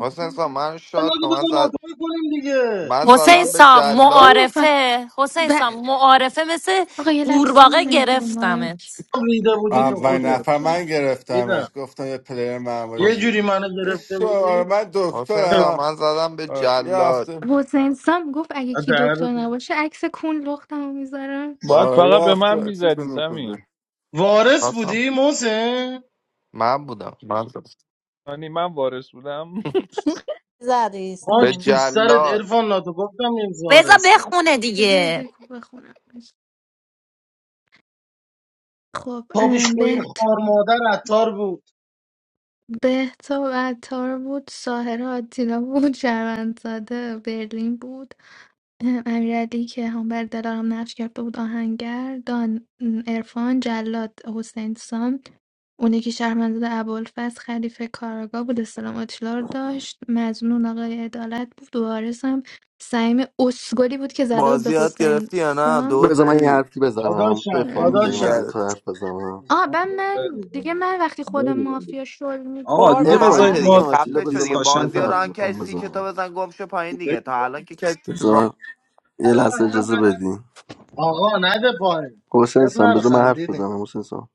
Speaker 8: حسین سام من شاد
Speaker 2: نگو
Speaker 8: کن من,
Speaker 2: بزن
Speaker 8: زد...
Speaker 2: مطمئن کنیم دیگه
Speaker 8: من
Speaker 10: حسین
Speaker 8: زدم به
Speaker 10: سام
Speaker 8: جلاد
Speaker 13: میخواد
Speaker 10: معارفه حسین
Speaker 13: ب...
Speaker 10: سام معارفه مثل
Speaker 13: آقا یه لحظه
Speaker 10: قورباغه
Speaker 13: نمید رو مایک
Speaker 10: گرفتمت
Speaker 2: ریده
Speaker 13: یه
Speaker 2: بودی تو
Speaker 13: لحظه
Speaker 3: اول
Speaker 2: خوده
Speaker 13: نمید.
Speaker 3: نفر من
Speaker 2: میدم
Speaker 3: گرفتمش گفتم یه پلیر
Speaker 2: یه
Speaker 8: حس-
Speaker 3: معمولی
Speaker 2: جوری منو
Speaker 3: این
Speaker 2: گرفته
Speaker 3: شو آره
Speaker 2: بودی
Speaker 3: من
Speaker 8: حسین سام
Speaker 3: دکترم
Speaker 8: من زدم به
Speaker 3: آره، یه
Speaker 8: جلاد
Speaker 3: هفته
Speaker 13: حسین سام گفت اگه کی
Speaker 2: دهنت.
Speaker 13: دکتر نباشه عکس کون لختم میذارم
Speaker 16: باید
Speaker 3: آره یه
Speaker 16: فقط به من
Speaker 3: هفته چیز
Speaker 16: میزدی سمی
Speaker 3: نمی‌خوره.
Speaker 2: وارث بودی محسن
Speaker 8: من بودم من بودم.
Speaker 16: یعنی من وارث بودم
Speaker 11: زدی
Speaker 2: خاک
Speaker 8: به
Speaker 2: تو سرت
Speaker 8: جلاد
Speaker 2: عرفان ناتو گفتم این
Speaker 10: بذار
Speaker 2: وارث نیست
Speaker 10: بخونه
Speaker 13: بذاری
Speaker 10: دیگه
Speaker 13: دکو بخونم
Speaker 2: تابش کوی
Speaker 13: خب
Speaker 2: خار مادر عطار بود
Speaker 13: بهتاب عطار بود ساهر آتیلا بود شهروندزاده برلین بود امیرعلی که هم بر دلارم نقش کرده بود آهنگر دان ارفان جلاد حسین سام اون یکی شهروندزاده ابوالفضل خلیفه کاراگاه بود اسلام آتیلا رو داشت مزنون آقای عدالت بود وارث هم سعیم اسگلی بود که زده بود
Speaker 8: بازی
Speaker 13: به
Speaker 8: یاد
Speaker 13: حسین
Speaker 8: گرفتی یا نه
Speaker 13: سام
Speaker 14: بذار من یه
Speaker 8: دوزاری
Speaker 14: حرفی بزنم
Speaker 2: داداشم
Speaker 14: ارفان میزنی من دو
Speaker 2: داداشم
Speaker 8: دیگرت
Speaker 14: تا حرف بزنم
Speaker 13: آه من من دیگه من وقتی خودم
Speaker 1: بگو،
Speaker 13: مافیا شل
Speaker 11: قر
Speaker 13: میکنه
Speaker 14: ارفان
Speaker 8: باشه
Speaker 13: دیگه
Speaker 14: جون
Speaker 8: دیگه
Speaker 11: نزنم
Speaker 14: آتیلا
Speaker 8: خفه شو
Speaker 14: بذار
Speaker 8: دیگه
Speaker 14: من چند
Speaker 8: بازی
Speaker 14: تا
Speaker 8: رو
Speaker 14: حرف
Speaker 8: ران کردی
Speaker 14: میخوام
Speaker 8: سی که تو
Speaker 14: بزنم
Speaker 8: بزن گم شو پایین دیگه تا الان که کسی را...
Speaker 14: بذار یه لحظه اجازه بدین
Speaker 2: آقا نده پایین
Speaker 14: حسین
Speaker 2: اب
Speaker 14: سان
Speaker 2: نر
Speaker 14: بذار من حرف
Speaker 2: خندیدیم
Speaker 14: بزنم حسین سان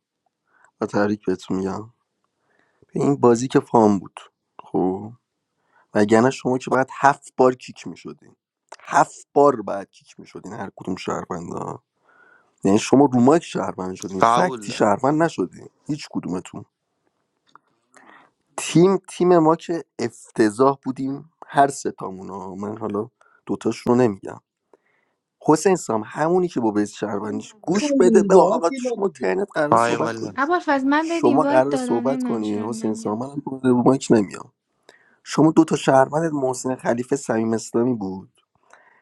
Speaker 14: و تبریک بهتون میگم به این بازی که فام بود خب وگرنه شما که باید هفت بار کیک میشدین هفت بار بعد کیک میشدین هر کدوم شهروندا یعنی شما روماک شهروند شدین
Speaker 8: قبول
Speaker 14: فکتی
Speaker 8: دارم
Speaker 14: شهروند
Speaker 8: خدا
Speaker 14: نشدین هیچ کدومتون تیم تیم ما که افتضاح بودیم هر ستامون ها. من حالا دوتاش رو نمیگم حسین سام همونی که با بیس شهروندیش گوش
Speaker 2: خندیم
Speaker 14: بده به
Speaker 2: دیگه
Speaker 14: آقا
Speaker 2: آتیلا
Speaker 14: شما
Speaker 2: دیگه
Speaker 14: ترنت قرار
Speaker 8: پای
Speaker 14: صحبت
Speaker 8: مالا
Speaker 14: کنی
Speaker 13: ابوالفضل من بهت
Speaker 14: شما
Speaker 13: اینوایت
Speaker 14: قرار
Speaker 13: دادم
Speaker 14: صحبت
Speaker 13: نمیدونم
Speaker 14: کنی
Speaker 13: چرا
Speaker 14: حسین سام
Speaker 13: نمیام
Speaker 14: منم رو رو مایک نمیام شما دوتا شهروندت محسن خلیفه صمیم اسلامی بود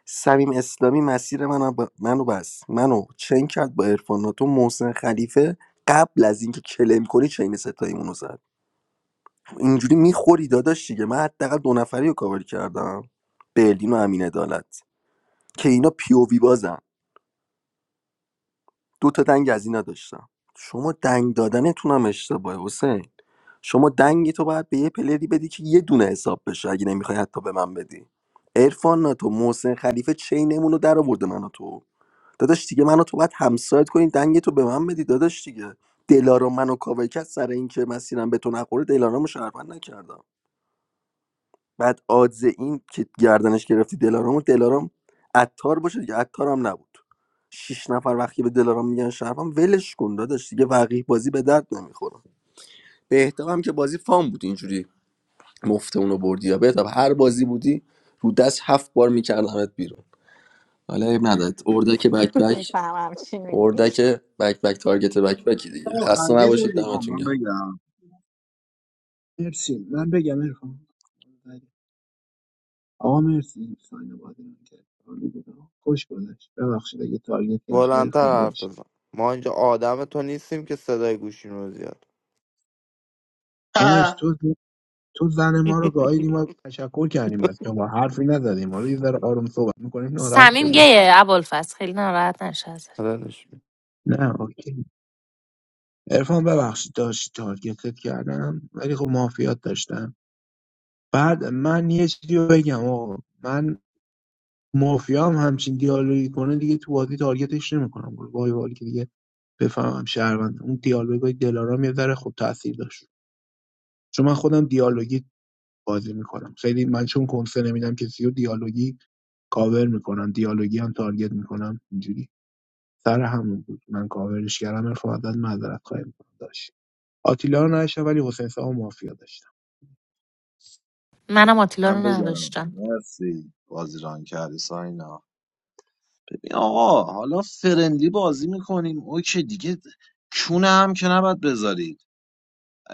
Speaker 14: صمیم اسلامی مسیر منو ب... منو بس منو چین کرد با عرفان ناتو محسن خلیفه قبل از اینکه کلم کنی چین ستاییمون رو زد اینجوری میخوری داداش دیگه من حداقل دو نفری رو کاور کردم برلین و امین عدالت که اینا پی او وی بازن دو تا دنگ از اینا داشتم شما دنگ دادنتون هم اشتباهه حسین شما دنگ تو باید به یه پلری بدی که یه دونه حساب بشه اگه نمیخوای حتی به من بدی عرفان ناتو محسن خلیفه چینمون رو در آورده منو تو داداش دیگه منو تو باید همسایت کنی دنگ تو به من بدی داداش دیگه دلارا منو کاوه کرد سر اینکه مسیرم به تو نخوره دلارامو شهروند نکردم بعد آدز این که گردنش گرفتی دلارامو دلارام عطار باشه دیگه عطار هم نبود شیش نفر وقتی به دلارام میگن شرفم ولش کن داداش دیگه وقیح بازی به درد نمیخوره بهتاب هم که بازی فام بود اینجوری مفته اونو بردی یا بهتاب هر بازی بودی رو دست هفت بار میکردمت بیرون حالا عیب ندارد اردک بک بک
Speaker 11: میفهمم چی میگی
Speaker 14: اردک بک بک تارگت بک بکی دیگه
Speaker 2: آه،
Speaker 14: خسته
Speaker 2: خندیدیم
Speaker 14: نباشید
Speaker 2: دیگه
Speaker 14: دمتون گرم
Speaker 4: مرسی من بگم ارفان آقا مرسی ساینا بازی من کرد عالی بود آقا. خوش گذشت ببخشید اگه تارگت کردم ارفان
Speaker 8: بلندتر حرف بزن ما اینجا آدم تو نیستیم که صدای گوشیم رو زیاد
Speaker 4: داشت تو زن ما رو گاهیدی ما تشکر کردیم از شما حرفی نزدیم ما رو یه ذره آروم صحبت میکنیم ناراحت
Speaker 10: سمیم
Speaker 4: شدی
Speaker 10: گیه ابوالفضل خیلی ناراحت نشه ازش
Speaker 8: بدنش می-
Speaker 4: نه اوکی عرفان ببخشید داشتی تارگتت کردم ولی خب مافیات داشتم بعد من یه چیزی رو بگم آقا من مافیا هم همچین دیالوگی کنه دیگه تو بازی تارگتش نمیکنم وای وای که دیگه بفهمم شهروند اون دیالوگای دلارام یه ذره خب تاثیر داشت چون من خودم دیالوگی بازی میکنم خیلی من چون کنسه نمیدم کسی و دیالوگی کاور میکنم دیالوگی هم تارگت میکنم اینجوری سر همون بود من کاورش کردم عرفان ازت معذرت خواهی میکنم داشت آتیلا رو نداشتم ولی حسین صاحب مافیا داشتم
Speaker 10: منم آتیلا رو
Speaker 1: من بگم
Speaker 10: نداشتم
Speaker 1: مرسی بازیران کردی ساینا آقا حالا فرندلی بازی میکنیم اوکی دیگه چونه هم که نباید بذاری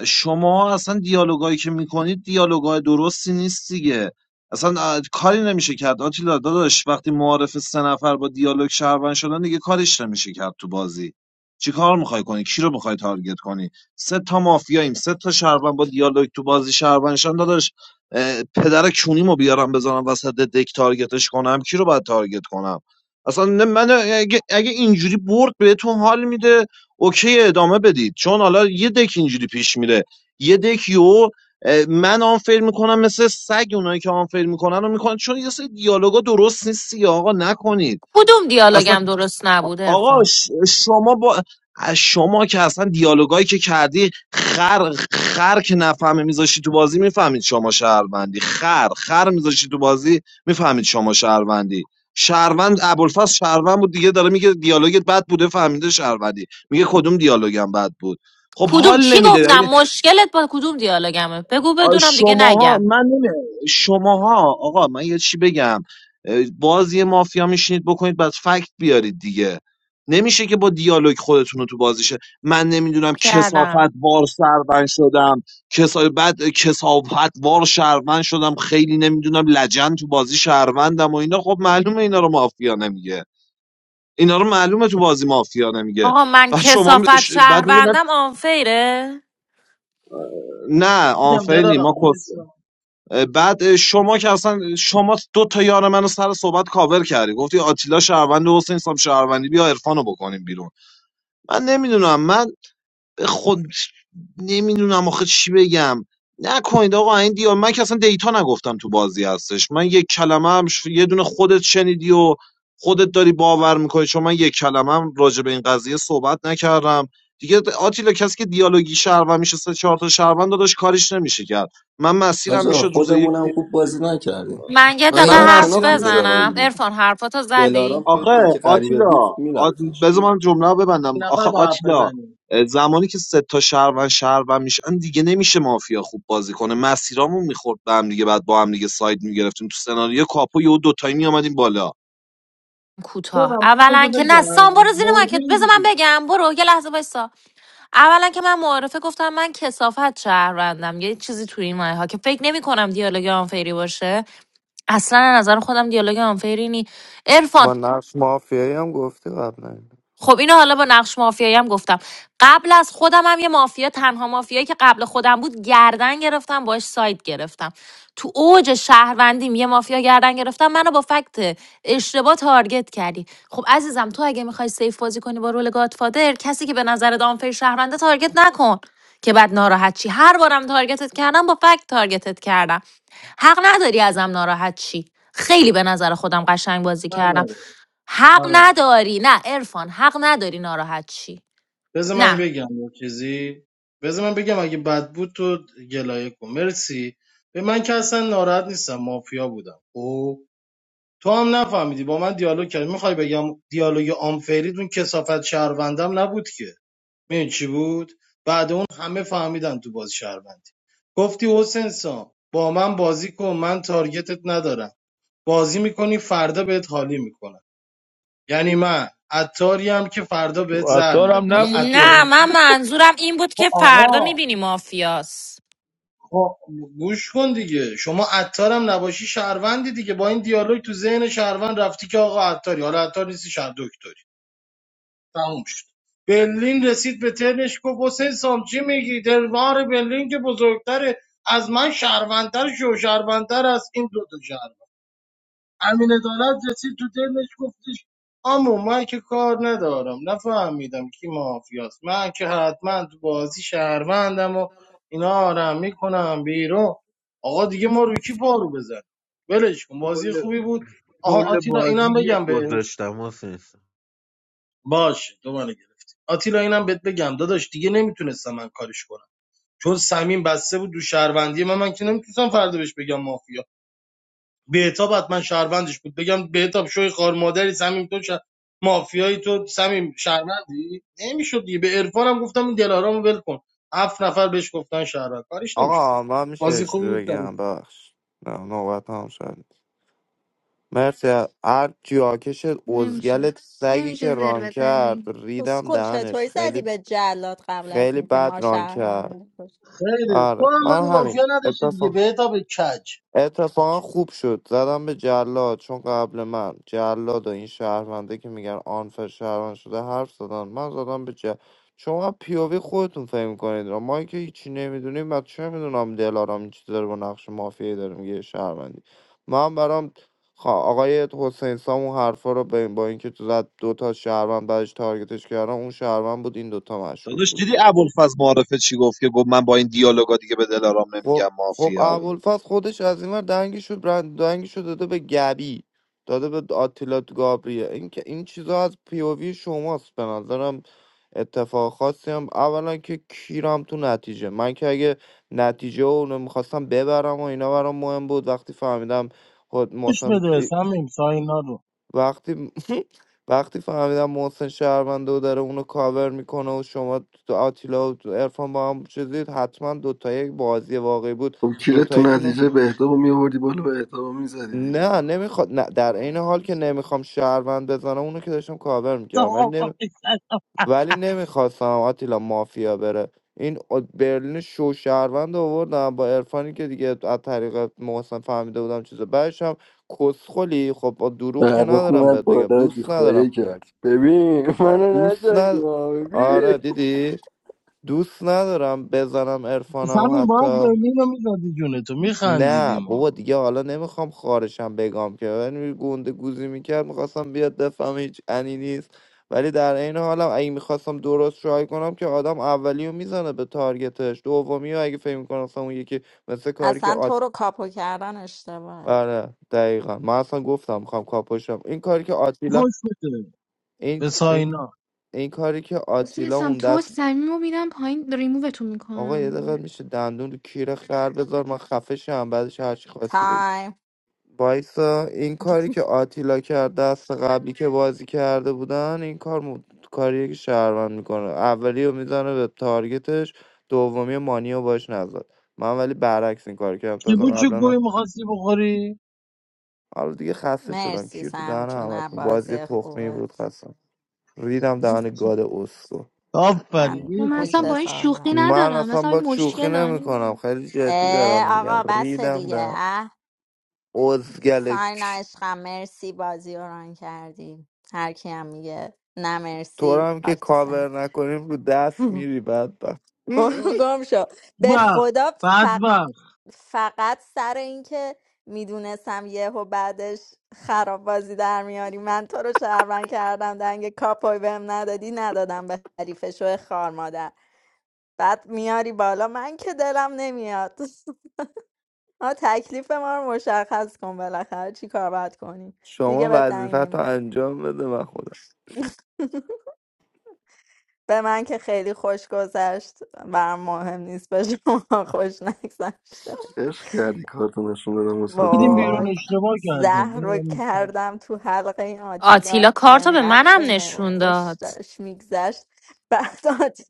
Speaker 1: شما اصلا دیالوگایی که میکنید دیالوگای درستی نیست دیگه اصلا اه، کاری نمیشه کرد آتیلا داداش وقتی معارف سه نفر با دیالوگ شهروند شدن دیگه کارش نمیشه کرد تو بازی چی کار میخوای کنی کی رو میخوای تارگت کنی سه تا مافیاییم سه تا شهروند با دیالوگ تو بازی شهروند شدن داداش اه، پدر کونیمو بیارم بذارم وسط دک تارگتش کنم کی رو باید تارگت کنم اصلا نه- من اگه, اگه اینجوری برد بهتون حال میده اوکی ادامه بدید چون حالا یه دک اینجوری پیش میره یه دک یو من آنفر میکنم مثل سگ اونایی که آنفر میکنن رو میکنن چون یه سری دیالوگا درست نیستی آقا نکنید
Speaker 10: کدوم
Speaker 1: اصلا
Speaker 10: دیالوگم درست نبود
Speaker 1: آقا
Speaker 10: ارفان
Speaker 1: ش- شما با شما که اصلا دیالوگایی که کردی خر خر که نفهمه میذاشی تو بازی میفهمید شما شهروندی خر خر میذاشی تو بازی میفهمید شما شهروندی شهروند ابوالفضل شهروند بود دیگه داره میگه دیالوگت بد بوده فهمیده شهروندی میگه کدوم دیالوگم بد بود خب
Speaker 10: کدوم
Speaker 1: حال
Speaker 10: چی
Speaker 1: نمیده
Speaker 10: گفتم مشکلت با کدوم دیالوگمه بگو
Speaker 1: آ،
Speaker 10: بدونم دیگه
Speaker 1: شماها
Speaker 10: نگم
Speaker 1: من نمی شماها آقا من یه چی بگم اه، باز یه مافیا میشینید بکنید بعد فکت بیارید دیگه نمیشه که با دیالوگ خودتون رو تو بازیشه من نمیدونم کسافت
Speaker 10: کردم
Speaker 1: وار شهروند شدم کسا... بعد کسافت وار شهروند شدم خیلی نمیدونم لجن تو بازی شهروندم و اینا خب معلومه اینا رو مافیا نمیگه اینا رو معلومه تو بازی مافیا نمیگه
Speaker 10: آقا من
Speaker 1: بعد شما می-
Speaker 10: کسافت
Speaker 1: ش- بعد میگه من-
Speaker 10: شهروندم آنفیره
Speaker 1: نه
Speaker 2: میگم
Speaker 1: آنفرینی ما
Speaker 2: دلارم وایسا.
Speaker 1: بعد شما که اصلا شما دو تا یار منو سر صحبت کاور کردی گفتی آتیلا شهروند حسین سام شهروندی بیا عرفانو بکنیم بیرون من نمیدونم من خود نمیدونم آخه چی بگم نکنید آقا این دیو من که اصلا دیتا نگفتم تو بازی هستش من یک کلمه هم ش- یه دونه خودت شنیدی و خودت داری باور میکنی چون من یک کلمه هم راجع به این قضیه صحبت نکردم دیگه آتیلا کسی که دیالوگی شهروند میشه سه چهار تا شهروند داداش کاریش نمیشه کرد من مسیرم
Speaker 14: آجا
Speaker 1: میشد روز یک
Speaker 14: خودمونم خوب بازی نکردیم
Speaker 10: من یه
Speaker 14: آخه
Speaker 10: دقیقه
Speaker 1: من
Speaker 14: اینم
Speaker 10: حرف
Speaker 14: شناخت
Speaker 1: مسیرم
Speaker 14: رو
Speaker 1: میشد رو-
Speaker 10: بزنم
Speaker 14: دلارام بود
Speaker 10: ارفان حرفاتو زدی
Speaker 14: دلارام توی
Speaker 1: آخه
Speaker 14: دک غریبه
Speaker 1: آتیلا
Speaker 14: بود
Speaker 1: آ...
Speaker 14: میرفتش
Speaker 1: بذار من جمله رو ببندم
Speaker 2: یه
Speaker 1: آخه
Speaker 2: نفر با حرف
Speaker 1: آتیلا
Speaker 2: بزنیم
Speaker 1: اه، زمانی که سه تا شهروند شهروند میشن دیگه نمیشه مافیا خوب بازی کنه مسیرامون میخورد به هم دیگه بعد با هم دیگه ساید میگرفتیم تو سناریو کاپو یهو دوتایی میآمدیم بالا
Speaker 10: کوتاه
Speaker 2: دارم
Speaker 10: اولا
Speaker 2: بذار
Speaker 10: که نه سام
Speaker 2: بگم
Speaker 10: برو زیر مارکت
Speaker 2: بردیم
Speaker 10: بذار من
Speaker 2: دیگه
Speaker 10: بگم برو یه لحظه وایسا اولا که من معارفه گفتم من کسافت شهروندم یه چیزی توی این مایه ها که فکر نمی کنم دیالوگ آنفری باشه اصلا از نظر خودم دیالوگ آنفری نی عرفان
Speaker 8: با نقش مافیایی هم گفتی قبلا
Speaker 10: خب اینو حالا با نقش مافیایی هم گفتم قبل از خودم هم یه مافیا تنها مافیایی که قبل خودم بود گردن گرفتم باش ساید گرفتم تو اوج شهروندیم یه مافیا گردن گرفتم منو با فکت اشتباه تارگت کردی خب عزیزم تو اگه میخوای سیف بازی کنی با رول گادفادر کسی که به نظر دامفیر شهرونده تارگت نکن که بعد ناراحت چی هر بارم تارگتت کردم با فکت تارگتت کردم حق نداری ازم ناراحت چی خیلی به نظر خودم قشنگ بازی کردم
Speaker 2: نداره
Speaker 10: حق
Speaker 2: آره
Speaker 10: نداری نه عرفان حق نداری ناراحت چی
Speaker 2: بذار من
Speaker 10: نه
Speaker 2: بگم یه چیزی بذار من بگم اگه بد بود تو گلایه کن مرسی به من که اصلا ناراحت نیستم مافیا بودم او تو هم نفهمیدی با من دیالوگ کردی میخوای بگم دیالوگ آنفرید اون کسافت شهروندم نبود که میدونی چی بود بعد اون همه فهمیدن تو باز شهروندی گفتی حسین سام با من بازی کن من تارگتت ندارم بازی میکنی فردا بهت حالی میکنم یعنی من عطاری هم که فردا
Speaker 16: تو
Speaker 2: بهت زر میدم
Speaker 16: عطارم
Speaker 2: حالا
Speaker 16: نبود
Speaker 2: عطار
Speaker 10: نه
Speaker 16: که
Speaker 10: من
Speaker 2: نیستی
Speaker 10: منظورم این بود
Speaker 2: خب
Speaker 10: که فردا
Speaker 2: آقا
Speaker 10: میبینی مافیاس
Speaker 2: خب گوش کن دیگه شما عطارم نباشی شهروندی دیگه با این دیالوگ تو ذهن شهروند رفتی که آقا عطاری حالا عطار نیستی شهر دکتری تموم شد برلین رسید به ترنش گفت حسین سام چی میگی دلوار برلین که بزرگتره از من شهروندتر شو شهروندتر از این دو تا شهروند. امین عدالت رسید تو دلش گفتش اما من که کار ندارم نفهمیدم کی مافیاست من که حتما تو بازی شهروندم و اینا آرم میکنم بیرون آقا دیگه ما رو کی پارو بزن ولش کن بازی
Speaker 15: کل
Speaker 2: خوبی بود آها
Speaker 15: کل
Speaker 2: آتیلا
Speaker 15: بازی
Speaker 2: اینم
Speaker 15: یک
Speaker 2: بگم به
Speaker 15: گذاشتم محسن
Speaker 2: باشه دوباره گرفتی آتیلا اینم بهت بگم داداش دیگه نمیتونستم من کارش کنم چون سمین بسته بود دو شهروندی من من که نمیتونستم فردا بهش بگم مافیا بهتاب حتما شهروندش بود بگم بهتاب شوی خار مادری سمیم تو شه- مافیایی تو سمیم شهروندی نمیشد دیگه به عرفانم گفتم این دلارامو ول کن هفت نفر بهش گفتن شهروند کاریش نمیشد
Speaker 8: آقا من میشه یه
Speaker 2: بازی
Speaker 8: چیزی
Speaker 2: خوبی بود در
Speaker 8: بگم بخش نه نوبت هم شد مرسی هر جاکش
Speaker 13: نمیشه
Speaker 8: ازگلت سگی
Speaker 13: نمیشه
Speaker 8: که ران
Speaker 13: زر
Speaker 8: کرد
Speaker 13: بزنی
Speaker 8: ریدم
Speaker 11: اسکل
Speaker 8: دهنش
Speaker 11: چطوری زدی
Speaker 8: خیلی
Speaker 11: به جلاد قبل از
Speaker 8: خیلی
Speaker 11: اینکه
Speaker 8: بد
Speaker 11: ما
Speaker 8: ران کرد
Speaker 11: شهرم بکش
Speaker 2: خیلی
Speaker 8: آره
Speaker 2: تو هم
Speaker 8: من
Speaker 2: منو
Speaker 8: همین
Speaker 2: مافیا نداشتی
Speaker 8: اتفاقا.
Speaker 2: دیگه بهتاب کج
Speaker 8: اتفاقا خوب شد زدم به جلاد چون قبل من جلاد و این شهرونده که میگن آنفر شهروند شده حرف زدن من زدم به جلاد شما پیووی خودتون فهم کنید را ما که هیچی نمیدونیم من چه میدونم دلارام این چی داره با نقش مافیایی داره میگه شهروندی من برام خا- آقای حسین سام اون حرفا رو به- با اینکه تو زد دوتا شهروند بعدش تارگتش کردم اون شهروند بود این دوتا مشکوک
Speaker 1: داداش
Speaker 8: بود
Speaker 1: دیدی ابوالفضل معارفه چی گفت که گفت من با این دیالوگا دیگه به دلارام
Speaker 8: خب
Speaker 1: نمیگم
Speaker 8: خب
Speaker 1: مافیا
Speaker 8: ابوالفضل خودش از این ور دنگشو برند دنگشو داده به گبی داده به آتیلا گابریه این که این چیزا از پیووی شماست به نظرم اتفاق خاصی هم اولا که کیرم تو نتیجه من که اگه نتیجه رو میخواستم ببرم و اینا برام مهم بود وقتی فهمیدم خود
Speaker 2: خوش
Speaker 8: مثلا
Speaker 2: بده سمیم ساینا رو
Speaker 8: وقتی وقتی فهمیدم محسن شهرونده و داره اونو کاور میکنه و شما تو آتیلا و ارفان با هم چیزید حتما دوتایی یک بازی واقعی بود
Speaker 14: خب کیره تو
Speaker 8: دوتاییتون رو
Speaker 14: نتیجه بهتاب رو میوردی بالا بهتاب رو میزدی دیگه
Speaker 8: نه نمیخواد نه در عین حال که نمیخوام شهروند بزنم اونو که داشتم کاور میکردم ولی نمی... ولی نمیخواستم آتیلا مافیا بره این آ- برلین شو شهروند رو آوردم با ارفانی که دیگه از طریق محسن فهمیده بودم چیز بعدش هم کسخلی خب با دروغ که
Speaker 14: فرخ
Speaker 8: ندارم بهت
Speaker 14: اومد
Speaker 8: بگم
Speaker 14: بالا جی
Speaker 8: دوست ندارم
Speaker 14: خواهیه کرد ببین منو
Speaker 8: دوست
Speaker 14: نجنگی
Speaker 8: ند...
Speaker 14: ها،
Speaker 8: آره
Speaker 14: ببین
Speaker 8: دیدی دوست ندارم بزنم عرفانم
Speaker 2: سمیم باید
Speaker 8: حتی
Speaker 2: برلین رو میزدی جونتو میخندیدی
Speaker 8: نه بابا
Speaker 2: ما
Speaker 8: دیگه حالا نمیخوام خارشم بگم که یعنی گونده گوزی میکرد میخواستم بیاد دفعه هیچ انی نیست ولی در عین حالم اگه میخواستم درست شوهای کنم که آدم اولیو رو میزنه به تارگتش دومی رو اگه فکر میکنم مثلا اون یکی مثل کاری که
Speaker 11: اصلا
Speaker 8: آت...
Speaker 11: تو رو کاپو کردن اشتباهه
Speaker 8: آره دقیقا من اصلا گفتم میخوام کاپوشم این کاری که آتیلا
Speaker 2: خوش بده
Speaker 8: این
Speaker 2: به
Speaker 8: این
Speaker 2: ساینا
Speaker 8: این کاری که
Speaker 13: اصلا
Speaker 8: آتیلا
Speaker 13: اسم
Speaker 8: اون
Speaker 13: تو
Speaker 8: دست
Speaker 13: صمیم رو میدم پایین ریمووتون
Speaker 8: آقا
Speaker 13: میکنم
Speaker 8: یه دقیقه میشه دندون رو کیر خر بذار من خفه شم بعدش هرچی خواستی بگو
Speaker 11: تایم
Speaker 8: وایسا این کاری که آتیلا کرد دست قبلی که بازی کرده بودن این کار م... کاریه که شهروند میکنه اولی رو میزنه به تارگتش دومی مانی رو باش نزد من ولی برعکس این کار کردم
Speaker 2: کی
Speaker 8: تازه
Speaker 2: بود چه
Speaker 8: قبلا
Speaker 2: گوی
Speaker 8: هم-
Speaker 2: میخواستی بخوری
Speaker 8: حالا دیگه خسته شدم
Speaker 11: مرسی
Speaker 8: کیر تو
Speaker 11: سم
Speaker 8: دهن
Speaker 11: جون
Speaker 8: همتون بازی
Speaker 11: بازی
Speaker 8: تخمی بود
Speaker 11: خوبت
Speaker 8: خستم ریدم دهن گاد اسکو
Speaker 2: آفرین
Speaker 11: من
Speaker 13: ما
Speaker 2: این
Speaker 13: من اصلا
Speaker 11: میشه
Speaker 2: خوشم
Speaker 13: با این شوخی
Speaker 11: صحبت
Speaker 8: من
Speaker 13: ندارم
Speaker 8: اصلا
Speaker 13: اصلا
Speaker 8: با
Speaker 13: این
Speaker 8: شوخی
Speaker 13: مشکل دارم
Speaker 8: نمیکنم
Speaker 13: نمیدونم
Speaker 8: خیلی جدی دارم
Speaker 11: اه،
Speaker 8: میگم
Speaker 11: آقا بس دیگه
Speaker 8: ریدم
Speaker 11: اه
Speaker 8: ازگل
Speaker 11: ساین عشقم مرسی بازی رو ران کردی هر کی هم میگه نه
Speaker 8: تو رو
Speaker 11: مرسی
Speaker 8: هم که
Speaker 11: خاک تو سر
Speaker 8: کاور نکنیم رو دست میری بدبخت
Speaker 11: برو گم شو به
Speaker 2: بدبخت
Speaker 11: خدا فق...
Speaker 2: بدبخت
Speaker 11: فقط سر اینکه میدونستم یهو بعدش خراب بازی در میاری من تو رو شهروند کردم دنگ کاپوی بهم ندادی ندادم به حریف شو خار مادر بعد میاری بالا من که دلم نمیاد ما تکلیف ما رو مشخص کن بالاخره چی کار باید کنیم
Speaker 8: شما
Speaker 11: دیگه به دنگ
Speaker 8: وظیفت رو
Speaker 11: نمیدم
Speaker 8: انجام بده و خدا
Speaker 11: به من که خیلی خوش گذشت برام مهم نیست به شما خوش نگذشته
Speaker 14: عشق کردی کارتو نشون بدم استاد
Speaker 2: بدیم
Speaker 14: ها.
Speaker 2: بیرون
Speaker 11: وای
Speaker 2: اشتباه کردیم
Speaker 11: زهر
Speaker 2: اینو
Speaker 11: رو
Speaker 2: ما می‌کردیم.
Speaker 11: کردم تو حلقه این آتیلا
Speaker 10: آتیلا کارتو به
Speaker 11: انقدر
Speaker 10: منم
Speaker 11: به
Speaker 10: نشون
Speaker 11: خوش
Speaker 10: داد
Speaker 11: داشت میگذشت بعد آت-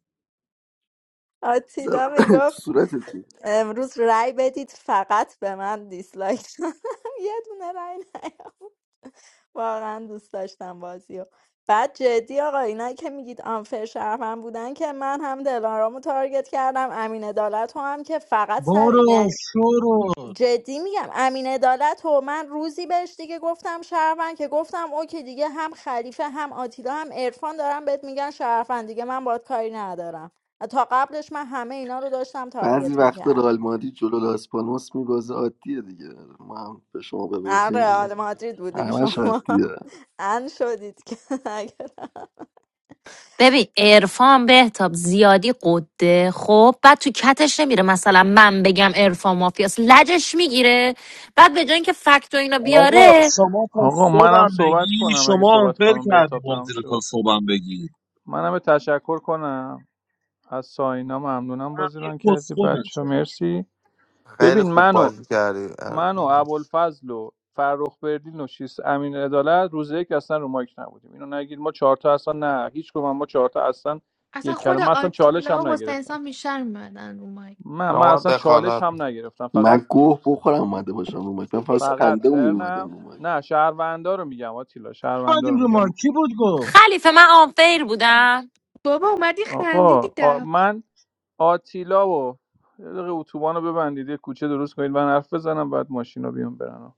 Speaker 14: زدم
Speaker 11: آتیلا
Speaker 14: تو
Speaker 11: میگفت
Speaker 14: صورتتی
Speaker 11: امروز رأی بدید فقط به من دیسلایک دادم یه دونه رأی نیام واقعا دوست داشتم بازی و بعد جدی آقا اینایی که میگید آنفر شرفم بودن که من هم دلارامو تارگت کردم امین عدالت رو هم که فقط سر یعنی
Speaker 2: بارو شورو
Speaker 11: جدی میگم امین عدالت و من روزی بهش دیگه گفتم شهروند که گفتم اوکی دیگه هم خلیفه هم آتیلا هم عرفان دارن بهت میگن شهروند دیگه من باید کاری ندارم تا قبلش من همه اینا رو داشتم
Speaker 14: بعضی
Speaker 11: تارگت
Speaker 14: وقتا رئال
Speaker 11: میکردم
Speaker 14: مادی جلو لاس پالماس میبازه عادیه دیگه ما هم به شما ببازیم اینو.
Speaker 11: رئال مادرید بودین
Speaker 14: همش
Speaker 11: شما
Speaker 14: عادیه
Speaker 11: ان شدید که اگر
Speaker 10: ببین عرفان بهتاب زیادی قده خب بعد تو کتش نمیره مثلا من بگم عرفان مافیاس لجش میگیره بعد به جای اینکه فکت و اینا
Speaker 1: آقا
Speaker 10: بیاره
Speaker 1: شما تا
Speaker 16: آقا منم
Speaker 1: صبحم
Speaker 16: صحبت
Speaker 1: بگی
Speaker 16: کنم اگه
Speaker 1: شما
Speaker 16: صحبت
Speaker 1: آنفر
Speaker 16: خانم
Speaker 1: کردی
Speaker 16: بهتاب تمام
Speaker 1: بازی رو تا
Speaker 16: شد
Speaker 1: صبحم بگی
Speaker 16: منم به تشکر کنم از ساینا ممنونم
Speaker 1: من
Speaker 16: بازی
Speaker 1: یه
Speaker 16: ران کردی
Speaker 1: کسخلم
Speaker 16: بچه
Speaker 1: شما.
Speaker 16: مرسی
Speaker 8: خیلی
Speaker 16: ببین
Speaker 8: خوب
Speaker 16: منو
Speaker 8: بازی کردی
Speaker 16: من و ابوالفضل و فرخ بردین و شیس امین عدالت روز یک اصلا رو مایک نبودیم اینو نگید ما چهار تا اصلا نه هیچ کدوم ما چهار تا اصلا
Speaker 13: اصلا
Speaker 16: یک
Speaker 13: خود
Speaker 16: کلمه اصلا چالش
Speaker 13: آتیلا
Speaker 16: هم
Speaker 13: و حسین
Speaker 16: نگرفتم
Speaker 13: سام بیشتر میمدن رو مایک
Speaker 16: من من
Speaker 8: شما
Speaker 16: اصلا چالش
Speaker 8: دخالت
Speaker 16: هم نگرفتم فقط
Speaker 14: من گوه بخورم اومده باشم رو مایک من فاس
Speaker 16: فقط
Speaker 14: خنده اون میومدم
Speaker 16: ترنم
Speaker 14: رو مایک
Speaker 16: نه شهروندا رو میگم آتیلا شهروندا
Speaker 2: بعدیم
Speaker 16: رو
Speaker 2: رو
Speaker 16: میگم
Speaker 2: ما کی بود گفت
Speaker 10: خلیفه من آنفیر بودم
Speaker 13: بابا اومدی خندیدی
Speaker 16: آقا آ-
Speaker 13: ده
Speaker 16: من آتیلا و یه دقیقه اتوبان رو ببندید یه کوچه درست کنید من حرف بزنم بعد ماشین رو بیام برن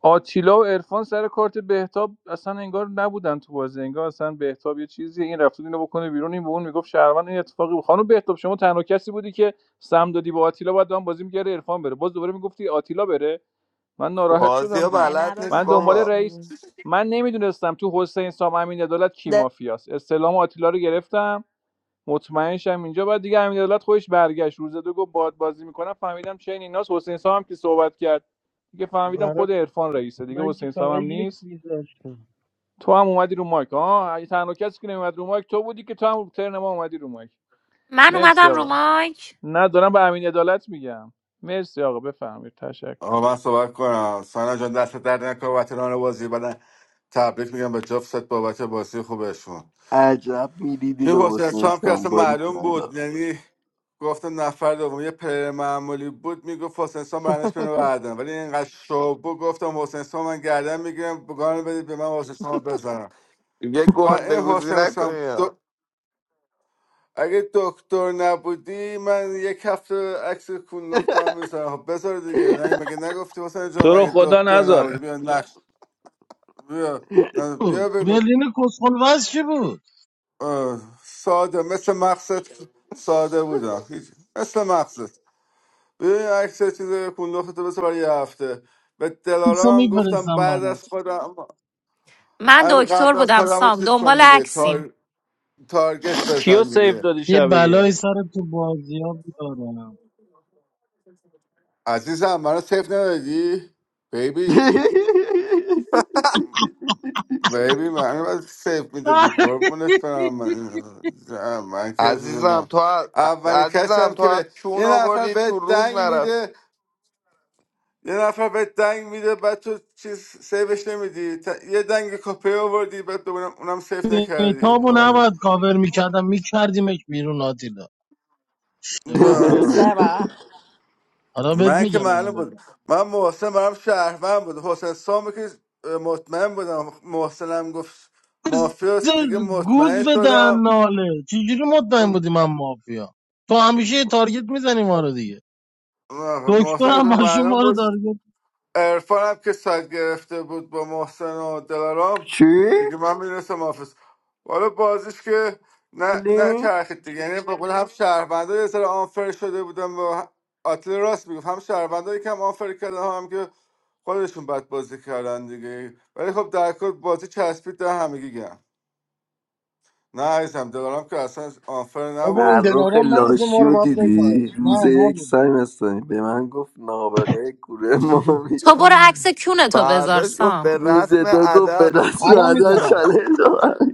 Speaker 16: آتیلا و عرفان سر کارت بهتاب اصلا انگار نبودن تو بازی انگار اصلا بهتاب یه چیزی این رفت اینو بکنه بیرون این به اون میگفت شهروند این اتفاقی بود خانم بهتاب شما تنها کسی بودی که سم دادی با آتیلا بعد دام بازی میگره عرفان بره باز دوباره میگفتی آتیلا بره من ناراحت
Speaker 8: بازی
Speaker 16: شدم
Speaker 8: ها
Speaker 16: دیگه
Speaker 11: نه
Speaker 8: بلد نیست
Speaker 16: من
Speaker 11: ندادم
Speaker 16: دنبال
Speaker 8: بابا
Speaker 16: رئیس
Speaker 11: بشین
Speaker 16: من نمیدونستم تو حسین سام امین عدالت کی مافیاست استلام آتیلا رو گرفتم مطمئنشم اینجا بعد دیگه همین دولت خودش برگشت روز دو گفت باد بازی میکنم فهمیدم چین ایناس حسین سام هم که صحبت کرد دیگه فهمیدم
Speaker 15: برات
Speaker 16: خود عرفان رئیسه دیگه
Speaker 15: من که
Speaker 16: حسین سام
Speaker 15: فقط
Speaker 16: هم
Speaker 15: یک
Speaker 16: نیست
Speaker 15: میذاشتم
Speaker 16: تو هم اومدی رو مایک ها اگه تنها کسی که نمیومد رو مایک تو بودی که تو هم ترن ما اومدی رو مایک
Speaker 10: من
Speaker 16: مرسی
Speaker 10: اومدم رو
Speaker 16: آقا
Speaker 10: مایک
Speaker 16: نه دارم به امین عدالت میگم مرسی آقا بفهمید تشکر
Speaker 3: آقا من صحبت کنم سانا جان دست درد نکنه وطنان بازی بدن تبریک میگم به جفت بابت بازی خوبشون
Speaker 14: عجب میدیدی
Speaker 3: این
Speaker 14: به
Speaker 3: حسین
Speaker 14: حسین
Speaker 3: اسلام که اصلا
Speaker 14: سانباری
Speaker 3: معلوم بود
Speaker 14: کلا
Speaker 3: یعنی گفتم نفر دوم یه پلیر معمولی بود میگفت حسین اسلام برنش کنه بعدم ولی اینقدر شو بود گفتم حسین اسلام من گردن میگیرم بگانه بدید به من حسین اسلام رو بزنم
Speaker 8: یه
Speaker 3: و این
Speaker 8: گندگوزی
Speaker 3: حسین اسلام
Speaker 8: نکنی ها.
Speaker 3: دو... اگه دکتر نبودی من یک هفته عکس کونلخت هم میزنم خب بذار دیگه نگه مگه نگفتی حسین جان
Speaker 16: تو رو
Speaker 3: مگه
Speaker 16: خدا
Speaker 3: دکتر نبودی
Speaker 16: نذاره
Speaker 3: بیا نقش بیا نه، بیا
Speaker 2: بود
Speaker 3: بگو
Speaker 2: برلین کسخل وز چی بود
Speaker 3: اه، ساده مثل مقصد ساده بودم هیچ مثل مقصد ببین عکس چیز کندختو بس برای یه هفته به
Speaker 2: ایسا
Speaker 3: دلارم هم گفتم
Speaker 2: میفرستم
Speaker 3: بعد
Speaker 2: برام
Speaker 3: از خودم
Speaker 10: من
Speaker 3: هم
Speaker 10: دکتر
Speaker 3: قبل از
Speaker 10: بودم
Speaker 3: خودم رو
Speaker 10: سام
Speaker 3: چیز کن
Speaker 10: دنبال
Speaker 3: دیگه
Speaker 10: عکسیم
Speaker 3: تار... تارگت
Speaker 16: کیو
Speaker 3: بزن
Speaker 16: سیف
Speaker 3: دیگه
Speaker 16: دادی
Speaker 2: یه
Speaker 16: شب یک
Speaker 2: بلای سر تو بازی ها بیارم
Speaker 3: عزیزم منو سیف ندادی؟ بیبی بیبی من باید سیف میدادی قربونت برم من, من که احساس
Speaker 8: عزیزم
Speaker 3: میکنم
Speaker 8: تو از...
Speaker 3: اولین کسی
Speaker 8: عزیزم
Speaker 3: هم
Speaker 8: تو
Speaker 3: که
Speaker 8: از
Speaker 3: به
Speaker 8: چون
Speaker 3: یه نفر
Speaker 8: آوردی تو
Speaker 3: بهت
Speaker 8: روز
Speaker 3: دنگ
Speaker 8: نرفت
Speaker 3: میده یه نفر بهت دنگ میده بعد تو چیز سیوش نمیدی ت- یه دنگ کاپی آوردی بعد ببینم اونم سیف نکردی
Speaker 2: بهتابو
Speaker 3: واقعا که-
Speaker 2: نباید کاور میکردم میکردیمش بیرون آتیلا اشتباه
Speaker 11: آره
Speaker 2: کرد
Speaker 3: با-
Speaker 11: سه بار
Speaker 2: حالا بهت
Speaker 3: من که
Speaker 2: میگم
Speaker 3: معلوم
Speaker 2: الان
Speaker 3: بود
Speaker 2: بگم
Speaker 3: من محسن برام شهروند بود حسین سامی که مطمئن بودم محسنم گفت مافیاست دیگه مطمئن
Speaker 2: گوز به دهن
Speaker 3: شدم
Speaker 2: ناله چجوری مطمئن بودی من مافیا تو همیشه یه تارگت میزنی ما رو دیگه دکتر
Speaker 3: محسن گفت
Speaker 2: هم ماشین
Speaker 3: معلوم
Speaker 2: ما رو
Speaker 3: بود
Speaker 2: تارگت
Speaker 3: عرفان که ساعت گرفته بود با محسن و دلارام
Speaker 14: چی؟
Speaker 3: دیگه من میرسم آفیس والا بازیش که نه نه
Speaker 14: لین؟
Speaker 3: چرخید دیگه یعنی به قول هم شهروندای یه سر آنفر شده بودن و آتل راست میگفت هم شهروندایی که هم آنفر کردن هم که خودشون بد بازی کردن دیگه ولی خب در کل بازی چسبید در همگی گم نه عزیزم دلارام که اصلا آنفر
Speaker 2: بابا این
Speaker 3: نبود
Speaker 14: فرخ
Speaker 2: دلارام مغز ما
Speaker 14: لاشی
Speaker 2: رو
Speaker 14: رو
Speaker 2: باید
Speaker 14: دیدی
Speaker 2: بگاهه نه
Speaker 14: روز یک
Speaker 2: نبود
Speaker 14: سایم هستم به من گفت نابغه کوره
Speaker 10: تو
Speaker 14: مافیا
Speaker 10: برو عکس کونه تو بذار
Speaker 8: فرداش گفت
Speaker 10: سام
Speaker 8: به
Speaker 14: روز
Speaker 8: رسم
Speaker 14: دو گفت به
Speaker 8: ادب
Speaker 14: دست
Speaker 2: الان
Speaker 14: اومدن
Speaker 2: میذارم
Speaker 14: چالش رو من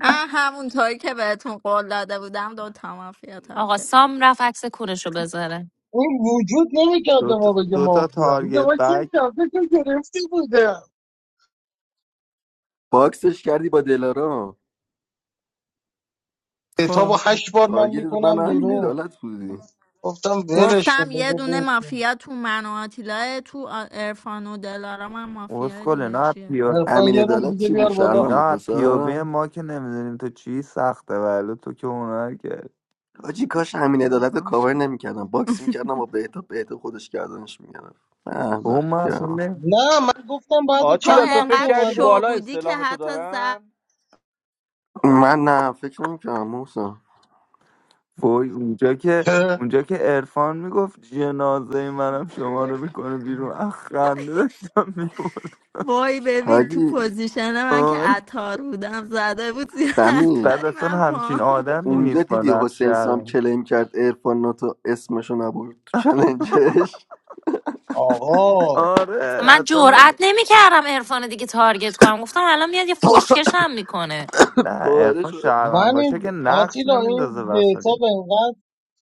Speaker 11: اه همونطوری که بهتون قول داده بودم دو تا مافیا
Speaker 10: آقا
Speaker 11: تارگت کرد
Speaker 10: سام رفت عکس کونشو بذاره
Speaker 2: این وجود نمیکرد
Speaker 8: دو
Speaker 2: به
Speaker 8: تا,
Speaker 2: ما بگه
Speaker 8: دو تا
Speaker 2: مافیا میگه
Speaker 8: تارگت
Speaker 2: ما چه
Speaker 8: بک
Speaker 2: کرده که گرفتی بوده
Speaker 14: باکسش کردی با دلارا
Speaker 2: کتاب
Speaker 11: خب
Speaker 2: و هشت بار من
Speaker 14: تارگت من
Speaker 2: میکنم
Speaker 14: همین
Speaker 2: بیرون
Speaker 14: عدالت بودی
Speaker 2: گفتم ولش کن
Speaker 11: گفتم یه
Speaker 2: بذار
Speaker 11: دونه
Speaker 2: برسه
Speaker 11: مافیا تو من و آتیلاه تو ارفان و دلارام هم مافیا
Speaker 8: اسکل
Speaker 11: دیگه چیه
Speaker 8: نه
Speaker 2: عرفان
Speaker 14: همین
Speaker 2: یه روم
Speaker 14: عدالت
Speaker 2: دیگه
Speaker 14: چی بود
Speaker 2: بیار بالا
Speaker 14: شهروند
Speaker 8: اینا
Speaker 14: بود
Speaker 8: از
Speaker 14: واسه
Speaker 8: پیووی ما که نمیدونیم تو چی سخته ولی تو که هنر کرد
Speaker 14: آجی کاش همین عدالت رو
Speaker 11: بازم
Speaker 14: کاور
Speaker 11: شد.
Speaker 14: نمیکردم باکس میکردم با بهتا بهتا خودش گردنش میگرفت
Speaker 8: تو
Speaker 14: احمق
Speaker 8: ما اصلا
Speaker 14: کردم
Speaker 8: نمی-
Speaker 2: نه من گفتم بعد
Speaker 11: تو
Speaker 16: آتیلا
Speaker 2: چند
Speaker 16: تو
Speaker 2: وقت
Speaker 16: فکر
Speaker 11: انقدر
Speaker 16: کردی
Speaker 2: اومده
Speaker 11: شو
Speaker 16: بالا
Speaker 11: بودی که
Speaker 16: استلام تو
Speaker 11: حتی زد
Speaker 16: دارن
Speaker 14: من نه فکر نمیکردم موسا
Speaker 8: وای اونجا که اونجا که عرفان میگفت جنازه منم شما رو میکنه بیرون اخ خنده داشتم میبرد
Speaker 11: وای ببین تو
Speaker 14: حاجی
Speaker 11: پوزیشن من که
Speaker 8: آره
Speaker 11: عطار بودم زده بود زیر
Speaker 14: سمی
Speaker 8: بعد
Speaker 11: عطاری
Speaker 8: اصلا
Speaker 11: من
Speaker 8: همچین
Speaker 11: پا
Speaker 8: آدمی
Speaker 14: اونجا
Speaker 8: نیست با
Speaker 14: دیدی
Speaker 8: نقش
Speaker 14: حسین سام
Speaker 8: شهرم
Speaker 14: کلیم کرد ارفان ناتو اسمشو نبود تو چلنجش
Speaker 2: آقا
Speaker 8: آره
Speaker 10: اصلا من
Speaker 8: اصلا
Speaker 10: جرئت
Speaker 8: نمی...
Speaker 10: نمیکردم عرفان دیگه تارگت کنم گفتم الان میاد یه فشکش هم میکنه
Speaker 8: نه
Speaker 14: پاره
Speaker 8: عرفان
Speaker 14: شده
Speaker 8: شهرم
Speaker 2: من
Speaker 8: باشه
Speaker 2: این
Speaker 8: که نقش
Speaker 2: آتیلا
Speaker 8: نمیندازه
Speaker 2: این
Speaker 8: وسط
Speaker 2: بهتاب
Speaker 8: این
Speaker 2: انقدر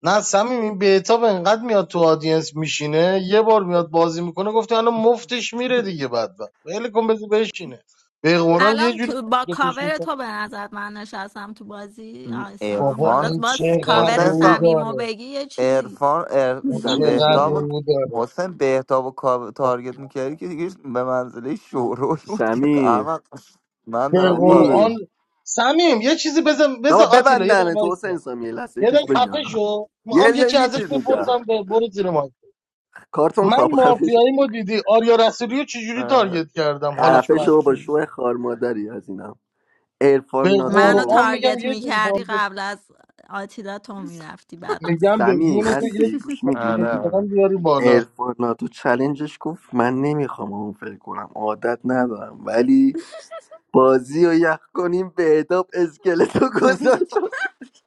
Speaker 2: نه صمیم این بهتاب انقدر میاد تو آدینس میشینه یه بار میاد بازی میکنه گفته الان مفتش میره دیگه بعد بعد ول کن بذار بشینه به قرآن یه
Speaker 11: الان
Speaker 2: جوری
Speaker 11: تو با
Speaker 2: تارگتش
Speaker 11: کاور
Speaker 2: میکنه
Speaker 11: تو به نظرت من نشستم تو بازی
Speaker 8: این
Speaker 11: آیسام
Speaker 2: بابا
Speaker 11: حالا
Speaker 8: عرفان
Speaker 2: این
Speaker 11: با س-
Speaker 2: چقدر
Speaker 11: کاور
Speaker 8: حسین
Speaker 2: رو
Speaker 8: صاحب
Speaker 11: سمیمو
Speaker 2: داره
Speaker 11: بگی یه چیزی
Speaker 8: ارفان
Speaker 2: این
Speaker 14: سمی
Speaker 2: چقدر
Speaker 8: بهتاب و
Speaker 14: اسلامی
Speaker 2: رو داره
Speaker 8: حسین بهتاب و کاو- تارگت میکردی که دیگه به منزله شورول بود که
Speaker 14: سمی
Speaker 8: احمق من
Speaker 2: به
Speaker 8: دارم کاور
Speaker 14: سمی
Speaker 2: قرآن سمیم یه چیزی بزن بزن
Speaker 14: آقا
Speaker 2: آتیلا یه دقیقه
Speaker 14: ببندن تو
Speaker 2: وایسا
Speaker 14: حسین سام یه لحظه یه
Speaker 2: یه
Speaker 14: چیز
Speaker 2: دقیقه خفه
Speaker 14: بگم
Speaker 2: شو
Speaker 14: یه
Speaker 2: میخوام یه
Speaker 14: یه,
Speaker 2: چیز
Speaker 14: یه
Speaker 2: ازش
Speaker 14: چیز میگم
Speaker 2: بپرسم به برو زیر مایک
Speaker 14: کارتون
Speaker 2: من
Speaker 14: خواب خفه شو
Speaker 2: مافیایی مو دیدی آریا رسولی رو چجوری تارگت کردم حالش
Speaker 14: خفه
Speaker 2: بد
Speaker 8: اعصابش
Speaker 14: شو با
Speaker 2: شد
Speaker 8: کیز
Speaker 14: شو خار مادری از اینم
Speaker 2: به
Speaker 14: ارفان
Speaker 11: منو
Speaker 14: ناتو
Speaker 2: قرآن میگم
Speaker 11: تارگت
Speaker 2: یه
Speaker 11: میکردی
Speaker 2: جوری
Speaker 11: قبل از آتیلا تو میرفتی
Speaker 2: میگم به جون
Speaker 14: سمیم
Speaker 2: تو یک
Speaker 14: هستی گوش
Speaker 8: آره
Speaker 14: میدی
Speaker 2: میلیارد
Speaker 8: آره
Speaker 2: بیاری بالا
Speaker 14: ارفان ناتو چلنجش گفت من نمیخوام اون فکر کنم عادت ندارم ولی بازی رو یخ کنیم بهتاب اسکلتو گذاشت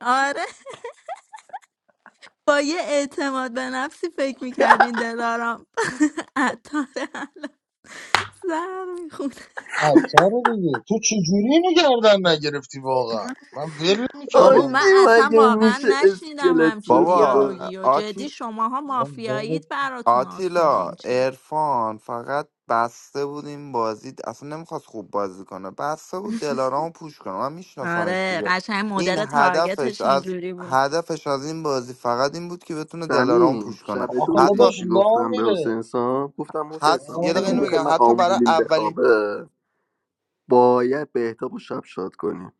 Speaker 11: آره با یه اعتماد به نفسی فکر میکردین دلارام عطاره الان سر میخونه
Speaker 2: عطاره دیگه تو چجوری اینو گردن نگرفتی واقعا من ول
Speaker 11: بابا
Speaker 2: میکردم
Speaker 11: من
Speaker 2: اونو
Speaker 14: آجی
Speaker 11: اصلا
Speaker 14: مگه
Speaker 11: واقعا
Speaker 14: میشه
Speaker 11: نشنیدم
Speaker 14: اسکلت
Speaker 11: همچین
Speaker 14: بذاره
Speaker 8: بابا
Speaker 11: دیالوگی و جدی شماها
Speaker 2: من
Speaker 11: مافیایید
Speaker 2: ول-
Speaker 11: براتون آسونه
Speaker 8: آتیلا
Speaker 11: این چیزی
Speaker 8: ارفان فقط بسته بود این بازی اصلا نمیخواست خوب بازی کنه بسته بود دلارامو پوش کنه من میشناسمش
Speaker 11: آره
Speaker 8: دیگه
Speaker 11: قشنگ
Speaker 8: این
Speaker 11: مدل
Speaker 8: هدفش
Speaker 11: تارگتش
Speaker 8: از
Speaker 11: اینجوری بود
Speaker 8: هدفش از این بازی فقط این بود که بتونه دلارامو
Speaker 14: سمیم
Speaker 8: پوش کنه
Speaker 14: شب دو
Speaker 2: آخه
Speaker 8: حتی
Speaker 14: میدونی
Speaker 2: داداش
Speaker 14: چی
Speaker 2: لا
Speaker 14: گفتم به
Speaker 2: میره
Speaker 14: حسین سام گفتم حسین
Speaker 8: حتی
Speaker 14: سام
Speaker 2: لا
Speaker 8: یه دقیقه
Speaker 14: اگه
Speaker 8: اینو
Speaker 2: میره
Speaker 14: میخوای
Speaker 8: بگم
Speaker 14: من
Speaker 8: حتی برای
Speaker 14: آمبولیم
Speaker 8: اولین
Speaker 14: بخوابه باید بهتاب و شب شاد کنیم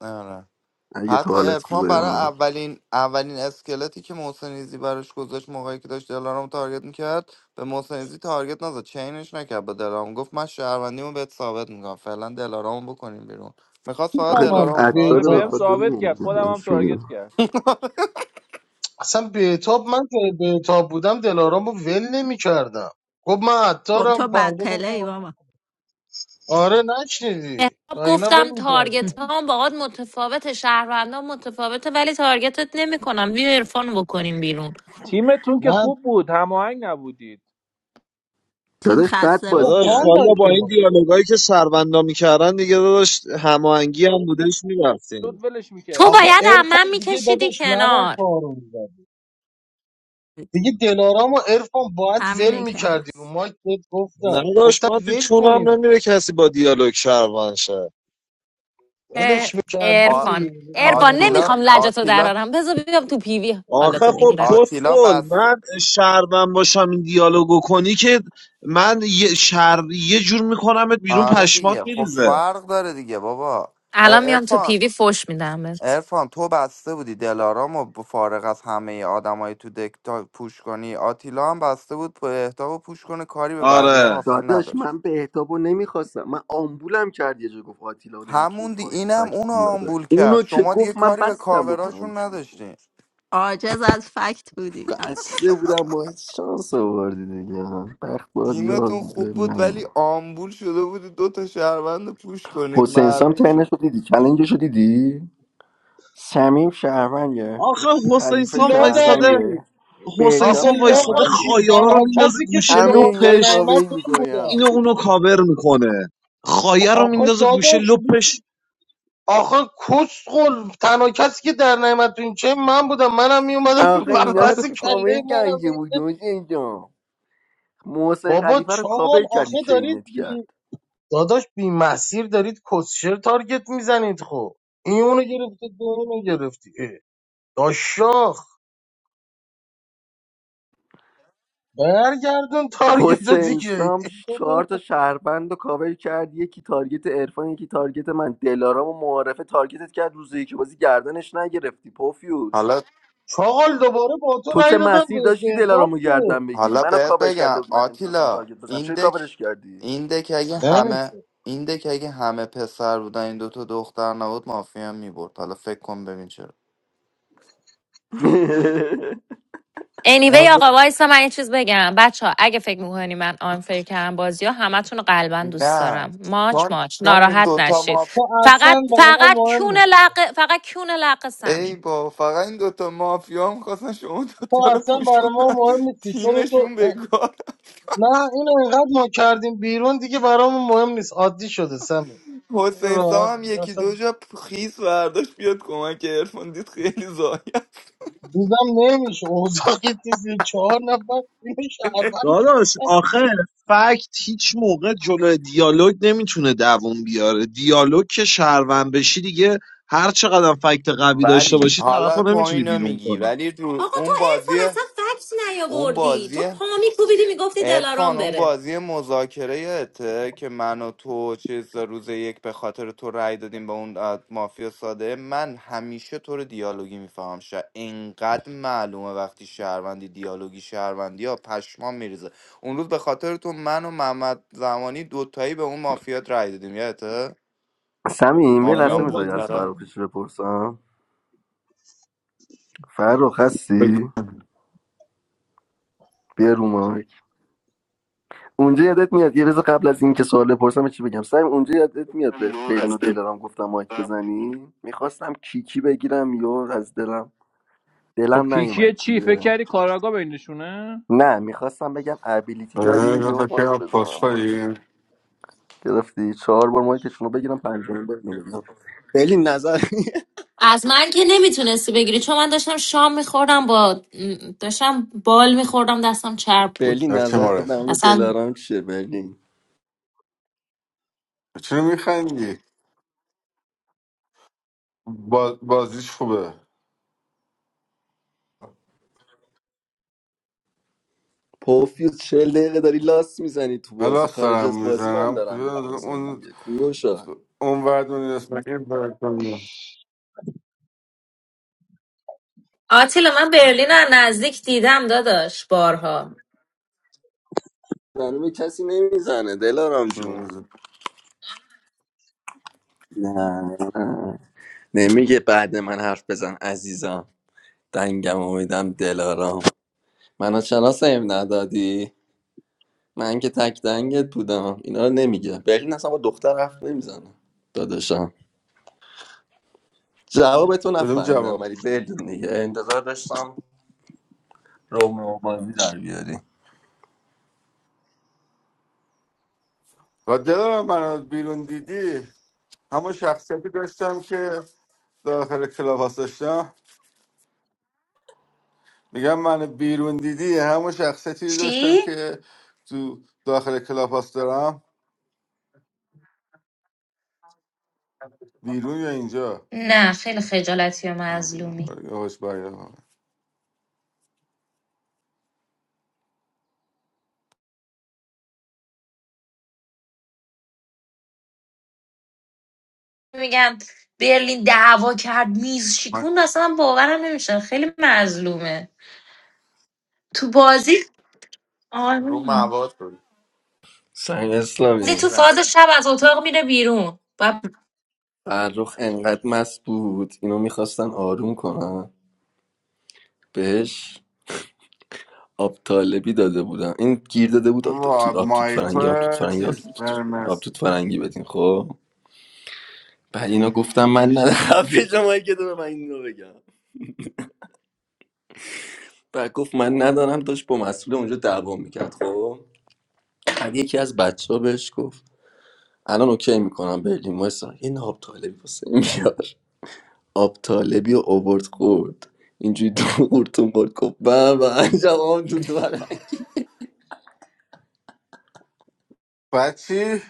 Speaker 8: آره.
Speaker 14: اگه تو
Speaker 8: حتی
Speaker 14: حالت
Speaker 8: ارفان برای
Speaker 14: خوبه
Speaker 8: اولین اولین اسکلتی که محسن ایزی براش گذاشت موقعی که داشت دلارام تارگت میکرد به محسن ایزی تارگت نزد چینش نکرد به دلارام گفت من شهروندیمو بهت ثابت میکنم فعلا دلارامو بکنیم بیرون میخواست فقط
Speaker 14: آخه گفت
Speaker 8: دلارامو
Speaker 2: میفهمم
Speaker 8: پوش
Speaker 14: عطار
Speaker 16: آره
Speaker 14: به
Speaker 2: بهتاب
Speaker 16: بهم
Speaker 8: کنم
Speaker 14: خاطر
Speaker 16: ثابت
Speaker 2: چجوریه
Speaker 14: اون
Speaker 16: کرد خودم هم
Speaker 14: گردنش
Speaker 16: تارگت
Speaker 14: می‌گیرم.
Speaker 16: کرد
Speaker 2: اصلا بهتاب من که بهتاب بودم دلارامو ول نمیکردم گفت من
Speaker 11: خب
Speaker 2: عطارم
Speaker 11: تو بد
Speaker 2: فردا
Speaker 11: پلی
Speaker 2: گفتم
Speaker 11: بابا
Speaker 2: آره نشنیدی و
Speaker 10: مهراب
Speaker 2: اینا ول
Speaker 10: گفتم تارگت
Speaker 2: میکردم
Speaker 10: هم باهات متفاوت شهروندان متفاوته ولی تارگتت نمیکنم بیا عرفان بکنیم بیرون
Speaker 16: تیمتون که
Speaker 2: نه
Speaker 16: خوب بود هماهنگ نبودید
Speaker 11: تیم
Speaker 14: داداش بد
Speaker 11: خسته
Speaker 2: آقا
Speaker 11: بود
Speaker 14: بازی
Speaker 1: داداش
Speaker 2: فان
Speaker 1: والا
Speaker 14: کردیم
Speaker 1: با
Speaker 2: داشتیم
Speaker 1: این
Speaker 2: ما.
Speaker 1: دیالوگایی که شهروندا میکردن دیگه داداش هماهنگی هم بودش میرفتیم
Speaker 16: زود ولش
Speaker 10: تو
Speaker 2: آخه
Speaker 16: میکردی
Speaker 10: باید من
Speaker 2: ارفان دیگه
Speaker 10: میکشیدی
Speaker 2: داداش نباید
Speaker 10: کنار
Speaker 2: پارو می‌زد.
Speaker 11: جدی.
Speaker 2: دیگه دلارام و ارفان باید
Speaker 11: همینه
Speaker 2: ول
Speaker 11: که
Speaker 2: میکردی رو
Speaker 11: هست
Speaker 2: مایک بهت
Speaker 1: نه
Speaker 2: گفتم
Speaker 1: داداش
Speaker 2: گفتم
Speaker 1: من تو
Speaker 2: ول کنین
Speaker 1: چونم نمیره کسی با دیالوگ شهروند شه
Speaker 10: اه،
Speaker 2: ولش میکردی
Speaker 8: آ...
Speaker 10: عرفان عرفان
Speaker 8: آتیلا
Speaker 10: نمیخوام لجتو
Speaker 8: آتیلا
Speaker 10: درارم بذار بیام تو پیوی
Speaker 1: آخه
Speaker 10: حالتو
Speaker 1: خب
Speaker 10: بگیرم
Speaker 8: آتیلا
Speaker 1: پسخول
Speaker 8: بس
Speaker 1: من شهروند باشم این دیالوگو کنی که من یه شر یه جور میکنمت بیرون
Speaker 8: آره
Speaker 1: پشمات
Speaker 8: دیگه خب
Speaker 1: میریزه
Speaker 8: فرق داره دیگه بابا ار-
Speaker 10: الان میام تو
Speaker 8: عرفان
Speaker 10: پیوی فوش میدم بهت.
Speaker 8: ارفان تو بسته بودی دلارام و ب- فارغ از همه آدمای تو دک تا پوش کنی آتیلا هم بسته بود به اهدا و پوش کنه کاری به بقیه هم
Speaker 1: آره
Speaker 8: اصلا
Speaker 14: داداش
Speaker 8: نداشت
Speaker 14: من بهتاب رو نمیخواستم من آمبولم کرد یه جا گفت آتیلا نمیتونه
Speaker 8: همون دی
Speaker 14: فاک
Speaker 8: اینم
Speaker 14: فکت
Speaker 8: اونو
Speaker 14: بیاره
Speaker 8: آمبول کرد
Speaker 14: اونو که
Speaker 8: شما دیگه
Speaker 14: گفت من
Speaker 8: کاری به
Speaker 14: بستم
Speaker 8: کاوراشون
Speaker 14: بکنمش بیرون
Speaker 8: نداشتین
Speaker 11: عاجز از فکت بودی
Speaker 14: بسته بودم با شانس آوردی دیگه بخت با دیار
Speaker 8: تیمتون خوب
Speaker 14: بوده
Speaker 8: بود
Speaker 14: نه
Speaker 8: ولی آمبول شده بودی دو تا شهروند پوش کنید
Speaker 14: حسین سام
Speaker 8: معلوم
Speaker 14: ترنش
Speaker 8: شد
Speaker 14: رو دیدی کلنجش رو دیدی سمیم شهرونگه
Speaker 1: آخه حسین
Speaker 14: خلیفه
Speaker 1: سام وایستاده
Speaker 14: شهرونگه
Speaker 2: لادری
Speaker 1: حسین
Speaker 14: بهتاب
Speaker 2: آخه
Speaker 1: سام
Speaker 2: لاغا
Speaker 1: وایستاده
Speaker 2: چی
Speaker 14: شهرونگه
Speaker 1: خایه ها رو
Speaker 2: تنها
Speaker 1: میندازه
Speaker 2: کسی که تو
Speaker 1: گوشه
Speaker 14: همه
Speaker 2: شما
Speaker 14: اینا رو
Speaker 2: در
Speaker 1: لپش
Speaker 2: نعمت
Speaker 14: کاوه
Speaker 2: من
Speaker 14: میکنم
Speaker 2: بوده
Speaker 1: اینو اونو کاور میکنه
Speaker 2: خب
Speaker 1: خایه رو
Speaker 2: آخه
Speaker 1: میندازه گوشه
Speaker 2: داداش بود.
Speaker 1: لپش
Speaker 2: آخه کسخل تنها کسی که در نعمت تو این چه من بودم منم میومدم
Speaker 14: آخه اینا رو
Speaker 2: پس
Speaker 14: کامل
Speaker 2: کله منم
Speaker 14: گنگه بود
Speaker 2: می-
Speaker 14: حسین جان محسن
Speaker 2: بابا
Speaker 14: خلیفه رو
Speaker 2: چاقال
Speaker 14: کاور کردی
Speaker 2: آخه دارید
Speaker 14: چینت کرد
Speaker 2: داداش بی مسیر دارید کسشر تارگت میزنید خب این اونو گرفته تو اونو گرفتی اه. داشاخ برگردون تارگت رو
Speaker 14: حسین
Speaker 2: دیگه
Speaker 14: سام ش- چهار تا شهروند رو کاور کرد یکی تارگت عرفان یکی تارگت من دلارام و معارفه تارگتت کرد روزی یکی بازی گردنش نگرفتی پوفیوز
Speaker 8: حالا
Speaker 2: چاقال دوباره با تو
Speaker 14: تو که
Speaker 2: رای دادم
Speaker 14: مسیر
Speaker 2: به
Speaker 14: داشتی دلارام
Speaker 2: بهتاب
Speaker 14: رو
Speaker 2: که
Speaker 14: گردن بگیری
Speaker 8: حالا
Speaker 14: منو
Speaker 8: بهت
Speaker 14: کاور
Speaker 8: بگم
Speaker 14: کرده بود من نمیتونستم
Speaker 8: آتیلا
Speaker 14: تارگت بزنم
Speaker 8: این
Speaker 14: چرا
Speaker 8: دک
Speaker 14: کاورش کردی
Speaker 8: این دک اگه
Speaker 2: نمیشه
Speaker 8: همه این دک اگه همه پسر بودن این دوتا دختر نبود مافیا میبرد حالا فکر کن ببین چرا
Speaker 10: anyway آقا وایسا من یه چیز بگم بچه ها اگه فکر میکنی من آنفر کردم بازی ها همتون رو قلبا دوست
Speaker 8: نه
Speaker 10: دارم ماچ
Speaker 8: چون
Speaker 10: ماچ
Speaker 8: چون این
Speaker 10: ناراحت
Speaker 8: دوتا
Speaker 10: نشید
Speaker 8: ماف
Speaker 2: تو
Speaker 10: فقط
Speaker 2: اصلا برای ما
Speaker 10: فقط
Speaker 2: مهم
Speaker 10: کون
Speaker 2: نیست
Speaker 10: لقه فقط کون لقه
Speaker 8: ای
Speaker 10: سمیم
Speaker 8: با فقط این دوتا مافیا میخواستن شما
Speaker 2: تو
Speaker 8: دوتا رو
Speaker 2: اصلا
Speaker 8: پوش
Speaker 2: برای ما
Speaker 8: کنن
Speaker 2: مهم نیستی چرا تو
Speaker 8: تیمشون
Speaker 2: اه،
Speaker 8: بگار
Speaker 2: نه اینو اینقدر ما کردیم بیرون دیگه برامون مهم نیست عادی شده سمی
Speaker 8: حسین سام هم یکی
Speaker 2: راحت
Speaker 8: دو جا خیس برداشت بیاد کمک ارفان دید خیلی زایه
Speaker 2: دیدم نمیشه اوضاع که چیزی چهار نفر اینو شهروند کرد
Speaker 1: داداش آخه فکت هیچ موقع جلو دیالوگ نمیتونه دووم بیاره دیالوگ که شهروند بشی دیگه هر چقدر فکت قوی داشته
Speaker 8: ولی
Speaker 1: باشی طرف
Speaker 8: حالا
Speaker 1: رو
Speaker 8: تو
Speaker 1: نمیتونی
Speaker 8: اینو
Speaker 1: بیرون
Speaker 8: میگی
Speaker 1: کنی
Speaker 8: ولی تو
Speaker 10: آقا تو
Speaker 8: اون
Speaker 10: ارفان
Speaker 8: بازی
Speaker 10: اصلا فکس
Speaker 8: اون
Speaker 10: نیاوردی تو
Speaker 8: بازی
Speaker 10: پا میکوبیدی میگفتی دلارام
Speaker 8: عرفان اون
Speaker 10: بره
Speaker 8: بازی مذاکره یادته که من و تو چیز روز یک به خاطر تو رأی دادیم به اون اه، مافیا ساده من همیشه تو رو دیالوگی میفهمم شا اینقدر معلومه وقتی شهروندی دیالوگی شهروندی یا پشمام میریزه اون روز به خاطر تو من و محمد زمانی دوتایی به اون مافیات رأی دادیم یادته
Speaker 14: سمیم یه
Speaker 1: آره
Speaker 14: لحظه
Speaker 8: مافیان
Speaker 1: اون
Speaker 8: بود
Speaker 14: میذاری
Speaker 1: بازی
Speaker 14: از
Speaker 1: که
Speaker 8: چرا
Speaker 14: فروخش بپرسم فرخ
Speaker 3: بگو.
Speaker 14: هستی بیا رو مایک. اونجا یادت میاد یه روز قبل از اینکه سوال بپرسم چی بگم سعیم اونجا یادت میاد به بلین و دلارام گفتم مایک بزنی میخواستم کیکی بگیرم یا از دلم
Speaker 16: خب
Speaker 14: دلم
Speaker 16: کیکیه
Speaker 14: نیومد
Speaker 16: چی فکر
Speaker 14: دیگه
Speaker 16: کردی کاراگا بینشونه
Speaker 14: نه میخواستم بگم ابیلیتی
Speaker 3: آه،
Speaker 14: دارین
Speaker 3: اینا فکر
Speaker 14: یا مایک
Speaker 3: کنم
Speaker 14: بزنم باز
Speaker 3: پاسپولی.
Speaker 14: گرفتی چهار بار مایکشون رو بگیرم پنجمین بار نمی‌دونم. برلین نظر
Speaker 10: از من که نمیتونستی بگیری چون من داشتم شام میخوردم با داشتم بال میخوردم دستم چرب بود
Speaker 14: برلین
Speaker 3: در چه
Speaker 14: نظر
Speaker 3: مورد
Speaker 14: نمونه
Speaker 10: اصلا
Speaker 14: دلارام چیه برلین
Speaker 3: چرا میخندی؟ با... بازیش خوبه
Speaker 14: پوفیوز چهل دقیقه داری لاست میزنی تو
Speaker 3: من
Speaker 14: بازی
Speaker 3: راست
Speaker 14: خارج از
Speaker 3: دارم
Speaker 14: بازی من
Speaker 3: میزنم
Speaker 14: دارم میپرسن
Speaker 3: اون
Speaker 14: دیگه کنگوشا
Speaker 3: اون ور دنیا است، من این ور دنیا.
Speaker 10: آتیلا من برلین رو از نزدیک دیدم داداش بارها
Speaker 14: زنم کسی نمیزنه دلارام جون
Speaker 3: نمی‌دونم.
Speaker 14: نه نه نمیگه بعد من حرف بزن عزیزم دنگم امیدم دلارام منو چرا سیو ندادی من که تک دنگت بودم اینا رو نمیگه برلین اصلا با دختر حرف نمیزنه داداشم جوابتو
Speaker 3: کدوم
Speaker 14: نفهمیدم
Speaker 3: جواب
Speaker 14: ولی برلین دیگه انتظار داشتم رومو بازی در بیاری
Speaker 3: و دلم من از بیرون دیدی همون شخصیتی داشتم که داخل کلاب هاست داشتم میگم من بیرون دیدی همون شخصیتی داشتم
Speaker 10: چی؟
Speaker 3: که تو داخل کلاب هاست دارم بیرون یا اینجا
Speaker 10: نه خیلی خجالتی و
Speaker 3: آه بیرون
Speaker 10: مظلومی
Speaker 3: آره، یه هوش باید.
Speaker 10: میگم برلین دعوا کرد میز
Speaker 3: من-
Speaker 10: شکوند اصلا باورم نمیشه خیلی مظلومه تو بازی آره
Speaker 8: رو مواد بود
Speaker 14: سنگ
Speaker 10: بازی تو
Speaker 14: اسلامی
Speaker 10: فاز شب از اتاق میره بیرون و
Speaker 14: فرخ انقدر مست بود اینو میخواستن آروم کنن بهش آب طالبی داده بودم این گیر داده بود آب
Speaker 3: وا،
Speaker 14: توت آب توت
Speaker 3: مای
Speaker 14: فرنگی آب توت
Speaker 3: تو
Speaker 14: فرنگی آب
Speaker 3: چیز
Speaker 14: توت, آب
Speaker 3: قرمز.
Speaker 14: توت فرنگی بدین خب بعد اینا گفتم من ندارم پیش ما که دارم من این رو بگم بعد گفت من ندارم داشت با مسئول اونجا دعوا میکرد خب بعد یکی از بچه ها بهش گفت الان اوکی میکنم برلین وایسا یه نه آب طالبی واسه این بیار آب طالبی رو اوورد خورد اینجوری تو قورتون خورد گفت به به عجب آب توت فرنگی
Speaker 3: πάτσι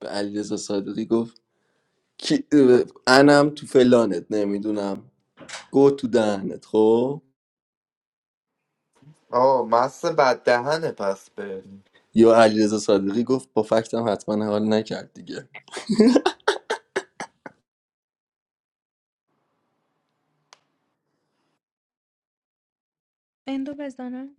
Speaker 14: به علیرضا صادقی گفت کی... اه، انم تو فلانت نمیدونم گو تو دهنت خب
Speaker 8: آه مست بد دهنه پس بریم
Speaker 14: یا علیرضا صادقی گفت با فکتم حتما حال نکرد دیگه
Speaker 13: اندو بزنم